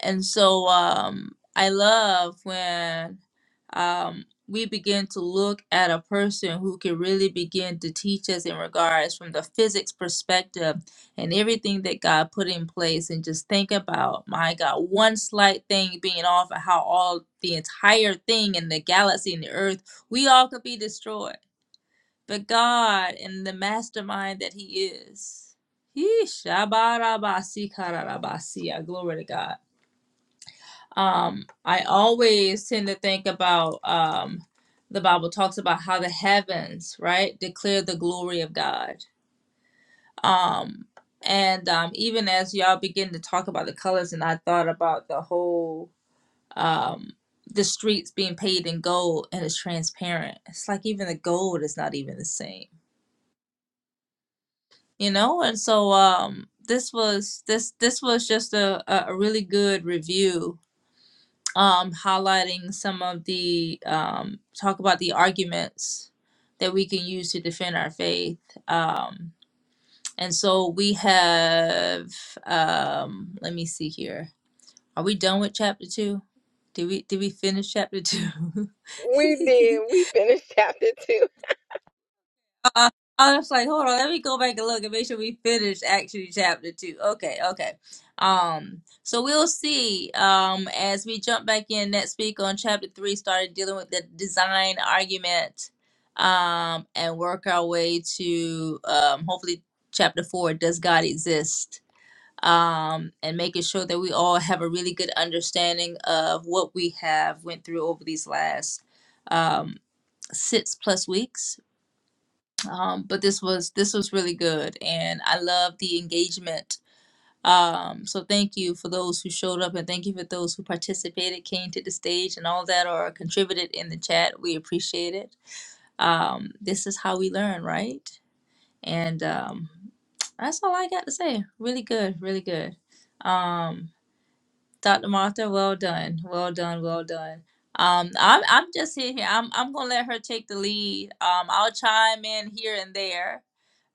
Speaker 1: and so um, I love when um, we begin to look at a person who can really begin to teach us in regards from the physics perspective and everything that God put in place, and just think about my God, one slight thing being off, and how all the entire thing in the galaxy and the earth, we all could be destroyed but God and the mastermind that He is. Yeesh, shabarabasikarabasiya, Glory to God. Um, I always tend to think about um, the Bible talks about how the heavens, right, declare the glory of God. Um, and um, even as y'all begin to talk about the colors, and I thought about the whole um, the streets being paved in gold and it's transparent. It's like even the gold is not even the same you know and so um this was this this was just a, a a really good review um highlighting some of the um talk about the arguments that we can use to defend our faith um and so we have um let me see here are we done with chapter two did we did we finish chapter two
Speaker 4: We
Speaker 1: [LAUGHS]
Speaker 4: did. We finished chapter two.
Speaker 1: Uh, I was like, hold on, let me go back and look and make sure we finish actually chapter two. Okay, okay. Um, so we'll see. Um, as we jump back in next week on chapter three, started dealing with the design argument, um, and work our way to um, hopefully chapter four. Does God exist? Um, and making sure that we all have a really good understanding of what we have went through over these last um six plus weeks um, but this was this was really good and i love the engagement um, so thank you for those who showed up and thank you for those who participated came to the stage and all that or contributed in the chat we appreciate it um, this is how we learn right and um, that's all i got to say really good really good um, dr martha well done well done well done um, I'm I'm just here. here. I'm I'm gonna let her take the lead. Um, I'll chime in here and there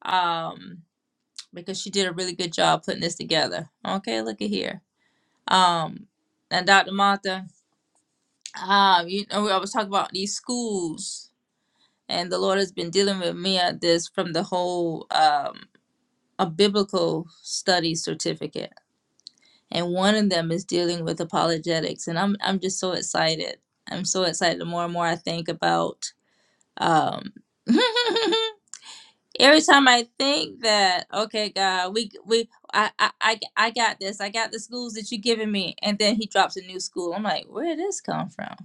Speaker 1: um, because she did a really good job putting this together. Okay, look at here. Um, and Dr. Martha, um, you know, I was talking about these schools, and the Lord has been dealing with me at this from the whole um, a biblical study certificate, and one of them is dealing with apologetics, and I'm I'm just so excited. I'm so excited. The more and more I think about um [LAUGHS] every time I think that, okay, God, we we I I I I got this. I got the schools that you giving me, and then He drops a new school. I'm like, where did this come from?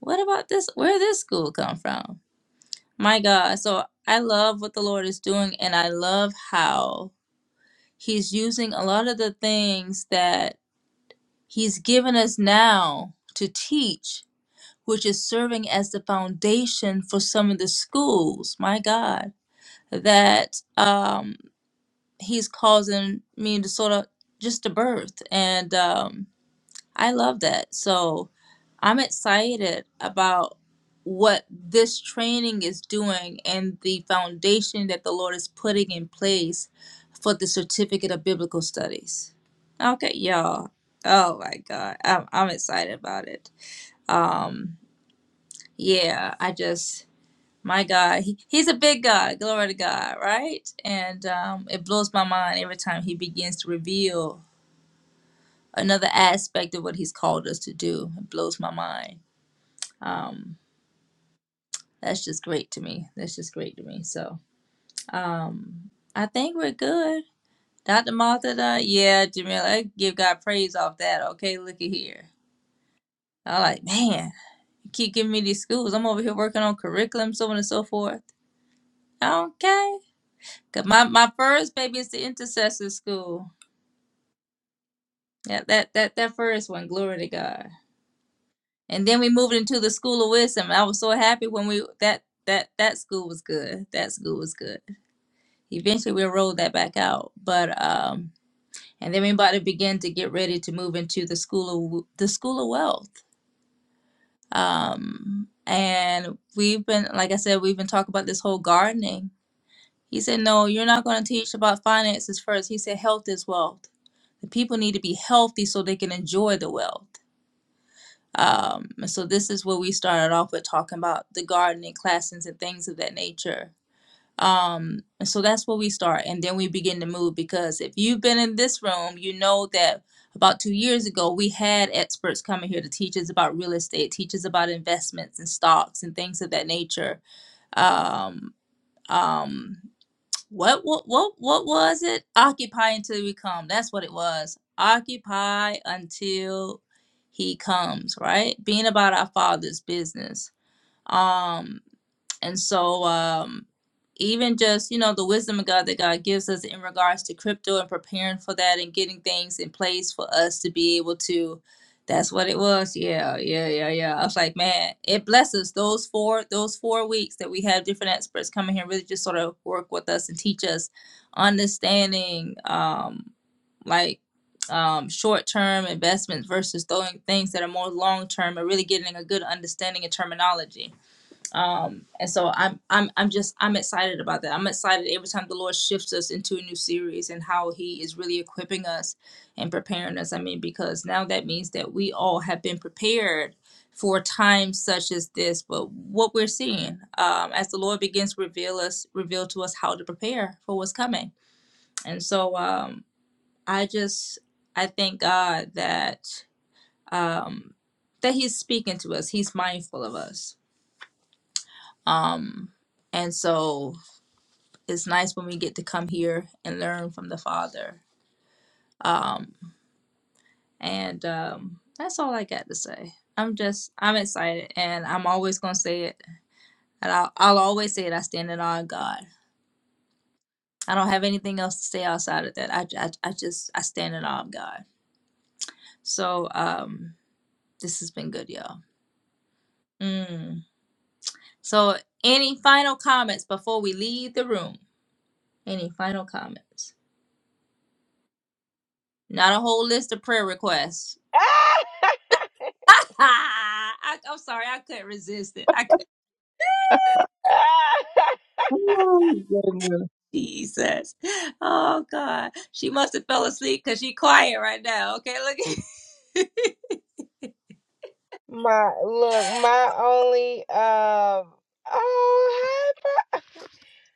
Speaker 1: What about this? Where did this school come from? My God. So I love what the Lord is doing, and I love how He's using a lot of the things that He's given us now to teach. Which is serving as the foundation for some of the schools, my God, that um. he's causing me to sort of just to birth and um i love that so i'm excited about what this training is doing and the foundation that the lord is putting in place for the certificate of biblical studies okay y'all oh my god i'm, I'm excited about it yeah i just my god he, he's a big god glory to god right and um, it blows my mind every time he begins to reveal another aspect of what he's called us to do. It blows my mind. Um, that's just great to me. That's just great to me. So um, I think we're good. Dr. Martha, done- yeah, Jamila, I give God praise off that. Okay, look at here. I'm like, man, you keep giving me these schools. I'm over here working on curriculum, so on and so forth. Okay, 'cause my, my first baby is the intercessor school. Yeah, that, that, that first one, glory to God. And then we moved into the School of Wisdom. I was so happy when we that that that school was good. That school was good. Eventually we rolled that back out. But um and then we about to begin to get ready to move into the school of the school of wealth. Um and we've been like I said, we've been talking about this whole gardening. He said, No, you're not gonna teach about finances first." He said health is wealth. The people need to be healthy so they can enjoy the wealth. Um, so this is where we started off with talking about the gardening classes and things of that nature. Um, and so that's where we start, and then we begin to move because if you've been in this room, you know that about two years ago we had experts coming here to teach us about real estate, teach us about investments and stocks and things of that nature. Um, um, what what what what was it? Occupy until we come. That's what it was. Occupy until he comes, right? Being about our father's business. Um and so, um, even just, you know, the wisdom of God that God gives us in regards to crypto and preparing for that and getting things in place for us to be able to, that's what it was. Yeah, yeah, yeah, yeah. I was like, man, it blesses those four, those four weeks that we have different experts coming here, really just sort of work with us and teach us understanding, um, like, um, short-term investments versus throwing things that are more long-term and really getting a good understanding of terminology um and so i'm i'm i'm just i'm excited about that i'm excited every time the lord shifts us into a new series and how he is really equipping us and preparing us i mean because now that means that we all have been prepared for times such as this but what we're seeing um as the lord begins to reveal us reveal to us how to prepare for what's coming and so um i just i thank god that um that he's speaking to us he's mindful of us um, and so it's nice when we get to come here and learn from the Father. Um, and um, that's all I got to say. I'm just, I'm excited, and I'm always gonna say it, and I'll, I'll always say it. I stand in awe of God. I don't have anything else to say outside of that. I, I, I just, I stand in awe of God. So, um, this has been good, y'all. Mm. So, any final comments before we leave the room? Any final comments? Not a whole list of prayer requests
Speaker 4: [LAUGHS]
Speaker 1: [LAUGHS] I, I'm sorry, I couldn't resist it. I could
Speaker 3: Oh, my goodness.
Speaker 1: Jesus. Oh God, she must have fell asleep because she quiet right now. Okay, look.
Speaker 4: my look, my only um oh hi Pro-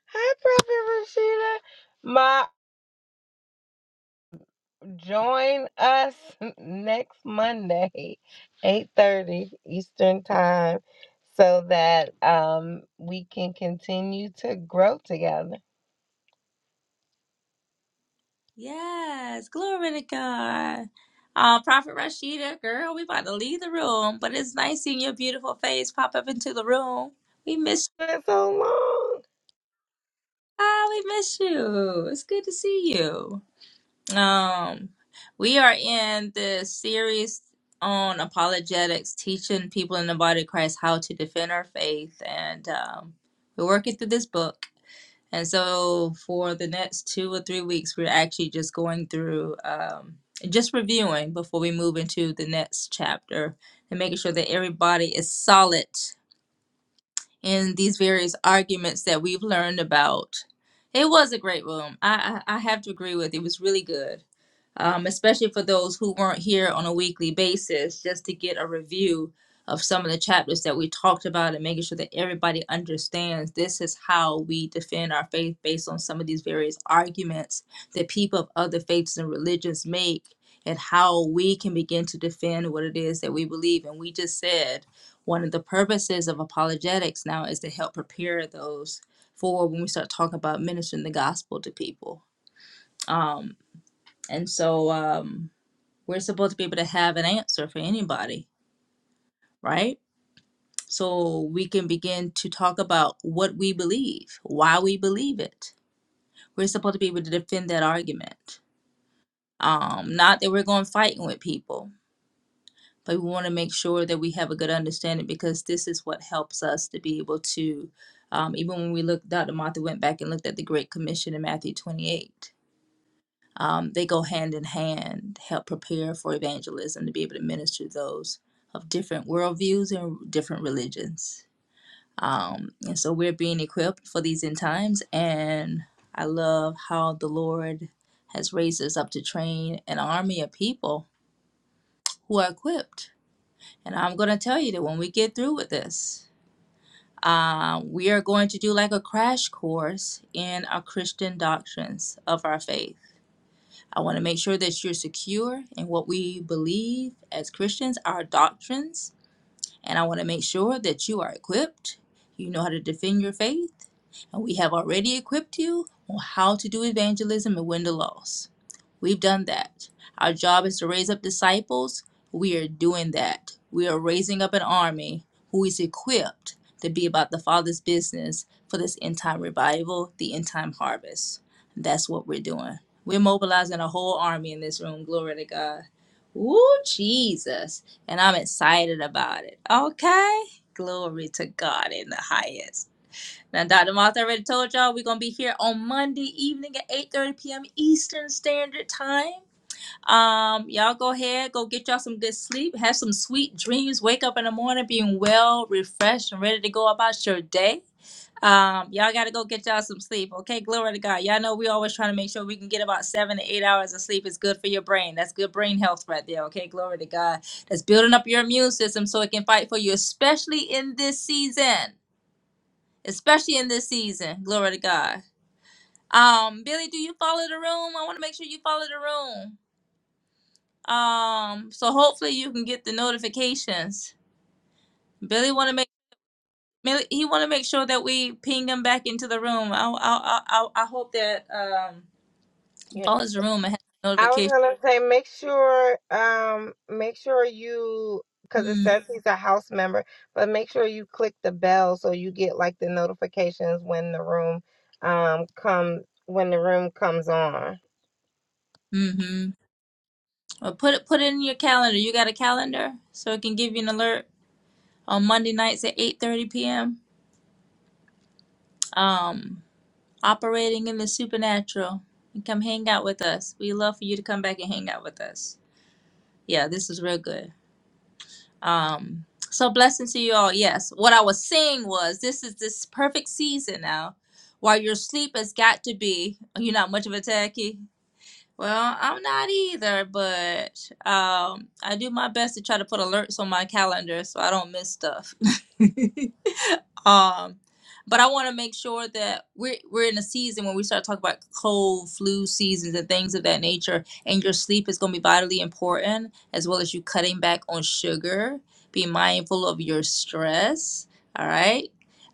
Speaker 4: hi Prophet Rashida. My Join us [LAUGHS] next Monday, 8:30 Eastern Time, so that um, we can continue to grow together.
Speaker 1: [LAUGHS] yes, glory to God. Uh, Prophet Rashida, girl, we about to leave the room, but it's nice seeing your beautiful face pop up into the room. We miss,
Speaker 4: It's so long.
Speaker 1: ah, we miss you. It's good to see you. Um, we are in this series on apologetics, teaching people in the body of Christ how to defend our faith, and um, we're working through this book. And so, for the next two or three weeks, we're actually just going through, um, just reviewing before we move into the next chapter, and making sure that everybody is solid in these various arguments that we've learned about. It was a great room. I I, I have to agree with. you. It was really good um, especially for those who weren't here on a weekly basis, just to get a review of some of the chapters that we talked about and making sure that everybody understands this is how we defend our faith based on some of these various arguments that people of other faiths and religions make and how we can begin to defend what it is that we believe. And we just said one of the purposes of apologetics now is to help prepare those for when we start talking about ministering the gospel to people. Um, and so, um, we're supposed to be able to have an answer for anybody, right? So we can begin to talk about what we believe, why we believe it. We're supposed to be able to defend that argument. Um, not that we're going fighting with people, but we want to make sure that we have a good understanding because this is what helps us to be able to, um, even when we look, Dr. Martha went back and looked at the Great Commission in Matthew 28 um, they go hand in hand, help prepare for evangelism to be able to minister to those of different worldviews and different religions. Um, and so we're being equipped for these end times. And I love how the Lord has raised us up to train an army of people who are equipped. And I'm going to tell you that when we get through with this, uh, we are going to do like a crash course in our Christian doctrines of our faith I want to make sure that you're secure in what we believe as Christians, our doctrines, and I want to make sure that you are equipped. You know how to defend your faith, and we have already equipped you on how to do evangelism and win the loss. We've done that. Our job is to raise up disciples. We are doing that. We are raising up an army who is equipped to be about the Father's business for this end time revival, the end time harvest. That's what we're doing. We're mobilizing a whole army in this room. Glory to God. Ooh, Jesus. And I'm excited about it. Okay. Glory to God in the highest. Now, Dr. Moss already told y'all we're gonna be here on Monday evening at 8:30 p.m. Eastern Standard Time. Um, y'all go ahead, go get y'all some good sleep, have some sweet dreams, wake up in the morning being well, refreshed, and ready to go about your day. Um, y'all gotta go get y'all some sleep, okay? Glory to God. Y'all know we always trying to make sure we can get about seven to eight hours of sleep. It's good for your brain. That's good brain health right there, okay? Glory to God. That's building up your immune system so it can fight for you, especially in this season especially in this season. Glory to God. Um, Billy, do you follow the room? I want to make sure you follow the room. Um, so hopefully you can get the notifications. Billy want to make Billy- he want to make sure that we ping him back into the room. I I I, I I hope that um he
Speaker 4: Yeah.
Speaker 1: follows the room and has
Speaker 4: I was
Speaker 1: notifications.
Speaker 4: gonna say make sure um make sure you because it says he's a house member, but make sure you click the bell so you get like the notifications when the room um comes when the room comes on.
Speaker 1: Mm-hmm. Well, put it put it in your calendar. You got a calendar so it can give you an alert on Monday nights at eight thirty p.m. Um, operating in the supernatural. And come hang out with us. We love for you to come back and hang out with us. Yeah, this is real good. Um, so blessings to you all. Yes, what I was saying was this is this perfect season now. While your sleep has got to be, you're not much of a techie. Well, I'm not either, but um, I do my best to try to put alerts on my calendar so I don't miss stuff. [LAUGHS] Um, but I want to make sure that we're we're in a season when we start talking about cold, flu seasons, and things of that nature. And your sleep is going to be vitally important, as well as you cutting back on sugar. Be mindful of your stress. All right.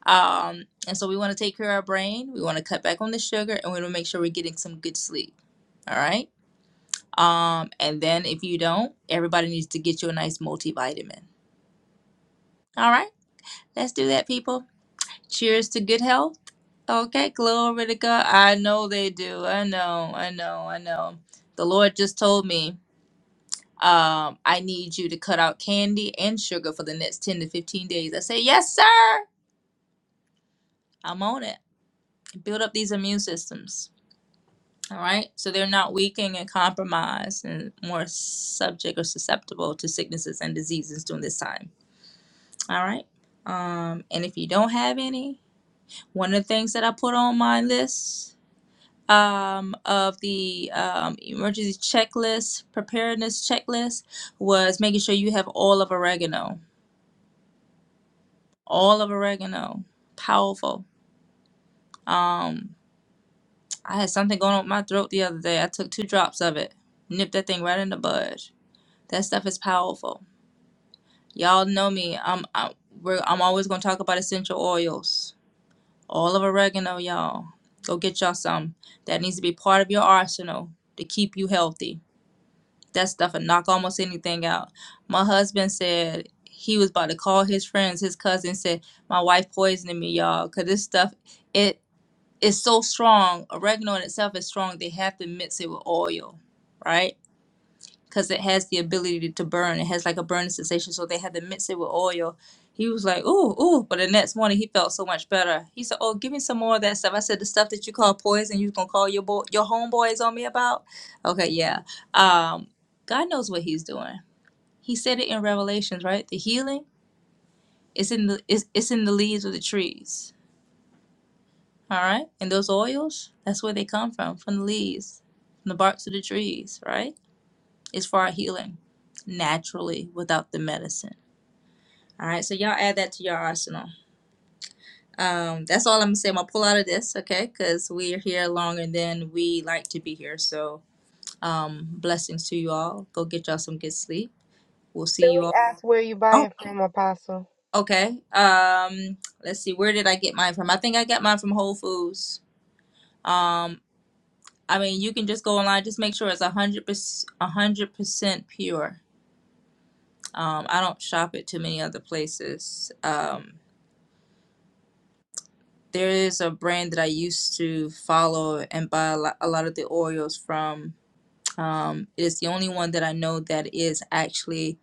Speaker 1: Um, and so we want to take care of our brain. We want to cut back on the sugar, and we want to make sure we're getting some good sleep. All right. Um, and then if you don't, everybody needs to get you a nice multivitamin. All right. Let's do that, people. Cheers to good health. Okay, glory to God. I know they do. I know, I know, I know. The Lord just told me, um, I need you to cut out candy and sugar for the next 10 to 15 days. I say, Yes, sir. I'm on it. Build up these immune systems. All right. So they're not weakening and compromised and more subject or susceptible to sicknesses and diseases during this time. All right. Um, and if you don't have any, one of the things that I put on my list um, of the um, emergency checklist, preparedness checklist, was making sure you have all of oregano. All of oregano. Powerful. Um, I had something going on with my throat the other day. I took two drops of it, nipped that thing right in the bud. That stuff is powerful. Y'all know me. I'm I, we're, I'm always gonna talk about essential oils. All of oregano, y'all. Go get y'all some. That needs to be part of your arsenal to keep you healthy that stuff and knock almost anything out. My husband said he was about to call his friends. His cousin said, "My wife poisoning me, y'all, because this stuff it is so strong. Oregano in itself is strong. They have to mix it with oil, right?" because it has the ability to burn. It has like a burning sensation, so they had to mix it with oil. He was like, ooh, ooh. But the next morning, he felt so much better. He said, oh, give me some more of that stuff. I said, the stuff that you call poison, you gonna call your boy, your homeboys on me about? Okay, yeah. Um, God knows what He's doing. He said it in Revelations, right? The healing is in the is it's in the leaves of the trees. All right, and those oils, that's where they come from, from the leaves, from the barks of the trees, right? Is for our healing naturally without the medicine. All right, so y'all add that to your arsenal. Um, that's all I'm gonna say. I'm gonna pull out of this, okay? Because we are here longer than we like to be here. So, um, blessings to you all. Go get y'all some good sleep. We'll see you
Speaker 4: We
Speaker 1: all.
Speaker 4: ask where you buy
Speaker 1: Oh,
Speaker 4: it from, Apostle.
Speaker 1: okay. Um, let's see. Where did I get mine from? I think I got mine from Whole Foods. Um, I mean, you can just go online. Just make sure it's a hundred percent, a hundred percent pure. Um, I don't shop it too many other places. Um, there is a brand that I used to follow and buy a lot, a lot of the oils from. Um, it is the only one that I know that is actually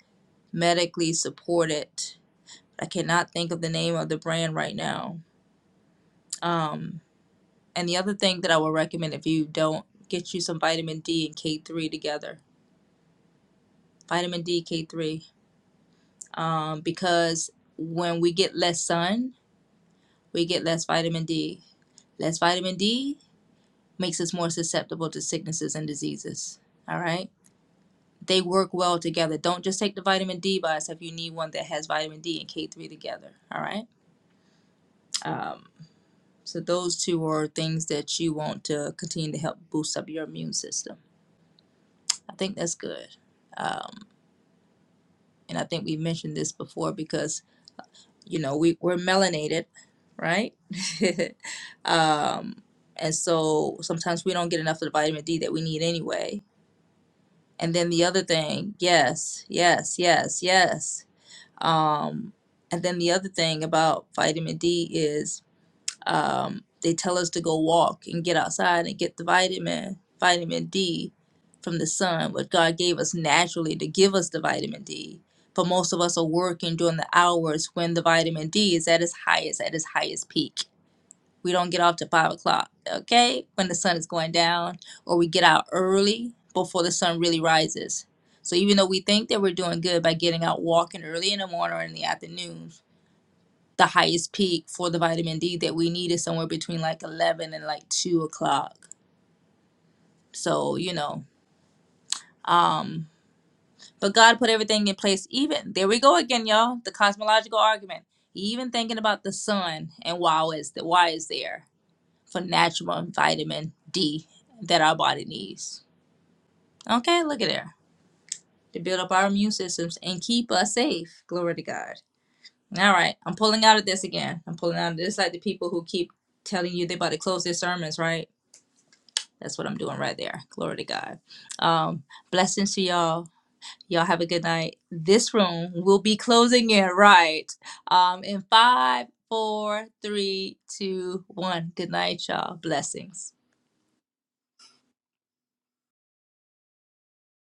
Speaker 1: medically supported. I cannot think of the name of the brand right now. Um, and the other thing that I would recommend if you don't get you some vitamin D and K3 together, vitamin D, K3, um, because when we get less sun, we get less vitamin D. Less vitamin D makes us more susceptible to sicknesses and diseases. All right. They work well together. Don't just take the vitamin D by itself. You need one that has vitamin D and K3 together. All right. Um, so those two are things that you want to continue to help boost up your immune system. I think that's good. Um, and I think we mentioned this before because, you know, we, we're melanated, right? [LAUGHS] um, and so sometimes we don't get enough of the vitamin D that we need anyway And then the other thing, yes, yes, yes, yes. Um, and then the other thing about vitamin D is um, they tell us to go walk and get outside and get the vitamin vitamin D from the sun, what God gave us naturally to give us the vitamin D. But most of us are working during the hours when the vitamin D is at its highest, at its highest peak. We don't get off till five o'clock, okay? When the sun is going down, or we get out early before the sun really rises. So even though we think that we're doing good by getting out walking early in the morning or in the afternoon, the highest peak for the vitamin D that we need is somewhere between like eleven and like two o'clock. So you know, um, but God put everything in place. Even there we go again, y'all. The cosmological argument. Even thinking about the sun and why is that why is there? for natural vitamin D that our body needs. Okay, look at there. To build up our immune systems and keep us safe. Glory to God. All right, I'm pulling out of this again. I'm pulling out of this like the people who keep telling you they about to close their sermons, right? That's what I'm doing right there. Glory to God. Um, blessings to y'all. Y'all have a good night. This room will be closing it right um, in five, four, three, two, one. Good night, y'all. Blessings.